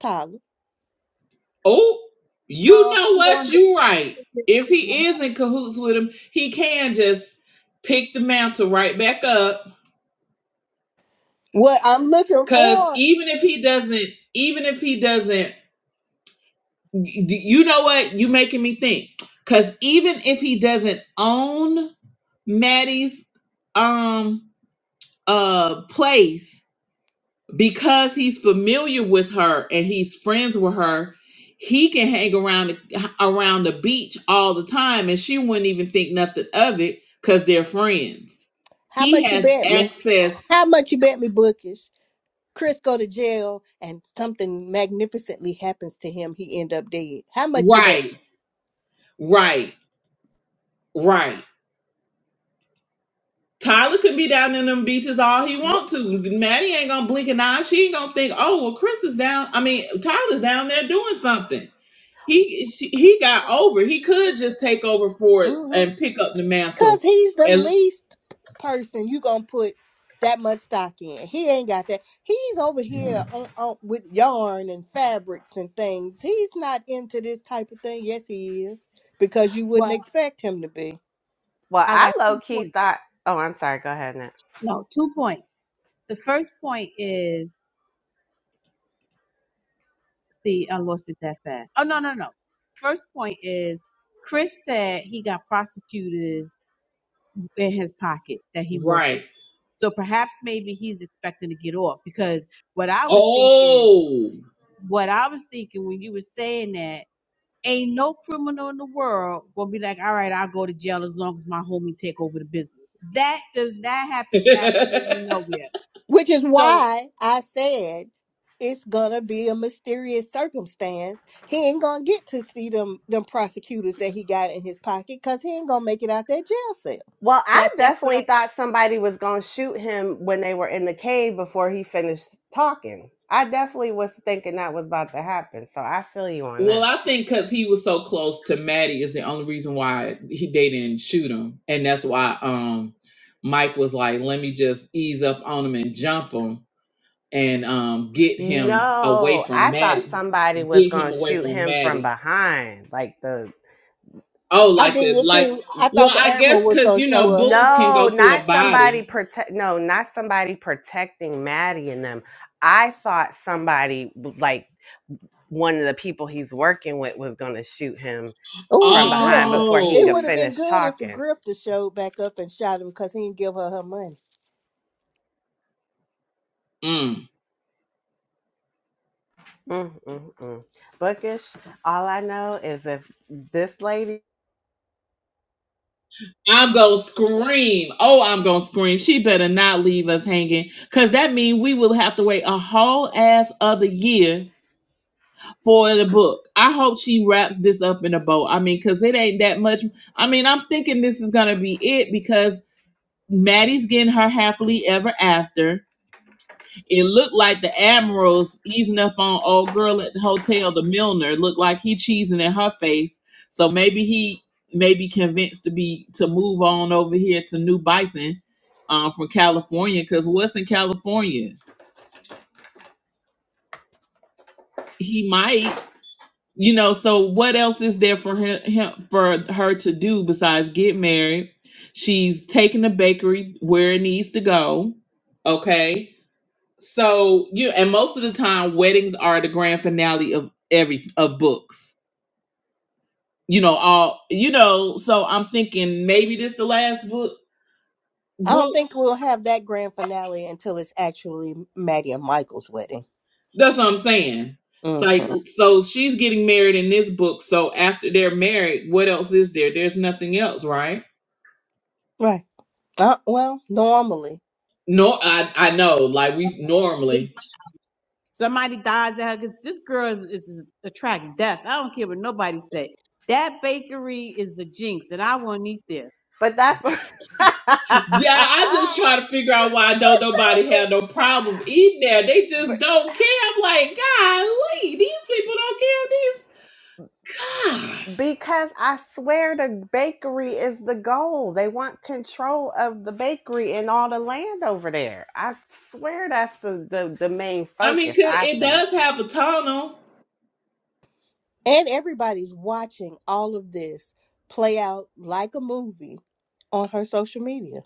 Speaker 4: Tyler.
Speaker 1: Oh, you
Speaker 3: No, if
Speaker 1: know
Speaker 3: I'm going
Speaker 1: what?
Speaker 3: down
Speaker 1: You right.
Speaker 3: for this,
Speaker 1: If he is in cahoots with him, he can just pick the mantle right back up.
Speaker 4: What I'm looking
Speaker 1: Cause
Speaker 4: for?
Speaker 1: even if he doesn't, even if he doesn't, y- d- you know what? You making me think. Cause even if he doesn't own Maddie's um uh place, because he's familiar with her and he's friends with her he can hang around around the beach all the time and she wouldn't even think nothing of it because they're friends
Speaker 4: How
Speaker 1: he
Speaker 4: much you
Speaker 1: has
Speaker 4: bet me?
Speaker 1: access
Speaker 4: How much you bet me, Bookish? Chris go to jail and something magnificently happens to him. He end up dead. How much you bet?
Speaker 1: right right right tyler could be down in them beaches all he
Speaker 2: Wh-
Speaker 1: want to maddie ain't gonna blink an eye she ain't gonna think oh well chris is down i mean tyler's down there doing something he she, he got over he could just take over for
Speaker 4: Uh
Speaker 1: it
Speaker 4: huh.
Speaker 1: and pick up the
Speaker 4: Cause
Speaker 1: mantle
Speaker 4: he's the
Speaker 1: and.
Speaker 4: least person you gonna put that much stock in. He ain't got that. He's over here on, on with yarn and fabrics and things. He's not into this type of thing. Yes, he is because you wouldn't
Speaker 3: well,
Speaker 4: expect him to be.
Speaker 2: Well,
Speaker 3: I
Speaker 2: I
Speaker 3: got
Speaker 2: low
Speaker 3: two
Speaker 2: key
Speaker 3: points.
Speaker 2: thought. Oh, I'm sorry. Go ahead.
Speaker 3: No, two points. The first point is, see, I lost it that fast. Oh, no, no, no. First point is, Chris said he got prosecutors in his pocket that he worked with.
Speaker 1: Right.
Speaker 3: So perhaps maybe he's expecting to get off because what I was thinking
Speaker 1: Oh.
Speaker 3: what I was thinking when you were saying that, ain't no criminal in the world gonna be like, all right, I'll go to jail as long as my homie take over the business. That does that happens absolutely nowhere.
Speaker 4: Which is
Speaker 3: So
Speaker 4: why I said it's gonna be a mysterious circumstance. He ain't gonna get to see them them prosecutors that he got in his pocket because he ain't gonna make it out that jail cell.
Speaker 2: Well, I
Speaker 3: that that's what I
Speaker 2: definitely thought somebody was going to shoot him when they were in the cave before he finished talking. I definitely was thinking that was about to happen. So I feel you on
Speaker 1: well,
Speaker 2: that.
Speaker 1: I think because he was so close to Maddie is the only reason why he they didn't shoot him, and that's why um Mike was like, "Let me just ease up on him and jump him and um get him away
Speaker 2: No, I
Speaker 1: from
Speaker 2: thought
Speaker 1: Maddie,
Speaker 2: somebody was
Speaker 1: get him
Speaker 2: going to
Speaker 1: away
Speaker 2: shoot
Speaker 1: from
Speaker 2: him from
Speaker 1: Maddie."
Speaker 2: behind. Like the.
Speaker 1: Oh,
Speaker 4: I
Speaker 1: like
Speaker 4: did
Speaker 1: the
Speaker 4: it
Speaker 1: like.
Speaker 4: too. I thought
Speaker 1: Well,
Speaker 4: the
Speaker 1: I
Speaker 4: admiral
Speaker 1: guess
Speaker 4: was
Speaker 1: because
Speaker 4: gonna
Speaker 1: you
Speaker 4: show
Speaker 1: know
Speaker 4: up.
Speaker 1: bullets can
Speaker 2: No,
Speaker 1: go through
Speaker 2: not
Speaker 1: a
Speaker 2: somebody
Speaker 1: body.
Speaker 2: protect. No, not somebody protecting Maddie and them. I thought somebody, like one of the people he's working with, was going to shoot him
Speaker 4: Oh,
Speaker 2: from
Speaker 4: the
Speaker 2: behind
Speaker 4: grifter.
Speaker 2: before he
Speaker 4: It
Speaker 2: could
Speaker 4: would
Speaker 1: Oh.
Speaker 4: have been
Speaker 2: finish
Speaker 4: good if the
Speaker 2: talking.
Speaker 4: grifter showed back up and shot her because he didn't give her her money.
Speaker 1: mm.
Speaker 2: Mm-mm-mm. Bookish. All I know is if this lady,
Speaker 1: I'm gonna scream. Oh, I'm gonna scream. She better not leave us hanging. Cause that means we will have to wait a whole ass other year for the book. I hope she wraps this up in a bow. I mean, cause it ain't that much. I mean, I'm thinking this is gonna be it because Maddie's getting her happily ever after. It looked like the admiral's easing up on old girl at the hotel, the Milner. It Looked like he cheesing in her face. So maybe he maybe convinced to be to move on over here to New Bison um, from California. Because what's in California? He might, you know. So what else is there for him, him for her to do besides get married? She's taking the bakery where it needs to go. Okay So you and most of the time weddings are the grand finale of every of books. You know, all you know, so I'm thinking maybe this the last book
Speaker 4: I don't
Speaker 1: book.
Speaker 4: think we'll have that grand finale until it's actually Maddie and Michael's wedding.
Speaker 1: That's what I'm saying. It's
Speaker 4: hmm
Speaker 1: like so she's getting married in this book, so after they're married, what else is there? There's nothing else, right?
Speaker 4: Right. Uh, well, normally.
Speaker 1: No, I I know, like we normally.
Speaker 3: somebody dies at her because this girl is, is a tragic death. I don't care what nobody say. That bakery is the jinx, and I won't eat there.
Speaker 2: but that's
Speaker 1: Yeah, I just try to figure out why don't nobody have no problem eating there. They
Speaker 2: but
Speaker 1: just don't care. I'm like, golly, these people don't care Gosh.
Speaker 2: because I swear the bakery is the goal. They want control of the bakery and all the land over there. I swear that's the the, the main
Speaker 1: I mean,
Speaker 2: focus.
Speaker 1: 'cause
Speaker 2: I
Speaker 1: it
Speaker 2: think.
Speaker 1: does have a tunnel.
Speaker 4: And everybody's watching all of this play out like a movie on her social media.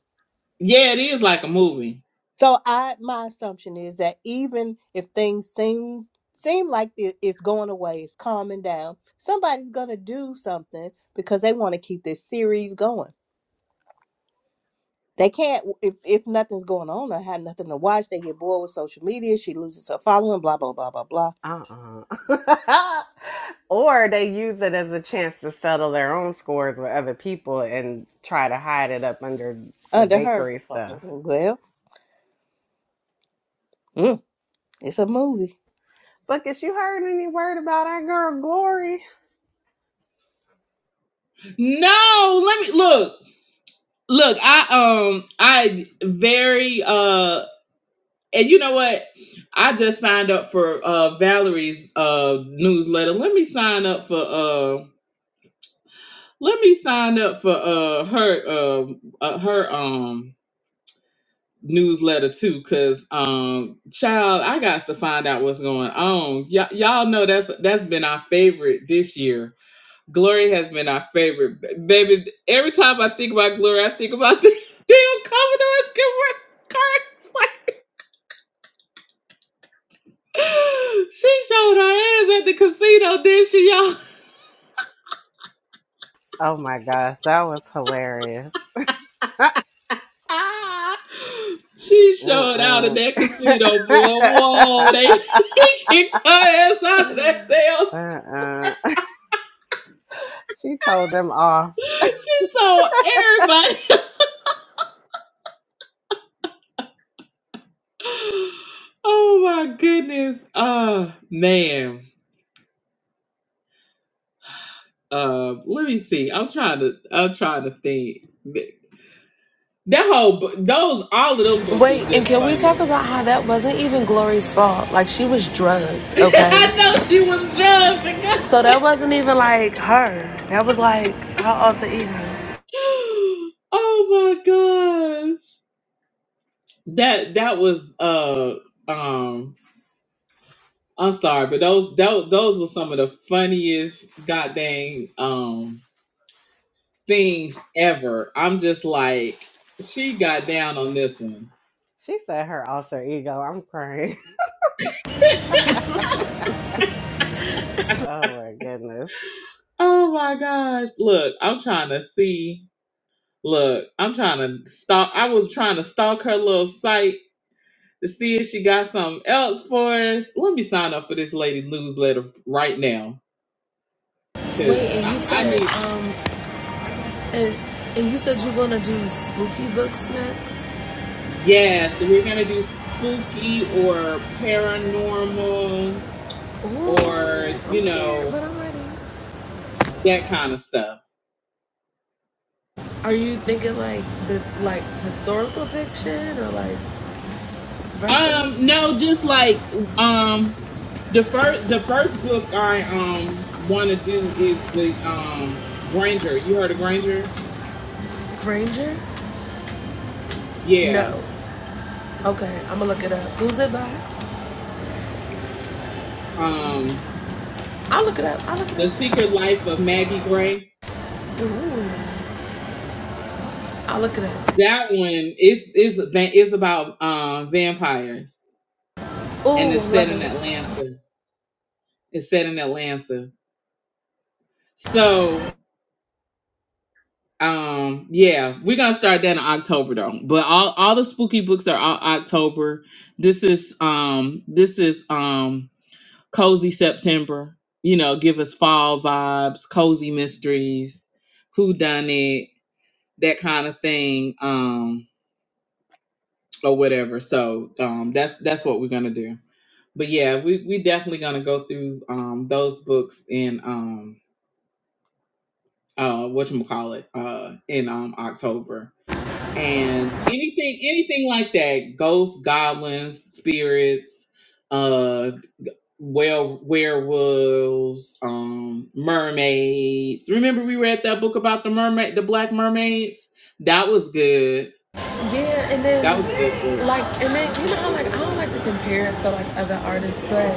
Speaker 1: Yeah, it is like a movie.
Speaker 4: So I my assumption is that even if things seems seem like it- it's going away, it's calming down, somebody's gonna do something because they want to keep this series going. They can't if if nothing's going on or have nothing to watch, they get bored with social media, she loses her following, blah blah blah blah blah.
Speaker 2: Uh uh or they use it as a chance to settle their own scores with other people and try to hide it up under the
Speaker 4: Under her
Speaker 2: bakery
Speaker 4: uh,
Speaker 2: stuff.
Speaker 4: mm, mm, well, mm, it's a movie.
Speaker 2: Buckets, you heard any word about our girl Glory?
Speaker 1: No, let me look. Look, I um I very uh and you know what? I just signed up for uh Valerie's uh newsletter. Let me sign up for uh let me sign up for uh her uh, uh her um newsletter too cuz um child I got to find out what's going on. Y- y'all know that's that's been our favorite this year Glory has been our favorite. Ba- Baby, every time I think about Glory, I think about the damn Commodore's current. Like, she showed her ass at the casino, did she, y'all?
Speaker 2: Oh my gosh, that was hilarious.
Speaker 1: Ah, she showed out in
Speaker 2: Mm-mm.
Speaker 1: that casino, boy. Whoa, they he kicked her ass out of that damn.
Speaker 2: uh-uh. She told them off.
Speaker 1: She told everybody. oh my goodness. Uh man. Uh, let me see. I'm trying to. I'm trying to think. That whole, bo- those, all of them books
Speaker 5: Wait,
Speaker 1: was
Speaker 5: and
Speaker 1: just
Speaker 5: can we talk
Speaker 1: funny.
Speaker 5: about how that wasn't even Glory's fault? Like she was drugged, okay?
Speaker 1: I know she was drunk.
Speaker 5: So that wasn't even like her. That was like her alter ego.
Speaker 1: Oh my gosh, that that was uh um. I'm sorry, but those those those were some of the funniest goddamn um things ever. I'm just like she got down on this one.
Speaker 2: She said her alter ego. I'm crying. Oh my goodness.
Speaker 1: Oh my gosh! Look, I'm trying to see. Look, I'm trying to stalk. I was trying to stalk her little site to see if she got something else for us. Let me sign up for this lady newsletter right now because
Speaker 5: Wait, and
Speaker 1: I,
Speaker 5: you
Speaker 1: I
Speaker 5: said
Speaker 1: need.
Speaker 5: um and and you said you're gonna do spooky books next.
Speaker 1: Yeah, so we're gonna do spooky or paranormal
Speaker 5: Ooh,
Speaker 1: or
Speaker 5: I'm
Speaker 1: you
Speaker 5: scared, but
Speaker 1: know
Speaker 5: I'm ready.
Speaker 1: that kind of stuff.
Speaker 5: Are you thinking like the like historical fiction or like Verka
Speaker 1: Um, no, just like um the first the first book I um want to do is the um Granger. You heard of Granger?
Speaker 5: Granger?
Speaker 1: Yeah.
Speaker 5: No. Okay, I'm gonna look it up. Who's it by?
Speaker 1: Um,
Speaker 5: I'll look it up. I'll look it
Speaker 1: The
Speaker 5: up.
Speaker 1: Secret Life of Maggie Gray
Speaker 5: Ooh, I'll look it up.
Speaker 1: That one is is is about um, vampires, and
Speaker 5: Ooh,
Speaker 1: it's set
Speaker 5: love
Speaker 1: in
Speaker 5: it.
Speaker 1: Atlanta. It's set in Atlanta. So, um, yeah, we're gonna start that in October though. But all all the spooky books are all October. This is um this is um cozy September. You know, give us fall vibes, cozy mysteries, who done it, that kind of thing. Um, or whatever. So um, that's that's what we're gonna do. But yeah, we we definitely gonna go through um, those books in um, uh, what you call it uh, in um, October and anything anything like that ghosts goblins spirits uh well werewolves um mermaids remember we read that book about the mermaid the black mermaids that was good
Speaker 5: Yeah, and then
Speaker 1: that was a good book
Speaker 5: like and then you know how like I don't like to compare it to like other artists, but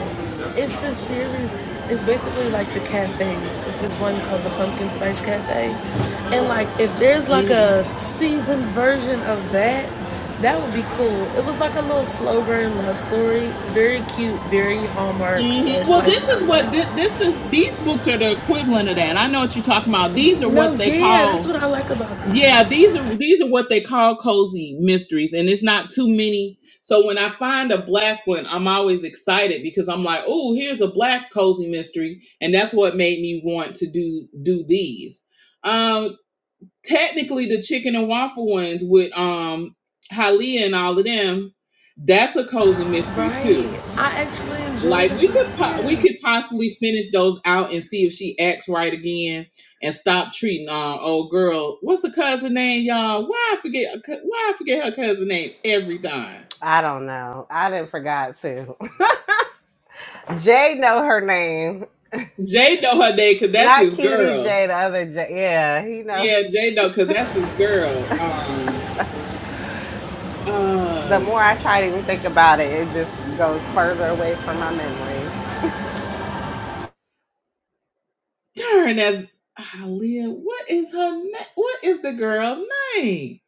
Speaker 5: it's this series it's basically like the cafes. It's this one called the Pumpkin Spice Cafe. And like if there's like
Speaker 1: Mm-hmm.
Speaker 5: a seasoned version of that, that would be cool. It was like a little slow burn love story. Very cute, very hallmark
Speaker 1: hmm
Speaker 5: slash
Speaker 1: Well, this
Speaker 5: lifetime
Speaker 1: is what
Speaker 5: love.
Speaker 1: this, this is. These books are the equivalent of that. I know what you're talking about. These are
Speaker 5: No,
Speaker 1: what they
Speaker 5: yeah, that's what
Speaker 1: call.
Speaker 5: I like about them.
Speaker 1: Yeah, these are these are what they call cozy mysteries, and it's not too many. So when I find a black one, I'm always excited because I'm like, oh, here's a black cozy mystery, and that's what made me want to do do these. Um, technically, the chicken and waffle ones with um Halia and all of them, that's a cozy mystery too
Speaker 5: Right. I actually enjoy
Speaker 1: like we could
Speaker 5: those.
Speaker 1: po-
Speaker 5: Yeah.
Speaker 1: we could possibly finish those out and see if she acts right again and stop treating uh old girl. What's her cousin name, y'all? Why I forget her cou- why I forget her cousin name every time.
Speaker 2: I don't know. I didn't forgot to. Jay know her name.
Speaker 1: Jay know her name because that's
Speaker 2: Not
Speaker 1: his
Speaker 2: cutie
Speaker 1: girl.
Speaker 2: Jay, the other Jay. Yeah, he know.
Speaker 1: Yeah, Jay know because that's his girl. Um,
Speaker 2: The
Speaker 1: uh,
Speaker 2: more I try to even think about it, it just goes further away from my memory.
Speaker 1: darn, that's Aaliyah. What is her name? What is the girl name?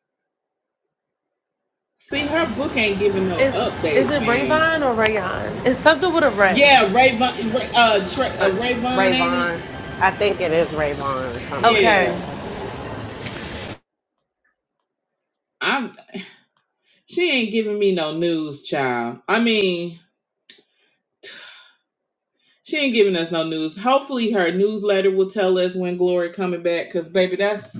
Speaker 1: See, her book ain't giving no
Speaker 5: It's
Speaker 1: updates,
Speaker 5: is it
Speaker 1: man.
Speaker 5: Rayvon or Rayon? It's something with a Ray.
Speaker 1: Yeah, Rayvon, Ray, uh, Tra- uh,
Speaker 2: Ray
Speaker 1: Rayvon, ain't it?
Speaker 2: I think it is Ray or something like
Speaker 5: Okay.
Speaker 2: that.
Speaker 1: Yeah, I'm. She ain't giving me no news, child. I mean, she ain't giving us no news. Hopefully, her newsletter will tell us when Glory coming back. Cause baby, that's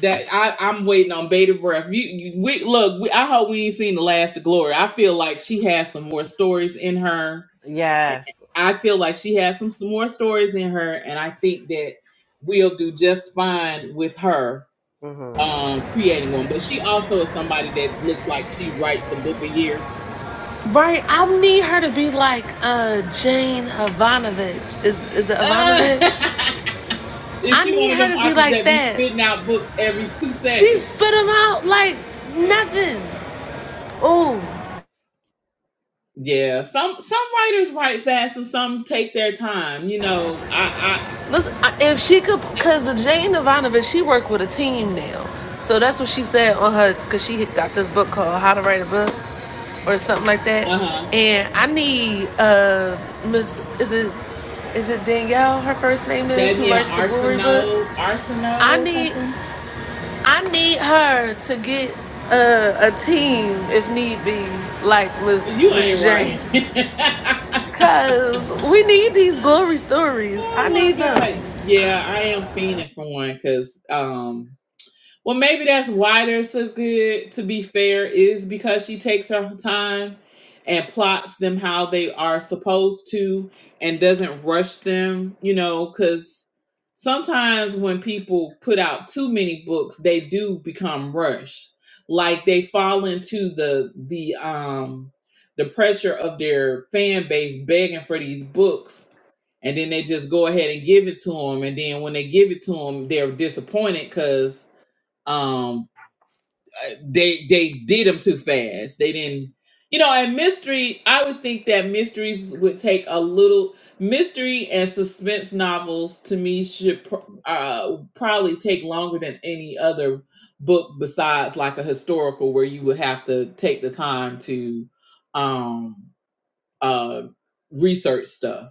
Speaker 1: that. I I'm waiting on bated breath. You, you we look. We, I hope we ain't seen the last of Glory. I feel like she has some more stories in her.
Speaker 2: Yes.
Speaker 1: I feel like she has some, some more stories in her, and I think that we'll do just fine with her
Speaker 2: Mm.
Speaker 1: um creating one. But she also is somebody that looks like she writes a book a year.
Speaker 5: Right, I need her to be like uh Jane Ivanovich. Is is it
Speaker 1: Uh,
Speaker 5: Ivanovich?
Speaker 1: is
Speaker 5: I
Speaker 1: she
Speaker 5: need
Speaker 1: one of them
Speaker 5: her to be
Speaker 1: authors
Speaker 5: like
Speaker 1: that be
Speaker 5: that.
Speaker 1: spitting out books every two
Speaker 5: She
Speaker 1: seconds?
Speaker 5: spit him out like nothing. Ooh.
Speaker 1: Yeah, some some writers write fast and some take their time. You know, I
Speaker 5: Listen, if she could, because Jane Ivanovich, she worked with a team now. So that's what she said on her, because she got this book called How to Write a Book or something like that.
Speaker 1: I uh huh
Speaker 5: And I need uh Miss, is it is it Danielle? Her first name is who
Speaker 1: Danielle
Speaker 5: writes the Glory books.
Speaker 1: Arsenault Arsenault
Speaker 5: I
Speaker 1: or
Speaker 5: need
Speaker 1: something.
Speaker 5: I need her to get uh, a team if need be, like Miss
Speaker 1: You
Speaker 5: Miss
Speaker 1: ain't
Speaker 5: Jane,
Speaker 1: right.
Speaker 5: cause we need these glory stories. I
Speaker 1: oh
Speaker 5: need
Speaker 1: my
Speaker 5: them.
Speaker 1: god, yeah, I am fiending for one because um. Well, maybe that's why they're so good, to be fair, is because she takes her time and plots them how they are supposed to and doesn't rush them, you know, because sometimes when people put out too many books, they do become rushed. Like they fall into the the um the pressure of their fan base begging for these books and then they just go ahead and give it to them and then when they give it to them they're disappointed because um uh, they they did them too fast they didn't you know and mystery i would think that mysteries would take a little mystery and suspense novels to me should pr- uh probably take longer than any other book besides like a historical where you would have to take the time to um uh research stuff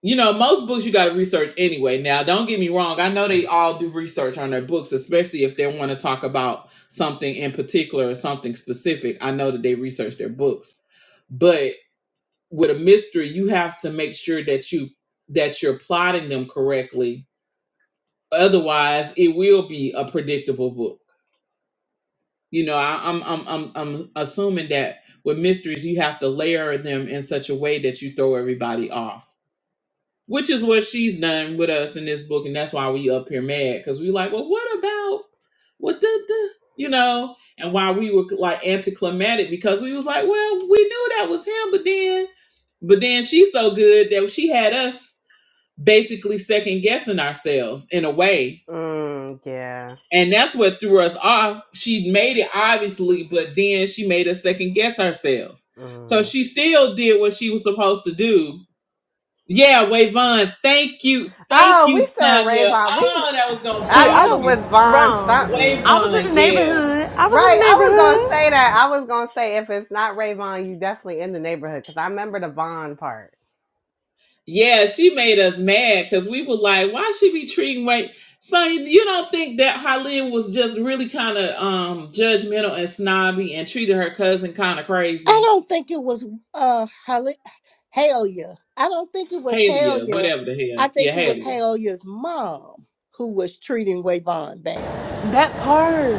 Speaker 1: you know, most books you got to research anyway. Now, don't get me wrong. I know they all do research on their books, especially if they want to talk about something in particular or something specific. I know that they research their books. But with a mystery, you have to make sure that you that you're plotting them correctly. Otherwise, it will be a predictable book. You know, I, I'm I'm I'm I'm assuming that with mysteries, you have to layer them in such a way that you throw everybody off which is what she's done with us in this book, and that's why we up here mad because we like, well, what about what the the you know, and why we were like anticlimactic because we was like, well, we knew that was him, but then but then she's so good that she had us basically second guessing ourselves in a way.
Speaker 2: hmm Mm, yeah.
Speaker 1: And that's what threw us off. She made it obviously, but then she made us second guess ourselves. So
Speaker 2: Mm.
Speaker 1: she still did what she was supposed to do yeah, Wayvon, thank you. Thank
Speaker 2: Oh, we
Speaker 1: you,
Speaker 2: said Ray
Speaker 1: Sonya.
Speaker 2: We
Speaker 1: Oh, that was gonna
Speaker 2: I
Speaker 5: See, I
Speaker 1: bother
Speaker 2: knew it
Speaker 5: was
Speaker 1: me.
Speaker 2: was Vaughn
Speaker 5: wrong.
Speaker 2: something.
Speaker 5: I was in the
Speaker 1: Wayvon, yeah.
Speaker 5: neighborhood. I was in
Speaker 2: Right.
Speaker 5: the
Speaker 2: I was gonna say
Speaker 5: neighborhood.
Speaker 2: that. I was gonna say if it's not Ray you definitely in the neighborhood because I remember the Vaughn part.
Speaker 1: Yeah, she made us mad because we were like, why she be treating Way Sonya, you don't think that Halil was just really kind of um judgmental and snobby and treated her cousin kind of
Speaker 4: I
Speaker 1: crazy?
Speaker 4: don't think it was uh Hale- Halia. I don't think it was
Speaker 1: Halia,
Speaker 4: Halia.
Speaker 1: whatever the
Speaker 4: I
Speaker 1: hell.
Speaker 4: think
Speaker 1: Yeah,
Speaker 4: it was
Speaker 1: Halia.
Speaker 4: Halia's mom who was treating Wayvon bad.
Speaker 5: That part.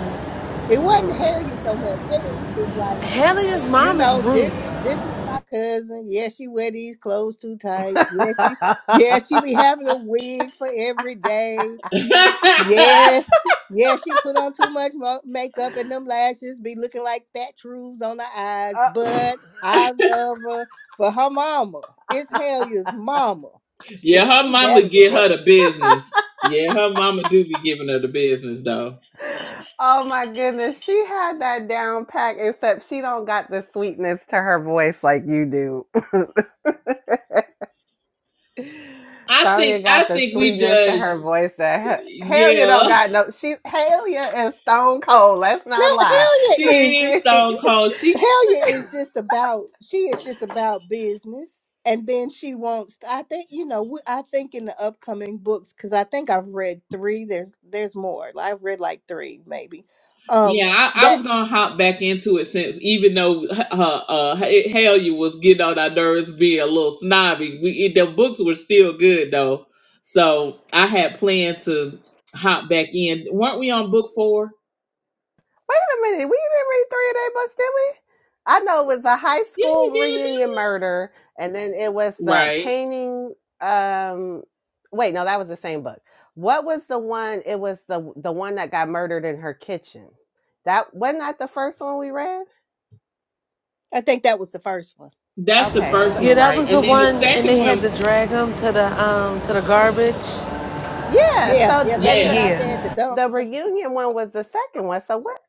Speaker 4: It wasn't
Speaker 2: Mm.
Speaker 4: Halia so much. Halia was just like,
Speaker 5: Hallian's
Speaker 4: you
Speaker 5: mom is
Speaker 4: know,
Speaker 5: rude.
Speaker 4: this this is my cousin. Yeah, she wear these clothes too tight. Yeah, she yeah, she
Speaker 2: uh,
Speaker 4: be having a wig for every day. Yeah, yeah, she put on too much mo- makeup and them lashes be looking like that truths on the eyes. But I love her. But her mama is Hellia's mama. She
Speaker 1: Yeah,
Speaker 4: can
Speaker 1: her
Speaker 4: do
Speaker 1: mama
Speaker 4: better than
Speaker 1: get her
Speaker 4: that.
Speaker 1: the business. Yeah, her mama do be giving her the business though.
Speaker 2: oh my goodness, she had that down pack. Except she don't got the sweetness to her voice like you do.
Speaker 1: I
Speaker 2: Sonya
Speaker 1: think I
Speaker 2: got the
Speaker 1: think we
Speaker 2: sweetness to
Speaker 1: judge.
Speaker 2: her voice that H- Halia don't
Speaker 1: Yeah,
Speaker 2: got no. She Halia is stone cold. Let's
Speaker 4: No,
Speaker 2: not lie.
Speaker 4: Hellia
Speaker 1: she
Speaker 4: is
Speaker 1: is
Speaker 2: she, she- wait
Speaker 1: stone cold. She
Speaker 4: Hellia is just about she is just about business. And then she wants. I think you know. we- I think in the upcoming books, because I think I've read three. There's there's more. I've read like three maybe. Um,
Speaker 1: yeah. I, I
Speaker 4: that
Speaker 1: was gonna hop back into it since even though her her uh hell you was getting on our nerves being a little snobby. We it, the books were still good though, so I had planned to hop back in. weren't we on book four?
Speaker 2: a minute. We didn't read three of their books, did we? I know it was the high
Speaker 1: Yeah, we
Speaker 2: school
Speaker 1: did.
Speaker 2: reunion murder, and then it was the
Speaker 1: Right.
Speaker 2: painting. Um, wait, no, that was the same book. What was the one? It was the the one that got murdered in her kitchen. That wasn't that the first one we read.
Speaker 4: I think that was the first one
Speaker 1: That's the
Speaker 2: Okay, so
Speaker 1: first
Speaker 5: Yeah,
Speaker 1: one,
Speaker 5: that
Speaker 1: right?
Speaker 5: was the
Speaker 1: And then the
Speaker 5: one, and
Speaker 1: second
Speaker 5: they
Speaker 1: one
Speaker 5: had to drag him to the um to the garbage.
Speaker 2: Yeah.
Speaker 4: Yeah,
Speaker 2: So
Speaker 4: yeah, left
Speaker 2: and
Speaker 4: them
Speaker 1: Yeah,
Speaker 4: out
Speaker 5: Yeah,
Speaker 4: there
Speaker 2: the
Speaker 4: at the
Speaker 2: the
Speaker 4: dumpster.
Speaker 2: reunion one was the second one. So what?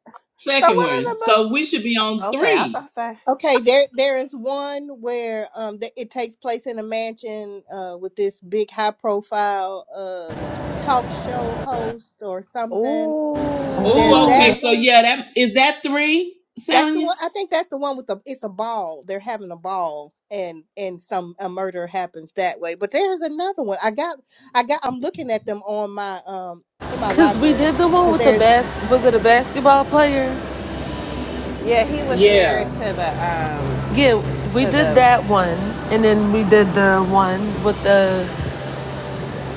Speaker 2: So
Speaker 1: second
Speaker 2: what are the
Speaker 1: one.
Speaker 2: books?
Speaker 1: So we should be on
Speaker 2: Okay, I was
Speaker 1: three.
Speaker 2: gonna say.
Speaker 4: Okay, there there is one where um that it takes place in a mansion uh with this big high profile um talk show host or something. There's
Speaker 1: Oh,
Speaker 2: Ooh.
Speaker 4: that
Speaker 1: okay. So
Speaker 4: one.
Speaker 1: yeah, that is that three,
Speaker 4: That's the
Speaker 1: Sonya.
Speaker 4: one I think that's the one with the it's a ball. They're having a ball and and some a murder happens that way. But there's another one. I got I got I'm looking at them on my um in my
Speaker 5: cause we
Speaker 4: library
Speaker 5: did the one
Speaker 4: cuz
Speaker 5: with the
Speaker 4: there's
Speaker 5: bas. Was it a basketball player?
Speaker 2: Yeah, he was married
Speaker 1: Yeah,
Speaker 2: to the um
Speaker 5: Yeah, we
Speaker 2: to
Speaker 5: did
Speaker 2: the.
Speaker 5: that one, and then we did the one with the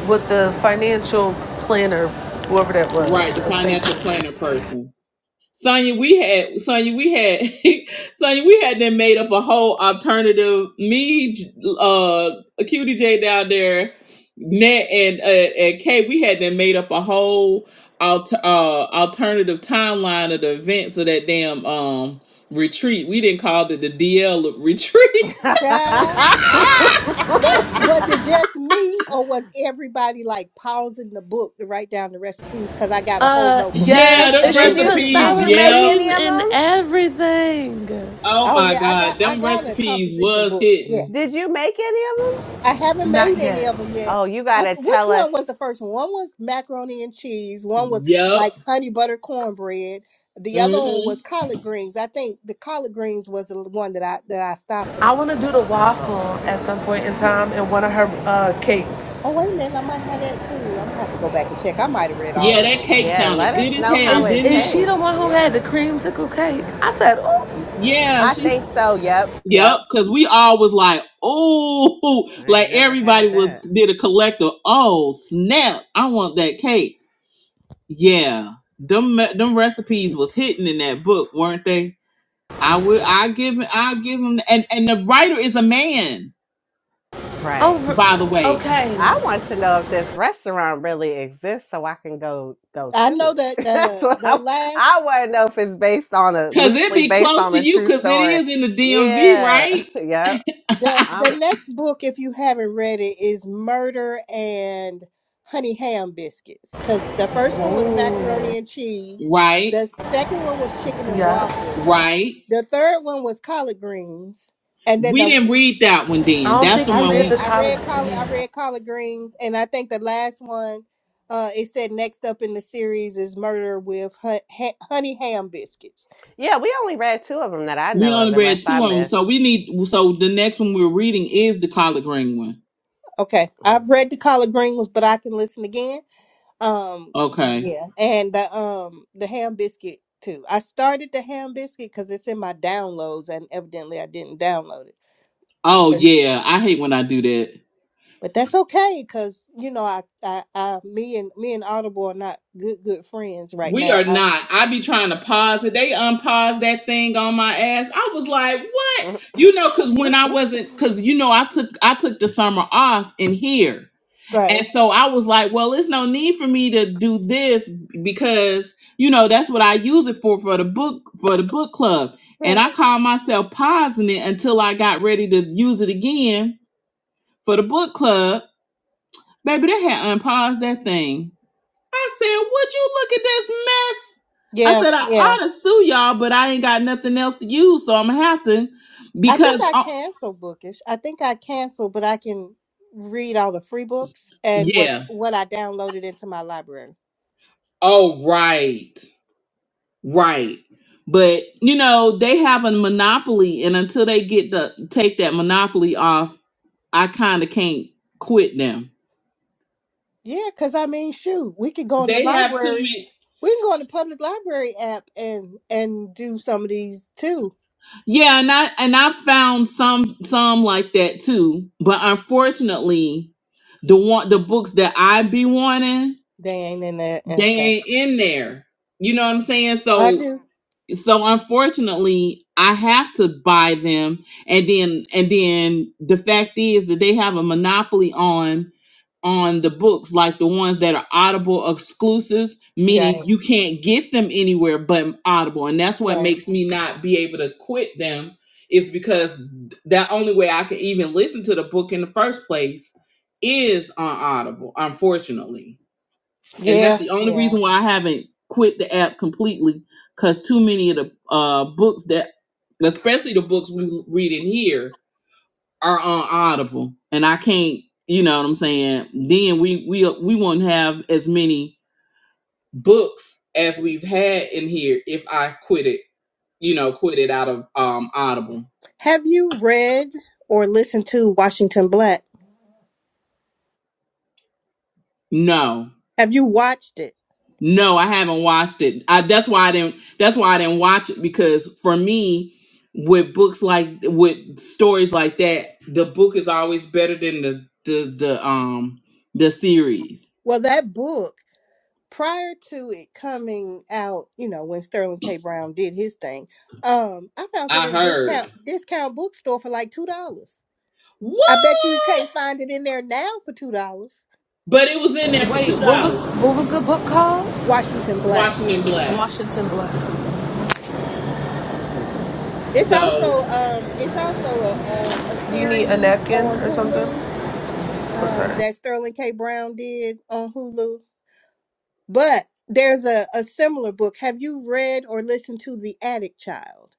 Speaker 5: with the financial planner, whoever that was,
Speaker 1: right. The
Speaker 5: the estate
Speaker 1: financial
Speaker 5: planner.
Speaker 1: planner person, Sonya. We had Sonya. We had Sonya. We had them made up a whole alternative. Me, J- uh, Cutie J down there, Net and uh, and Kay. We had them made up a whole alter, uh alternative timeline of the events of that damn um retreat. We didn't call it the DL retreat.
Speaker 4: child. But was it just me, or was everybody like pausing the book to write down the recipes? Because I got a whole
Speaker 5: Uh,
Speaker 4: notebook of e,
Speaker 1: Yeah,
Speaker 5: yes, and
Speaker 1: them
Speaker 4: of
Speaker 5: she
Speaker 2: did
Speaker 4: them
Speaker 5: put
Speaker 2: you
Speaker 4: recipes.
Speaker 2: did
Speaker 1: recipes.
Speaker 5: sour
Speaker 2: you make
Speaker 1: Yep.
Speaker 5: cream
Speaker 2: any of
Speaker 5: in
Speaker 2: them?
Speaker 5: everything.
Speaker 1: Oh
Speaker 4: Oh
Speaker 1: my
Speaker 4: yeah, I
Speaker 1: God,
Speaker 4: got I
Speaker 1: them
Speaker 4: got a
Speaker 1: recipes
Speaker 4: composition
Speaker 1: was
Speaker 4: book.
Speaker 1: hitting.
Speaker 2: Did
Speaker 4: Yes,
Speaker 2: you make any of them?
Speaker 4: I haven't
Speaker 5: Not
Speaker 4: made any
Speaker 5: yet.
Speaker 4: of them yet.
Speaker 2: Oh, you
Speaker 4: I,
Speaker 2: gotta
Speaker 4: which
Speaker 2: tell us.
Speaker 4: one was the first one? One was macaroni and cheese. One was
Speaker 1: Yep.
Speaker 4: like honey butter cornbread. The other one
Speaker 1: Mhm.
Speaker 4: was collard greens. I think the collard greens was the one that I that I stopped
Speaker 5: I
Speaker 4: on.
Speaker 5: want to do the waffle
Speaker 2: Oh,
Speaker 5: at some point in time in one of her uh, cakes.
Speaker 4: Oh wait a minute, I might have that too. I'm gonna have to go back and check. I might have read all the
Speaker 1: Yeah, that
Speaker 4: books.
Speaker 1: cake
Speaker 2: yeah.
Speaker 1: sounded
Speaker 2: Let us
Speaker 1: good as
Speaker 2: know
Speaker 1: hell,
Speaker 2: how
Speaker 5: Is
Speaker 2: it
Speaker 1: didn't
Speaker 5: is
Speaker 1: it?
Speaker 5: she the
Speaker 2: tastes.
Speaker 5: one who had the
Speaker 2: Yeah.
Speaker 5: creamsicle cake? I said, oh,
Speaker 1: Yeah,
Speaker 2: I
Speaker 1: she.
Speaker 2: think so. Yep. Yep.
Speaker 1: Yep. Cause we all was like, oh,
Speaker 2: I
Speaker 1: like
Speaker 2: ain't never
Speaker 1: everybody
Speaker 2: had
Speaker 1: was
Speaker 2: that.
Speaker 1: did a collective. Oh snap! I want that cake. Yeah. Them them recipes was hitting in that book, weren't they? I will. I give. I give them. And and the writer is a man,
Speaker 2: Right.
Speaker 5: over.
Speaker 1: by the way.
Speaker 5: Okay.
Speaker 2: I want to know if this restaurant really exists so I can go go
Speaker 4: I
Speaker 2: to
Speaker 4: know that
Speaker 2: it. That's
Speaker 4: the
Speaker 2: what
Speaker 4: the
Speaker 2: I
Speaker 4: last
Speaker 2: I want to know if it's based on a
Speaker 1: Cause it
Speaker 2: loosely
Speaker 1: be
Speaker 2: based
Speaker 1: close
Speaker 2: on
Speaker 1: to
Speaker 2: a
Speaker 1: you,
Speaker 2: true
Speaker 1: cause it
Speaker 2: story.
Speaker 1: is in the DMV,
Speaker 2: Yeah.
Speaker 1: right?
Speaker 2: yeah.
Speaker 4: the
Speaker 2: I
Speaker 4: the
Speaker 2: w-
Speaker 4: next book, if you haven't read it, is Murder and Honey Ham Biscuits. Cause the first one was macaroni and cheese.
Speaker 1: Right,
Speaker 4: The second one was chicken and
Speaker 5: Yeah.
Speaker 4: waffles.
Speaker 1: right.
Speaker 4: The third one was collard greens. And then
Speaker 1: We
Speaker 4: the
Speaker 1: didn't read that one
Speaker 5: I
Speaker 1: then.
Speaker 5: don't
Speaker 1: That's
Speaker 5: think
Speaker 1: the
Speaker 4: I
Speaker 5: we
Speaker 1: one
Speaker 4: read
Speaker 5: did the
Speaker 1: we
Speaker 4: I
Speaker 5: collard.
Speaker 4: read collard I
Speaker 5: Yeah.
Speaker 4: read collard greens and I think the last one uh it said next up in the series is murder with hu- ha- honey ham biscuits.
Speaker 2: yeah, we only read two of them that I
Speaker 1: we
Speaker 2: know of
Speaker 1: only
Speaker 2: unless
Speaker 1: read
Speaker 2: I
Speaker 1: two of them.
Speaker 2: miss.
Speaker 1: So we need so the next one we're reading is the collard green one.
Speaker 4: Okay.
Speaker 2: Mm.
Speaker 4: I've read the collard greens, but I can listen again Um, 'cause,
Speaker 1: Okay.
Speaker 4: yeah, and the um the ham biscuit too. I started the ham biscuit because it's in my downloads, and evidently I didn't download it.
Speaker 1: Oh
Speaker 4: 'Cause- Mm.
Speaker 1: yeah, I hate when I do that.
Speaker 4: but that's okay, cause you know I, I I me and me and Audible are not good good friends right
Speaker 1: We
Speaker 4: now.
Speaker 1: are
Speaker 4: I,
Speaker 1: not. I be trying to pause it. They unpause that thing on my ass. I was like, what? You know, cause when I wasn't, cause you know, I took I took the summer off in here.
Speaker 4: right,
Speaker 1: And so I was like, well, it's no need for me to do this because, you know, that's what I use it for for the book for the book club. And
Speaker 4: right.
Speaker 1: I called myself pausing it until I got ready to use it again for the book club. Baby, they had unpaused that thing. I said, would you look at this mess? I
Speaker 4: Yeah,
Speaker 1: said, I
Speaker 4: yeah.
Speaker 1: ought to sue y'all, but I ain't got nothing else to use, so I'm gonna have to
Speaker 4: I think
Speaker 1: because
Speaker 4: I
Speaker 1: oh,
Speaker 4: cancel bookish. I think I cancel, but I can read all the free books and what
Speaker 1: yeah.
Speaker 4: what I downloaded into my library.
Speaker 1: Oh right. Right. But you know, they have a monopoly and until they get the take that monopoly off, I kind of can't quit them.
Speaker 4: Yeah, because I mean, shoot, we could go in the
Speaker 1: They have too
Speaker 4: library.
Speaker 1: many.
Speaker 4: We can go in the public library app and and do some of these too.
Speaker 1: Yeah, and I and I found some some like that too, but unfortunately, the one the books that I be wanting,
Speaker 4: They ain't in there.
Speaker 1: they
Speaker 4: Okay,
Speaker 1: ain't in there. You know what I'm saying?
Speaker 4: I
Speaker 1: So
Speaker 4: do.
Speaker 1: so unfortunately i have to buy them and then and then the fact is that they have a monopoly on on the books like the ones that are audible exclusives
Speaker 4: Yeah,
Speaker 1: meaning
Speaker 4: I-
Speaker 1: you can't get them anywhere but audible and that's what
Speaker 4: right.
Speaker 1: makes me not be able to quit them is because the only way i can even listen to the book in the first place is on audible unfortunately and
Speaker 4: Yeah,
Speaker 1: that's the only
Speaker 4: yeah.
Speaker 1: reason why I haven't quit the app completely. Cause too many of the uh, books that, especially the books we read in here, are on Audible, and I can't. You know what I'm saying? Then we we we won't have as many books as we've had in here if I quit it. You know, quit it out of um Audible.
Speaker 4: Have you read or listened to Washington Black?
Speaker 1: No.
Speaker 4: Have you watched it?
Speaker 1: No, I haven't watched it. I, that's why I didn't. That's why I didn't watch it because for me, with books like with stories like that, the book is always better than the the the um the series.
Speaker 4: Well, that book prior to it coming out, you know, when Sterling K. Brown did his thing, um, I found it
Speaker 1: I
Speaker 4: in a discount
Speaker 1: heard
Speaker 4: discount bookstore for like two dollars. I bet you can't
Speaker 1: what,
Speaker 4: find it in there now for two dollars.
Speaker 1: but it was in there for
Speaker 5: Wait,
Speaker 1: two
Speaker 5: what was
Speaker 1: dollars.
Speaker 5: what was the book called?
Speaker 4: Washington Black.
Speaker 1: Washington Black.
Speaker 5: Washington Black.
Speaker 4: It's
Speaker 1: So
Speaker 4: also um it's also a um a
Speaker 5: Do you need a
Speaker 4: series
Speaker 5: napkin
Speaker 4: on
Speaker 5: or something?
Speaker 4: Hulu
Speaker 5: Oh,
Speaker 4: um
Speaker 5: sorry.
Speaker 4: that Sterling K. Brown did on Hulu. But there's a, a similar book. Have you read or listened to The Attic Child?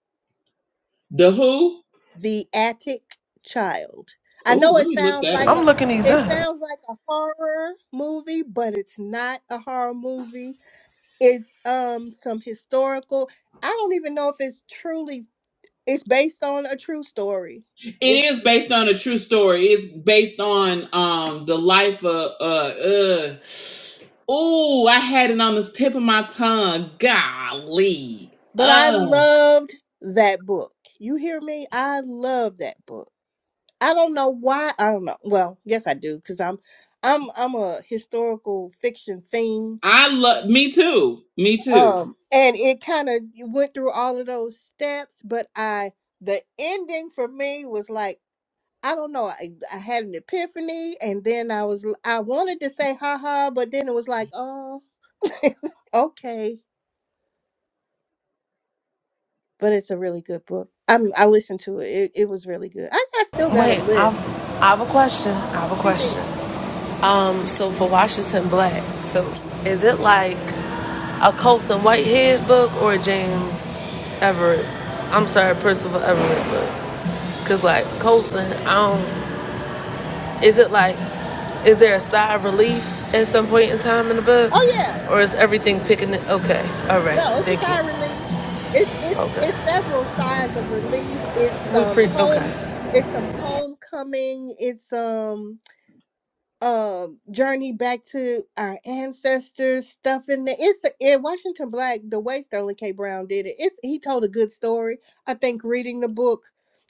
Speaker 1: the Who.
Speaker 4: The Attic Child. I
Speaker 1: Oh,
Speaker 4: know
Speaker 1: let
Speaker 4: it
Speaker 1: me look
Speaker 4: sounds
Speaker 1: that
Speaker 4: like
Speaker 1: up.
Speaker 5: I'm
Speaker 4: a
Speaker 5: looking these
Speaker 4: it
Speaker 5: up.
Speaker 4: sounds like a horror movie, but it's not a horror movie it's um some historical i don't even know if it's truly it's based on a true story
Speaker 1: It
Speaker 4: it,
Speaker 1: is based on a true story. It's based on um the life of uh uh Ooh, I had it on the tip of my tongue. Golly.
Speaker 4: but i
Speaker 1: Oh.
Speaker 4: loved that book you hear me i love that book i don't know why i don't know well yes i do because i'm i'm i'm a historical fiction fiend
Speaker 1: I love me too. Me too.
Speaker 4: um and it kind of went through all of those steps but i the ending for me was like I don't know. I, I had an epiphany, and then I was I wanted to say ha ha, but then it was like oh okay. But it's a really good book. I'm I listened to it. It, it was really good. I, I still got
Speaker 5: Wait,
Speaker 4: a
Speaker 5: I've,
Speaker 4: list.
Speaker 5: I have a question. I have a
Speaker 4: CC.
Speaker 5: question. Um, so for Washington Black, so is it like a Colson Whitehead book or a James Everett? I'm sorry, Percival Everett book. Cause like Colson, I don't. Is it like, is there a sigh of relief at some point in time in the book,
Speaker 4: Oh yeah.
Speaker 5: or is everything picking it? Okay, all right,
Speaker 4: No, it's a
Speaker 5: thank you.
Speaker 4: sigh of relief. It's it's it's
Speaker 5: Okay,
Speaker 4: several sighs of relief. It's
Speaker 5: we
Speaker 4: um
Speaker 5: pre.
Speaker 4: home.
Speaker 5: Okay,
Speaker 4: It's some homecoming. It's um um journey back to our ancestors stuff in there. It's in Washington Black, the way Sterling K. Brown did it. It's he told a good story. I think reading the book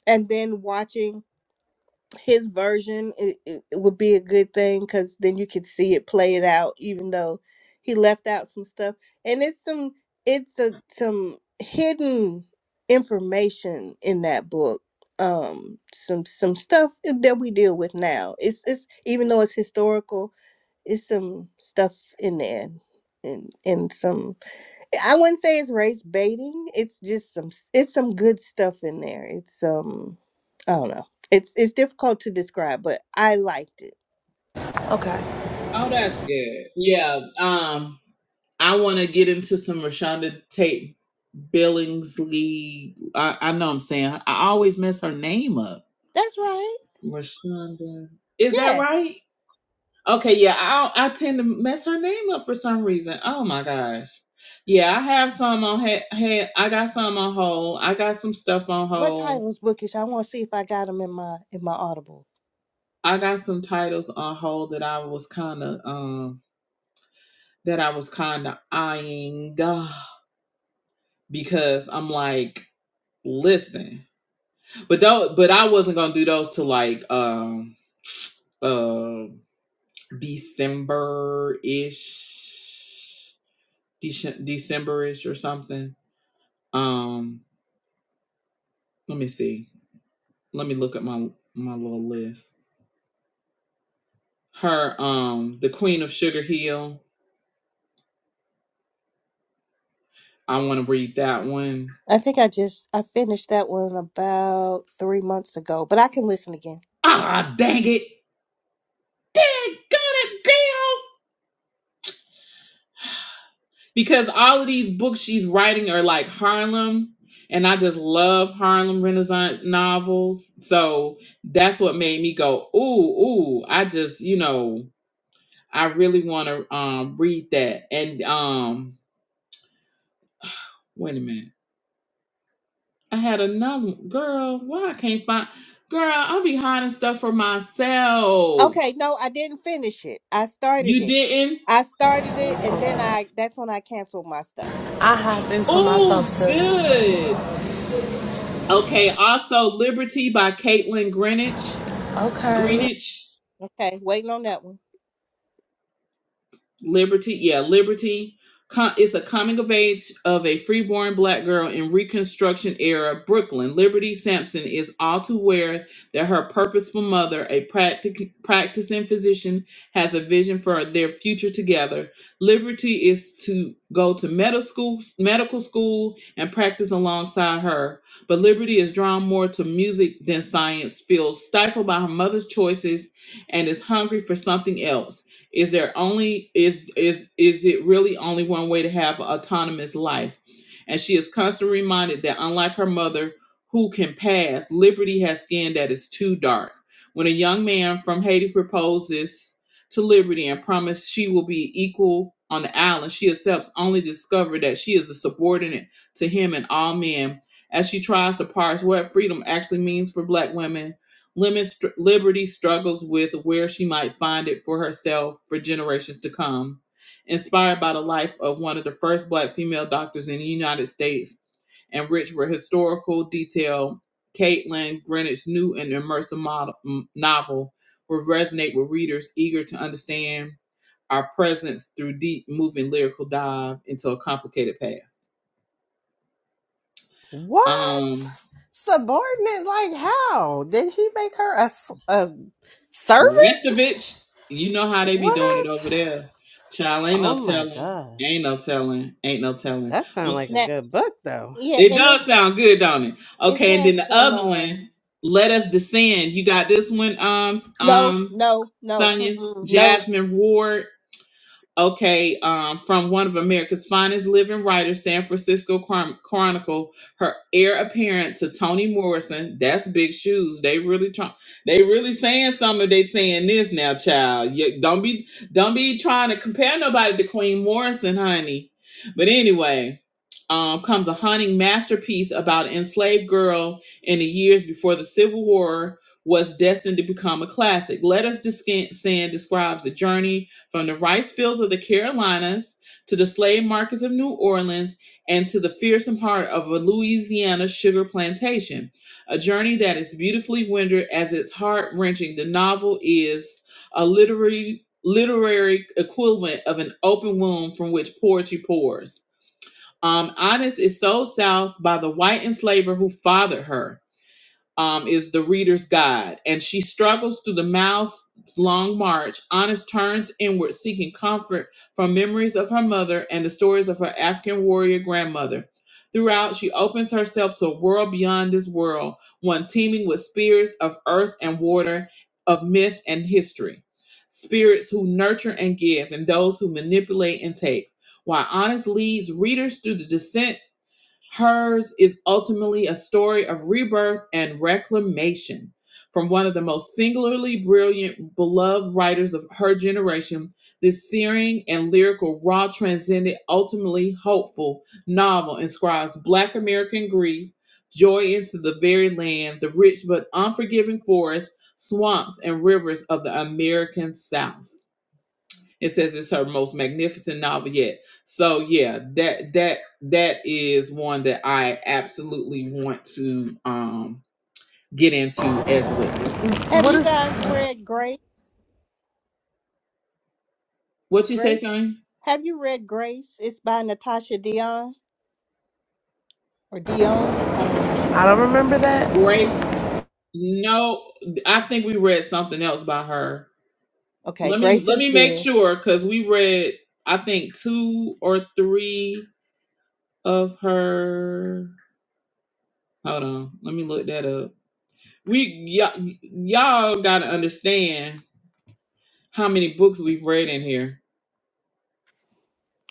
Speaker 4: and then watching his version it, it, it would be a good thing because then you could see it play it out, even though he left out some stuff. And it's some it's a some hidden information in that book um some some stuff that we deal with now it's it's even though it's historical it's some stuff in there and and some i wouldn't say it's race baiting it's just some s- it's some good stuff in there it's um i don't know it's it's difficult to describe but i liked it
Speaker 5: okay.
Speaker 1: Oh, that's good. Yeah. Um I want to get into some Rashonda Tate Billingsley. I, I know I'm saying I always mess her name up.
Speaker 4: that's right
Speaker 1: Rashonda. Is that
Speaker 4: yes
Speaker 1: right? Okay, yeah, I I tend to mess her name up for some reason. Oh my gosh. Yeah, I have some on ha- ha- I got some on hold. I got some stuff on
Speaker 4: what
Speaker 1: hold.
Speaker 4: titles bookish i want to see if i got them in my in my audible
Speaker 1: I got some titles on hold that I was kind of um that I was kind of eyeing because I'm like, listen. But though but I wasn't going to do those till like um uh December-ish. Dece- December-ish or something. Um Let me see. Let me look at my my little list. Her um the Queen of Sugar Hill. I want to read that one.
Speaker 4: i think i just i finished that one about three months ago but i can listen again
Speaker 1: Ah, dang it. Dang it, girl. Because all of these books she's writing are like Harlem and I just love Harlem Renaissance novels. So that's what made me go, "Ooh, ooh, I just, you know, I really want to um read that." And um wait a minute. I had another one. girl. Why I can't find girl? I'll be hiding stuff for myself.
Speaker 4: okay no i didn't finish it i started
Speaker 1: You
Speaker 4: it
Speaker 1: didn't?
Speaker 4: i started it and then i that's when i canceled my stuff
Speaker 5: I hopped into myself
Speaker 1: Oh,
Speaker 5: too.
Speaker 1: good. Okay. Also, Liberty by Caitlin Greenwich.
Speaker 5: Okay,
Speaker 1: Greenwich.
Speaker 4: Okay, waiting on that one.
Speaker 1: Liberty, yeah, Liberty. Com- it's a coming of age of a freeborn black girl in Reconstruction era Brooklyn. Liberty Sampson is all too aware that her purposeful mother, a practic- practicing physician, has a vision for their future together. Liberty is to go to medical school, medical school, and practice alongside her. But Liberty is drawn more to music than science, feels stifled by her mother's choices, and is hungry for something else. Is there only is is is it really only one way to have an autonomous life? And she is constantly reminded that unlike her mother, who can pass, liberty has skin that is too dark. When a young man from Haiti proposes to Liberty and promises she will be equal on the island, she accepts only to discover that she is a subordinate to him and all men. As she tries to parse what freedom actually means for black women Limits, Liberty struggles with where she might find it for herself for generations to come. Inspired by the life of one of the first black female doctors in the United States and rich with historical detail, Caitlin Greenwich's new and immersive model, m- novel will resonate with readers eager to understand our presence through deep, moving lyrical dive into a complicated past.
Speaker 2: What?
Speaker 1: Um,
Speaker 2: Subordinate? Like how? Did he make her a, s- a servant?
Speaker 1: Restovich, you know how they be doing it over
Speaker 2: What?
Speaker 1: there. Child, ain't
Speaker 2: Oh
Speaker 1: no
Speaker 2: my
Speaker 1: telling.
Speaker 2: god.
Speaker 1: Ain't no telling. Ain't no telling.
Speaker 2: That sounds like
Speaker 1: Okay.
Speaker 2: a
Speaker 4: Now,
Speaker 2: good book, though.
Speaker 4: yeah,
Speaker 1: It
Speaker 4: and it
Speaker 1: does sound good, don't it?
Speaker 4: it
Speaker 1: Okay, and then
Speaker 4: has
Speaker 1: the
Speaker 4: some
Speaker 1: other
Speaker 4: um
Speaker 1: one, Let Us Descend. You got this one, um,
Speaker 4: no,
Speaker 1: um,
Speaker 4: no, no,
Speaker 1: Sonya,
Speaker 4: mm-mm, no.
Speaker 1: Jasmine Ward okay, um, from one of America's finest living writers, San Francisco Chron- Chronicle, her heir apparent to Toni Morrison. That's big shoes. They really try- They really saying something. They saying this now, child. You, don't be, don't be trying to compare nobody to Queen Morrison, honey. But anyway. Um, comes a haunting masterpiece about an enslaved girl in the years before the Civil War was destined to become a classic. Let Us Descend describes the journey from the rice fields of the Carolinas to the slave markets of New Orleans and to the fearsome heart of a Louisiana sugar plantation, a journey that is beautifully rendered as it's heart wrenching. The novel is a literary literary equivalent of an open wound from which poetry pours. Um, Honest is sold south by the white enslaver who fathered her um, is the reader's guide, and she struggles through the mouth's long march. Honest turns inward, seeking comfort from memories of her mother and the stories of her African warrior grandmother. Throughout, she opens herself to a world beyond this world, one teeming with spirits of earth and water, of myth and history. Spirits who nurture and give, and those who manipulate and take. While Honest leads readers through the descent Hers is ultimately a story of rebirth and reclamation from one of the most singularly brilliant, beloved writers of her generation. This searing and lyrical, raw, transcendent, ultimately hopeful novel inscribes Black American grief, joy into the very land, the rich but unforgiving forests, swamps, and rivers of the American South. It says it's her most magnificent novel yet. So yeah, that that that is one that I absolutely want to um get into as well.
Speaker 4: Have
Speaker 5: what
Speaker 4: you
Speaker 5: is
Speaker 4: guys read Grace?
Speaker 1: What you say,
Speaker 4: Grace?
Speaker 1: son?
Speaker 4: Have you read Grace? It's by Natasha Dion or Dion. I don't know how she
Speaker 5: I don't
Speaker 4: pronounced.
Speaker 5: remember that.
Speaker 1: Grace? No, I think we read something else by her.
Speaker 4: it. Okay,
Speaker 1: Let me
Speaker 4: Grace
Speaker 1: let
Speaker 4: is
Speaker 1: me make
Speaker 4: good.
Speaker 1: sure because we read I think two or three of her. Hold on, let me look that up. We y'all y'all gotta understand how many books we've read in here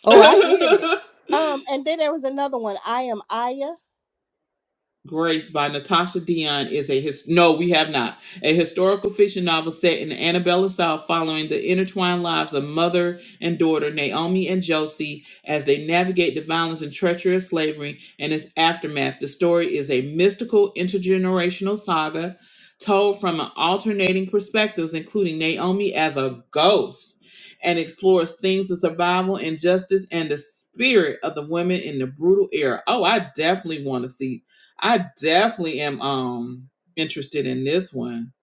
Speaker 4: Oh, I get it.
Speaker 1: it.
Speaker 4: Um, and then there was another one. I am Aya.
Speaker 1: Grace by Natasha Dion is a his no, we have not. A historical fiction novel set in Annabella South following the intertwined lives of mother and daughter Naomi and Josie as they navigate the violence and treachery of slavery and its aftermath. The story is a mystical intergenerational saga told from an alternating perspectives, including Naomi as a ghost, and explores themes of survival, injustice, and the spirit of the women in the brutal era. Oh, I definitely want to see I definitely am um interested in this one.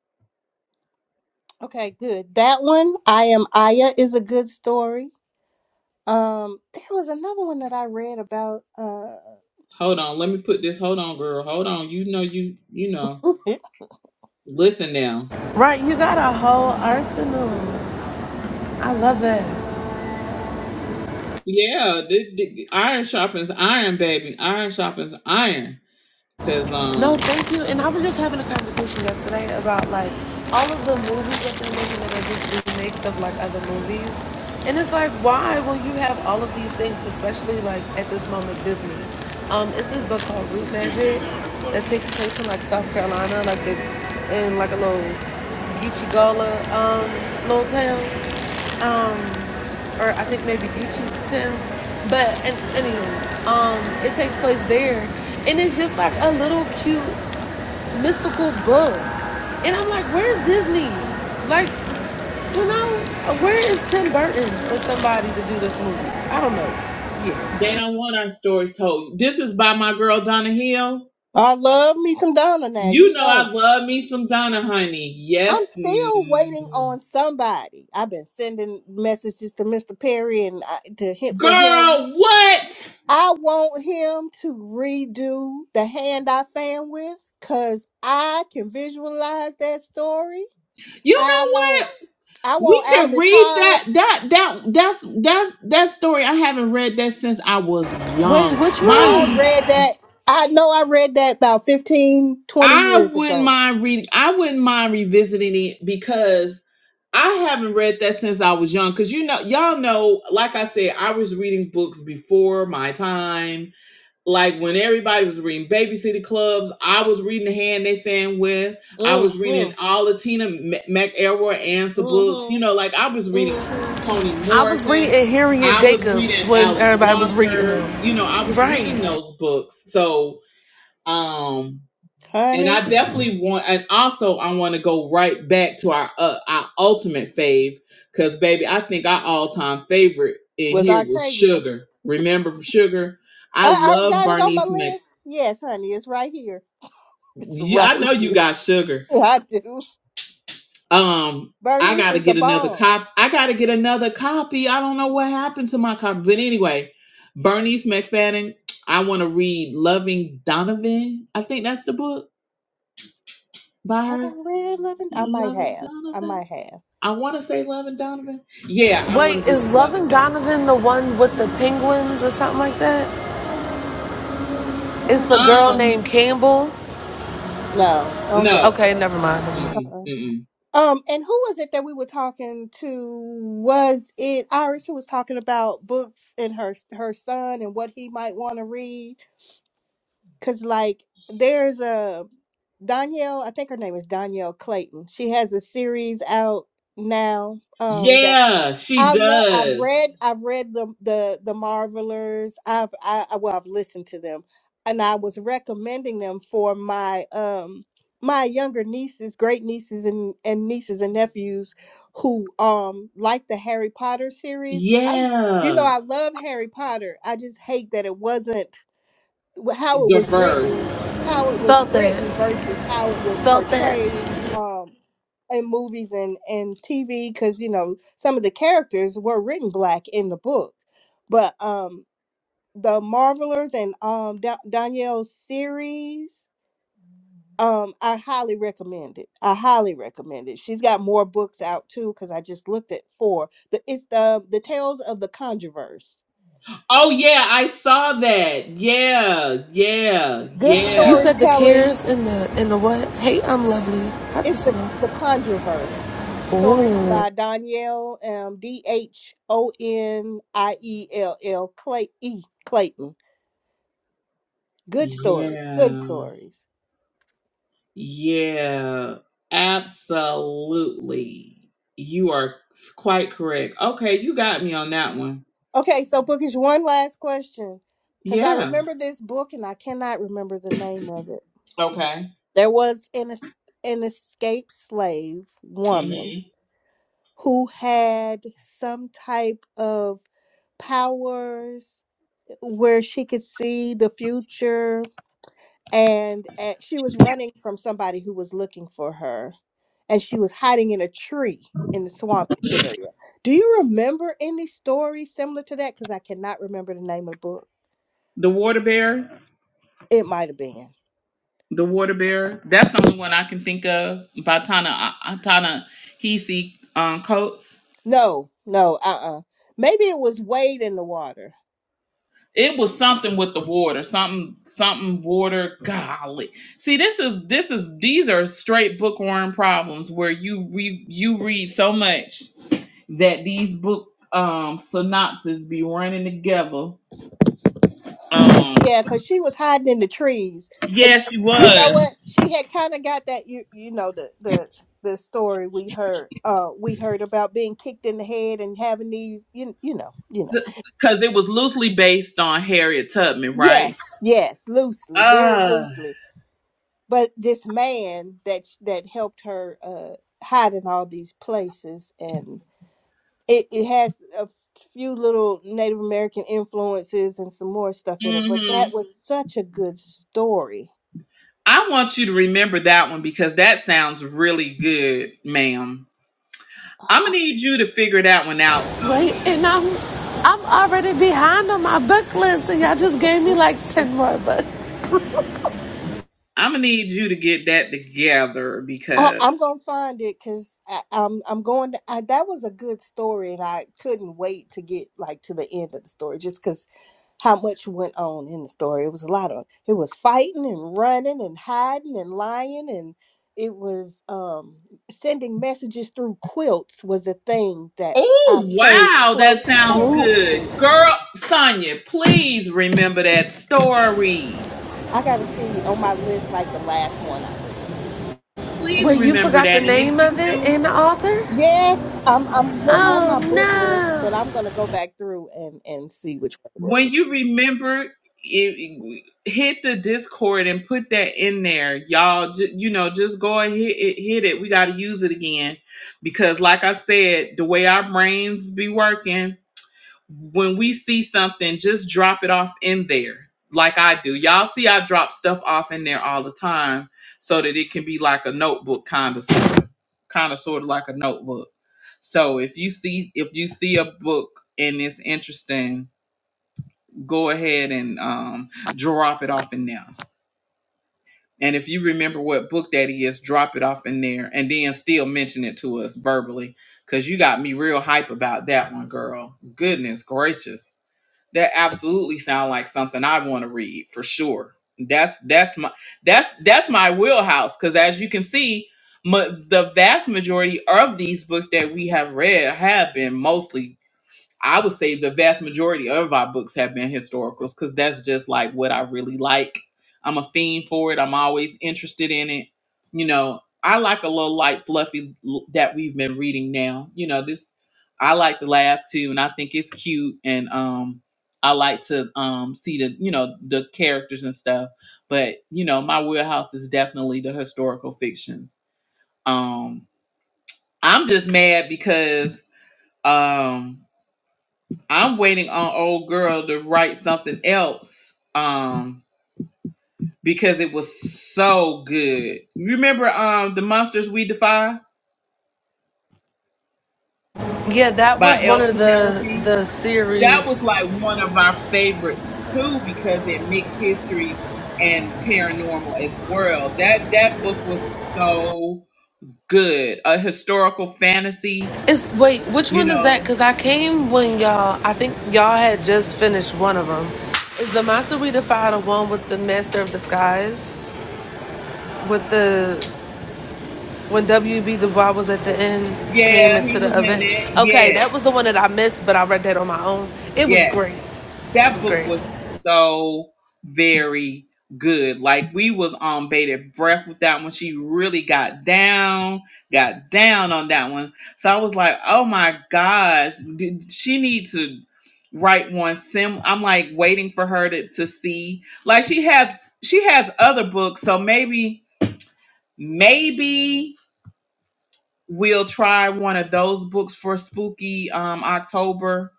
Speaker 4: Okay, good. That one, I am Aya, is a good story. Um, there was another one that I read about. Uh,
Speaker 1: Hold on, let me put this. Hold on, girl. Hold on. You know you you know. Listen now.
Speaker 5: Right, you got a whole arsenal. I love that.
Speaker 1: Yeah, the, the, iron sharpens iron, baby. Iron sharpens iron. Cause
Speaker 5: No,
Speaker 1: um
Speaker 5: thank you. And I was just having a conversation yesterday about like all of the movies that they're making that are just remakes of like other movies. And it's like, why will you have all of these things, especially like at this moment, Disney. Um, it's this book called Root Magic that takes place in like South Carolina, like the, in like a little Geechee Gola um, little town. or I think maybe Gucci town. But and anyway, um, it takes place there, and it's just like a little cute mystical book, and I'm like, where's Disney? Like, you know, where is Tim Burton for somebody to do this movie? I don't know. Yeah.
Speaker 1: they don't want our stories told. This is by my girl Donna Hill.
Speaker 4: I love me some Donna now, you
Speaker 1: You know
Speaker 4: know.
Speaker 1: I love me some Donna, honey. Yes,
Speaker 4: I'm still waiting
Speaker 1: mm.
Speaker 4: on somebody. I've been sending messages to Mr. Perry and I, to hit for him.
Speaker 1: girl. What?
Speaker 4: I want him to redo the hand I fan with cuz I can visualize that story.
Speaker 1: You
Speaker 4: I
Speaker 1: know what?
Speaker 4: want I want
Speaker 1: We could
Speaker 4: Aldous
Speaker 1: read
Speaker 4: Hodge.
Speaker 1: that that that that's that's that story. I haven't read that since I was
Speaker 5: Wait,
Speaker 1: young.
Speaker 5: which
Speaker 1: Mind
Speaker 4: I
Speaker 1: you,
Speaker 5: one?
Speaker 4: read that I know I read that about fifteen, twenty
Speaker 1: I
Speaker 4: years
Speaker 1: wouldn't
Speaker 4: ago.
Speaker 1: mind reading I wouldn't mind revisiting it because I haven't read that since I was young. Cause you know, y'all know, like I said, I was reading books before my time like when everybody was reading Babysitter Clubs, I was reading The Hand They Fan With. I
Speaker 4: Mm
Speaker 1: was reading
Speaker 4: Mhm.
Speaker 1: all of Tina M- McElroy answer
Speaker 4: Mm
Speaker 1: books. You
Speaker 4: Mhm.
Speaker 1: know, like I was reading
Speaker 4: Mm Mhm.
Speaker 1: Toni
Speaker 5: I was reading
Speaker 1: Morrison.
Speaker 5: Harriet
Speaker 1: I was
Speaker 5: Jacobs
Speaker 1: reading
Speaker 5: when
Speaker 1: Alice
Speaker 5: everybody was reading
Speaker 1: Walker.
Speaker 5: them.
Speaker 1: You know, I was
Speaker 5: Right.
Speaker 1: reading those books. So, um, and
Speaker 4: Honey,
Speaker 1: I definitely want, and also I want to go right back to our uh, our ultimate fave, because baby, I think our all time favorite in
Speaker 4: was
Speaker 1: here was
Speaker 4: Octavia
Speaker 1: Sugar. Remember Sugar? I
Speaker 4: I, I
Speaker 1: love
Speaker 4: got it on my
Speaker 1: Bernice
Speaker 4: list. Yes, honey, it's right here. It's
Speaker 1: You,
Speaker 4: right
Speaker 1: I know you
Speaker 4: here.
Speaker 1: got sugar.
Speaker 4: I do.
Speaker 1: Um, I
Speaker 4: Bernice
Speaker 1: gotta
Speaker 4: is the
Speaker 1: get another
Speaker 4: bomb.
Speaker 1: cop. I gotta get another copy. I don't know what happened to my copy, but anyway, Bernice McFadden. I want to read Loving Donovan. I think that's the book by
Speaker 4: Have
Speaker 1: her.
Speaker 4: I read Love and I might
Speaker 1: Loving
Speaker 4: have. I
Speaker 1: Donovan.
Speaker 4: might have.
Speaker 1: I want to say Loving Donovan. Yeah, I want to
Speaker 5: Wait, is
Speaker 1: read Loving
Speaker 5: Loving
Speaker 1: Donovan.
Speaker 5: Donovan the one with the penguins or something like that?
Speaker 4: I
Speaker 5: It's
Speaker 4: don't
Speaker 5: the
Speaker 4: think
Speaker 5: girl
Speaker 4: so.
Speaker 5: named
Speaker 1: Um,
Speaker 5: Campbell
Speaker 4: No, I don't think
Speaker 1: no.
Speaker 5: Okay,
Speaker 4: so.
Speaker 5: never mind. Never mind.
Speaker 1: Mm-mm,
Speaker 4: Uh-uh.
Speaker 1: mm-mm.
Speaker 4: Um, and who was it that we were talking to? Was it Iris who was talking about books and her her son and what he might want to read? Cause like there's a Danielle, I think her name is Danielle Clayton. She has a series out now. Um that's
Speaker 1: Yeah, she
Speaker 4: I love I've
Speaker 1: does.
Speaker 4: read I've read the the the Marvelers. I've I I- well I've listened to them and I was recommending them for my um my younger nieces, great nieces and, and nieces and nephews who um like the Harry Potter series. I you know
Speaker 1: Yeah,
Speaker 4: I love Harry Potter. I just hate that it wasn't wh- how it was written,
Speaker 1: diverse.
Speaker 4: how it was
Speaker 5: Felt
Speaker 4: written
Speaker 5: that.
Speaker 4: versus how it was
Speaker 5: Felt that.
Speaker 4: portrayed um, in movies and and TV. Because you know some of the characters were written black in the book, but um, the Marvelers and um, da- Danielle's series. Um, I highly recommend it. I highly recommend it. She's got more books out too, because I just looked at four. The it's the the Tales of the Controverse.
Speaker 1: Oh yeah, I saw that. Yeah, yeah,
Speaker 4: Good
Speaker 5: You
Speaker 1: yeah,
Speaker 5: said the
Speaker 4: storytelling
Speaker 5: cares and the and the what? Hey, I'm lovely. Hi,
Speaker 4: It's the
Speaker 5: Priscilla.
Speaker 4: the Conjureverse
Speaker 5: Ooh.
Speaker 4: stories by Danielle um, D H O N I E L L Clay E Clayton. Good stories. Good
Speaker 1: yeah,
Speaker 4: stories.
Speaker 1: yeah. Absolutely. You are quite correct. Okay, you got me on that one.
Speaker 4: Okay, so bookish. One last question, because I
Speaker 1: Yeah.
Speaker 4: remember this book and I cannot remember the name of it.
Speaker 1: Okay.
Speaker 4: There was an es- an escaped slave
Speaker 1: hmm
Speaker 4: woman who had some type of powers where she could see the future and, and she was running from somebody who was looking for her and she was hiding in a tree in the swamp area do you remember any story similar to that because i cannot remember the name of the book
Speaker 1: The water bear.
Speaker 4: it might have been
Speaker 1: The water bear. That's the only one I can think of by Tana Atana Hisi um, Coates.
Speaker 4: no no uh-uh maybe it was wade in the water
Speaker 1: It was something with the water, something, something water. Golly, see, this is this is these are straight bookworm problems where you re, you read so much that these book um synopses be running together. Um,
Speaker 4: Yeah, because she was hiding in the trees, and sh
Speaker 1: yes, she
Speaker 4: you know
Speaker 1: was
Speaker 4: what? She had kind of got that you you know the the the story we heard uh we heard about being kicked in the head and having these you you know you know
Speaker 1: because it was loosely based on Harriet Tubman, right?
Speaker 4: yes yes loosely very
Speaker 1: Uh,
Speaker 4: loosely but this man that sh- that helped her uh hide in all these places and it, it has a few little Native American influences and some more stuff in it but
Speaker 1: hmm
Speaker 4: that was such a good story.
Speaker 1: I want you to remember that one because that sounds really good, ma'am. I'm
Speaker 4: Oh.
Speaker 1: gonna need you to figure that one out. Tanya.
Speaker 5: Wait, and I'm I'm already behind on my book list, and y'all just gave me like ten more books.
Speaker 1: I'm gonna need you to get that together
Speaker 4: I,
Speaker 1: because
Speaker 4: I'm gonna find it because I'm I'm going. To, I, that was a good story, and I couldn't wait to get like to the end of the story, just because how much went on in the story. It was a lot of it was fighting and running and hiding and lying, and it was um sending messages through quilts was a thing that I
Speaker 1: Oh,
Speaker 4: paid
Speaker 1: wow. That
Speaker 4: close
Speaker 1: sounds
Speaker 5: Ooh.
Speaker 4: attention
Speaker 1: good.
Speaker 4: to.
Speaker 1: girl, Sonya, please remember that story.
Speaker 4: I got to see on my list like the last one I read.
Speaker 1: Please
Speaker 5: Wait, you
Speaker 1: remember
Speaker 5: forgot the
Speaker 1: that, and if
Speaker 5: name
Speaker 1: you
Speaker 5: of it
Speaker 1: do,
Speaker 5: and the author?
Speaker 4: Yes, I'm I'm lo- on
Speaker 5: Oh
Speaker 4: my book
Speaker 5: no.
Speaker 4: list, but I'm gonna go back through and and see which one. it was.
Speaker 1: when you remember, it, hit the Discord and put that in there, y'all. J- you know, just go and hit it. Hit it. We got to use it again because, like I said, the way our brains be working. when we see something, just drop it off in there, like I do. Y'all see, I drop stuff off in there all the time, so that it can be like a notebook kind of, kind of sort of like a notebook. So if you see if you see a book and it's interesting, go ahead and um, drop it off in there. And if you remember what book that is, drop it off in there, and then still mention it to us verbally, cause you got me real hype about that one, girl. Goodness gracious that absolutely sound like something I want to read for sure. That's that's my that's that's my wheelhouse because as you can see, ma- the vast majority of these books that we have read have been mostly I would say the vast majority of our books have been historicals because that's just like what I really like. I'm a fiend for it. I'm always interested in it. You know, I like a little light, fluffy l- that we've been reading now. You know, this I like to laugh too, and I think it's cute, and um, I like to um see the you know the characters and stuff. But you know, my wheelhouse is definitely the historical fictions. Um, I'm just mad because um I'm waiting on old girl to write something else. Um, because it was so good. You remember um The Monsters We Defy
Speaker 5: Yeah, that
Speaker 1: by
Speaker 5: was
Speaker 1: L
Speaker 5: one of the
Speaker 1: Penelope?
Speaker 5: the
Speaker 1: That
Speaker 5: series
Speaker 1: was like one of our favorites too because it mixed history and paranormal as well. That that book was so good. A historical fantasy,
Speaker 5: It's wait, which
Speaker 1: you
Speaker 5: one is that?
Speaker 1: know.
Speaker 5: Cause I came when y'all. I think y'all had just finished one of them. Is the Master Redefined the one with the Master of Disguise? With the when WB Du Bois was at the end, came
Speaker 1: Yeah,
Speaker 5: into
Speaker 1: he was
Speaker 5: the
Speaker 1: in
Speaker 5: event.
Speaker 1: it.
Speaker 5: Okay,
Speaker 1: Yeah,
Speaker 5: that was the one that I missed, but I read that on my own. It was
Speaker 1: Yeah.
Speaker 5: great. It
Speaker 1: that
Speaker 5: was
Speaker 1: book
Speaker 5: great.
Speaker 1: was so very good. Like we was on bated breath with that one. She really got down, got down on that one. So I was like, oh my gosh, did- she need to write one sim. I'm like waiting for her to to see. Like she has she has other books, so maybe maybe we'll try one of those books for spooky um October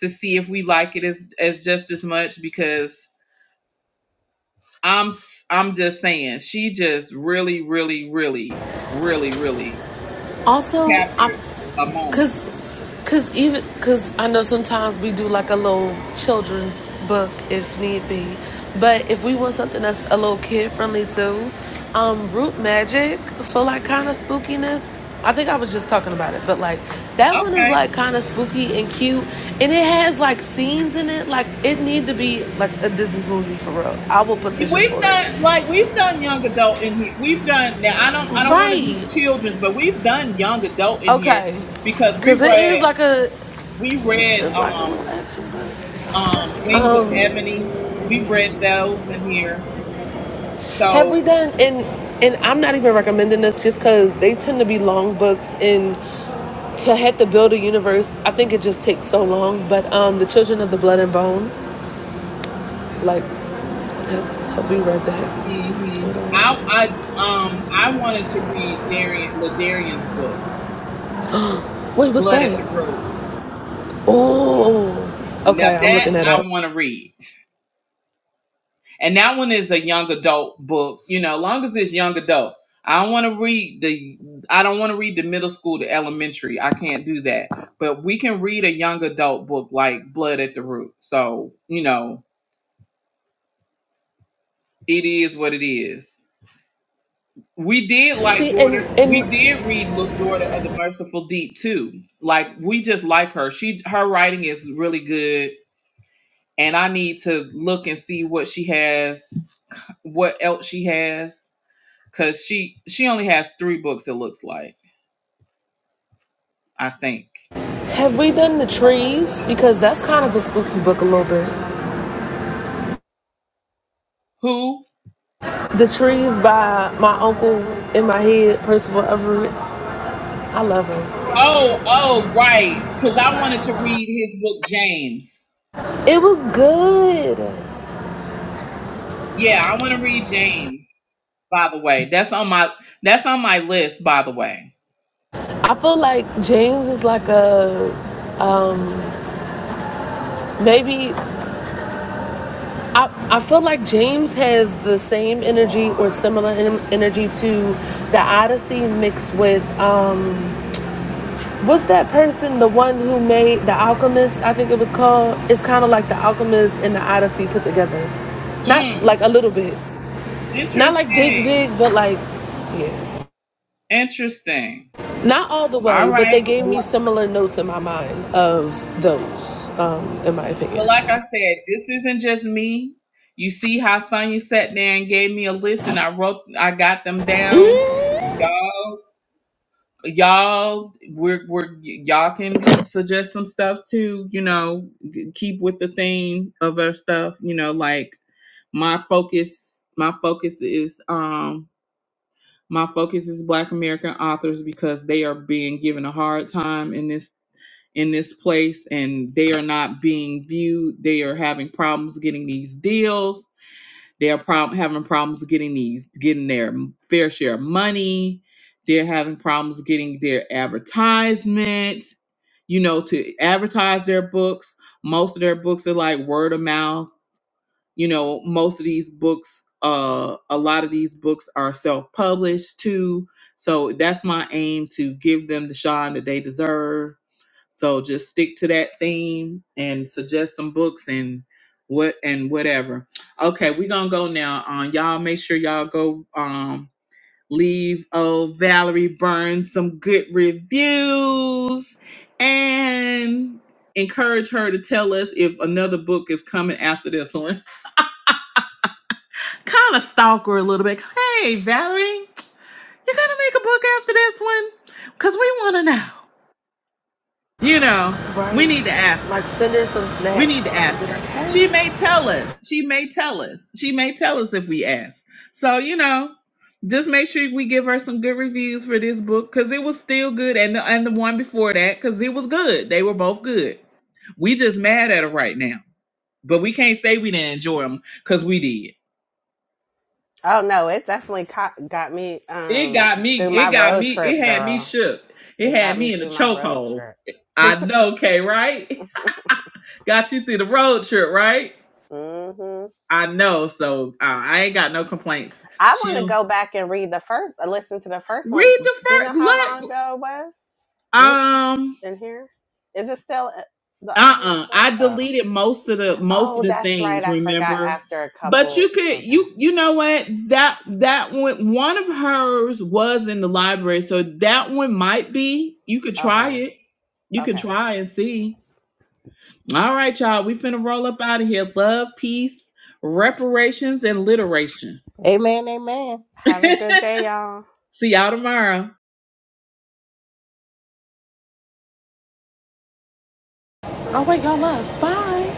Speaker 1: to see if we like it as as just as much because I'm s- I'm just saying she just really really really really really
Speaker 5: Also,
Speaker 1: captured
Speaker 5: I
Speaker 1: a moment.
Speaker 5: Cause, cause even cause I know sometimes we do like a little children's book if need be, but if we want something that's a little kid friendly too, um, root magic for like kind of spookiness. I think I was just talking about it, but like that one is
Speaker 1: Okay,
Speaker 5: like kind of spooky and cute, and it has like scenes in it. Like it need to be like a Disney movie for real. I will petition
Speaker 1: we've
Speaker 5: for it.
Speaker 1: done like we've done young adult in here. We've done now. I don't I don't want to do
Speaker 5: Right?
Speaker 1: children's, but we've done young adult in here
Speaker 5: Okay.
Speaker 1: because we
Speaker 5: Cause it
Speaker 1: read
Speaker 5: is like a
Speaker 1: we read
Speaker 5: it's like a little
Speaker 1: um
Speaker 5: action. movie.
Speaker 1: um Wings of Ebony. We read those in here.
Speaker 5: Have we
Speaker 1: So
Speaker 5: done and and I'm not even recommending this just because they tend to be long books and to have to build a universe, I think it just takes so long. But um, the Children of the Blood and Bone, like, have, we read that?
Speaker 1: hmm
Speaker 5: at all?
Speaker 1: I I um I wanted to read Darian Ladarian's book
Speaker 5: Wait, what's
Speaker 1: Blood at the
Speaker 5: that?
Speaker 1: Road
Speaker 5: Oh,
Speaker 1: Now
Speaker 5: okay, I'm
Speaker 1: that
Speaker 5: looking that
Speaker 1: I
Speaker 5: up.
Speaker 1: want to read, and that one is a young adult book. You know, long as it's young adult, I don't want to read the. I don't want to read the middle school to elementary. I can't do that. But we can read a young adult book like Blood at the Root. So you know, it is what it is. We did like
Speaker 5: See,
Speaker 1: daughter.
Speaker 5: and
Speaker 1: We
Speaker 5: and
Speaker 1: did read Look Daughter of the Merciful Deep too. Like we just like her. She her writing is really good, and I need to look and see what she has, what else she has Cause she she only has three books. It looks like I think.
Speaker 5: have we done the
Speaker 1: If I'm not-
Speaker 5: trees? Because that's kind of a spooky book a little bit.
Speaker 1: Who?
Speaker 5: The trees by my uncle in my head, Percival Everett. I love him.
Speaker 1: Oh, oh, right. Cause I wanted to read his book James.
Speaker 5: It was good.
Speaker 1: Yeah, I want to read James. By the way, that's on my that's on my list. By the way.
Speaker 5: I feel like James is like a maybe. I, I feel like James has the same energy or similar energy to the Odyssey mixed with um what's that person the one who made the Alchemist I think it was called it's kind of like the Alchemist and the Odyssey put together not
Speaker 1: Mm,
Speaker 5: like a little bit not like big big
Speaker 1: interesting.
Speaker 5: but like yeah
Speaker 1: Interesting.
Speaker 5: not all the
Speaker 1: All
Speaker 5: way but they
Speaker 1: right.
Speaker 5: gave
Speaker 1: But
Speaker 5: me
Speaker 1: li-
Speaker 5: similar notes in my mind of those um in my
Speaker 1: but
Speaker 5: opinion
Speaker 1: like I said, this isn't just me. You see how Sonya sat there and gave me a list, and I wrote, I got them down. Y'all y'all we're we're y'all can suggest some stuff too you know keep with the theme of our stuff you know like my focus my focus is um my focus is black american authors because they are being given a hard time in this in this place and they are not being viewed they are having problems getting these deals they're prob- having problems getting these, getting their fair share of money. They're having problems getting their advertisements. You know, to advertise their books. Most of their books are like word of mouth you know most of these books uh a lot of these books are self-published too so that's my aim to give them the shine that they deserve so just stick to that theme and suggest some books and what and whatever okay we're gonna go now um y'all make sure y'all go um leave oh valerie burns some good reviews and encourage her to tell us if another book is coming after this one kind of stalk her a little bit. Hey, Valerie, you going to make a book after this one, cause we want to know. You know,
Speaker 5: Right.
Speaker 1: we need to ask
Speaker 5: Like
Speaker 1: her.
Speaker 5: send her some
Speaker 1: We need
Speaker 5: snacks
Speaker 1: to
Speaker 5: and
Speaker 1: ask
Speaker 5: be like,
Speaker 1: her. She
Speaker 5: hey.
Speaker 1: may tell us. She may tell us. She may tell us if we ask. So you know, just make sure we give her some good reviews for this book, cause it was still good, and the, and the one before that, cause it was good. They were both good. We just mad at her right now, but we can't say we didn't enjoy them, cause we did.
Speaker 2: Oh no, it definitely co- got me
Speaker 1: It
Speaker 2: um
Speaker 1: got me.
Speaker 2: through
Speaker 1: It
Speaker 2: my
Speaker 1: got
Speaker 2: road
Speaker 1: me.
Speaker 2: trip,
Speaker 1: It had me
Speaker 2: girl.
Speaker 1: shook. It
Speaker 2: It
Speaker 1: had
Speaker 2: got me
Speaker 1: me in a
Speaker 2: through my road
Speaker 1: chokehold.
Speaker 2: trip.
Speaker 1: I know, Kay. Right? Got you through the road trip, right?
Speaker 2: hmm
Speaker 1: I know. So uh, I ain't got no complaints.
Speaker 2: I want to
Speaker 1: Chill.
Speaker 2: go back and read the first, uh, listen to the first one.
Speaker 1: Read the
Speaker 2: Do you know
Speaker 1: first.
Speaker 2: how long
Speaker 1: Look.
Speaker 2: ago it was? You
Speaker 1: Um.
Speaker 2: in here? Is it still uh, the
Speaker 1: Uh.
Speaker 2: audio
Speaker 1: uh
Speaker 2: still?
Speaker 1: I
Speaker 2: Oh,
Speaker 1: deleted most of the most of
Speaker 2: oh,
Speaker 1: the
Speaker 2: that's right.
Speaker 1: things.
Speaker 2: I forgot.
Speaker 1: Remember.
Speaker 2: After a
Speaker 1: But
Speaker 2: couple.
Speaker 1: you could
Speaker 2: Okay,
Speaker 1: you you know what that that one one of hers was in the library so that one might be you could try
Speaker 2: okay,
Speaker 1: it you could
Speaker 2: okay.
Speaker 1: try and see All right, y'all. We've been a roll up out of here. Love, peace, reparations, and literation.
Speaker 4: Amen, amen.
Speaker 2: Have a good day, y'all.
Speaker 1: See y'all tomorrow.
Speaker 5: I'll wait y'all up." Bye.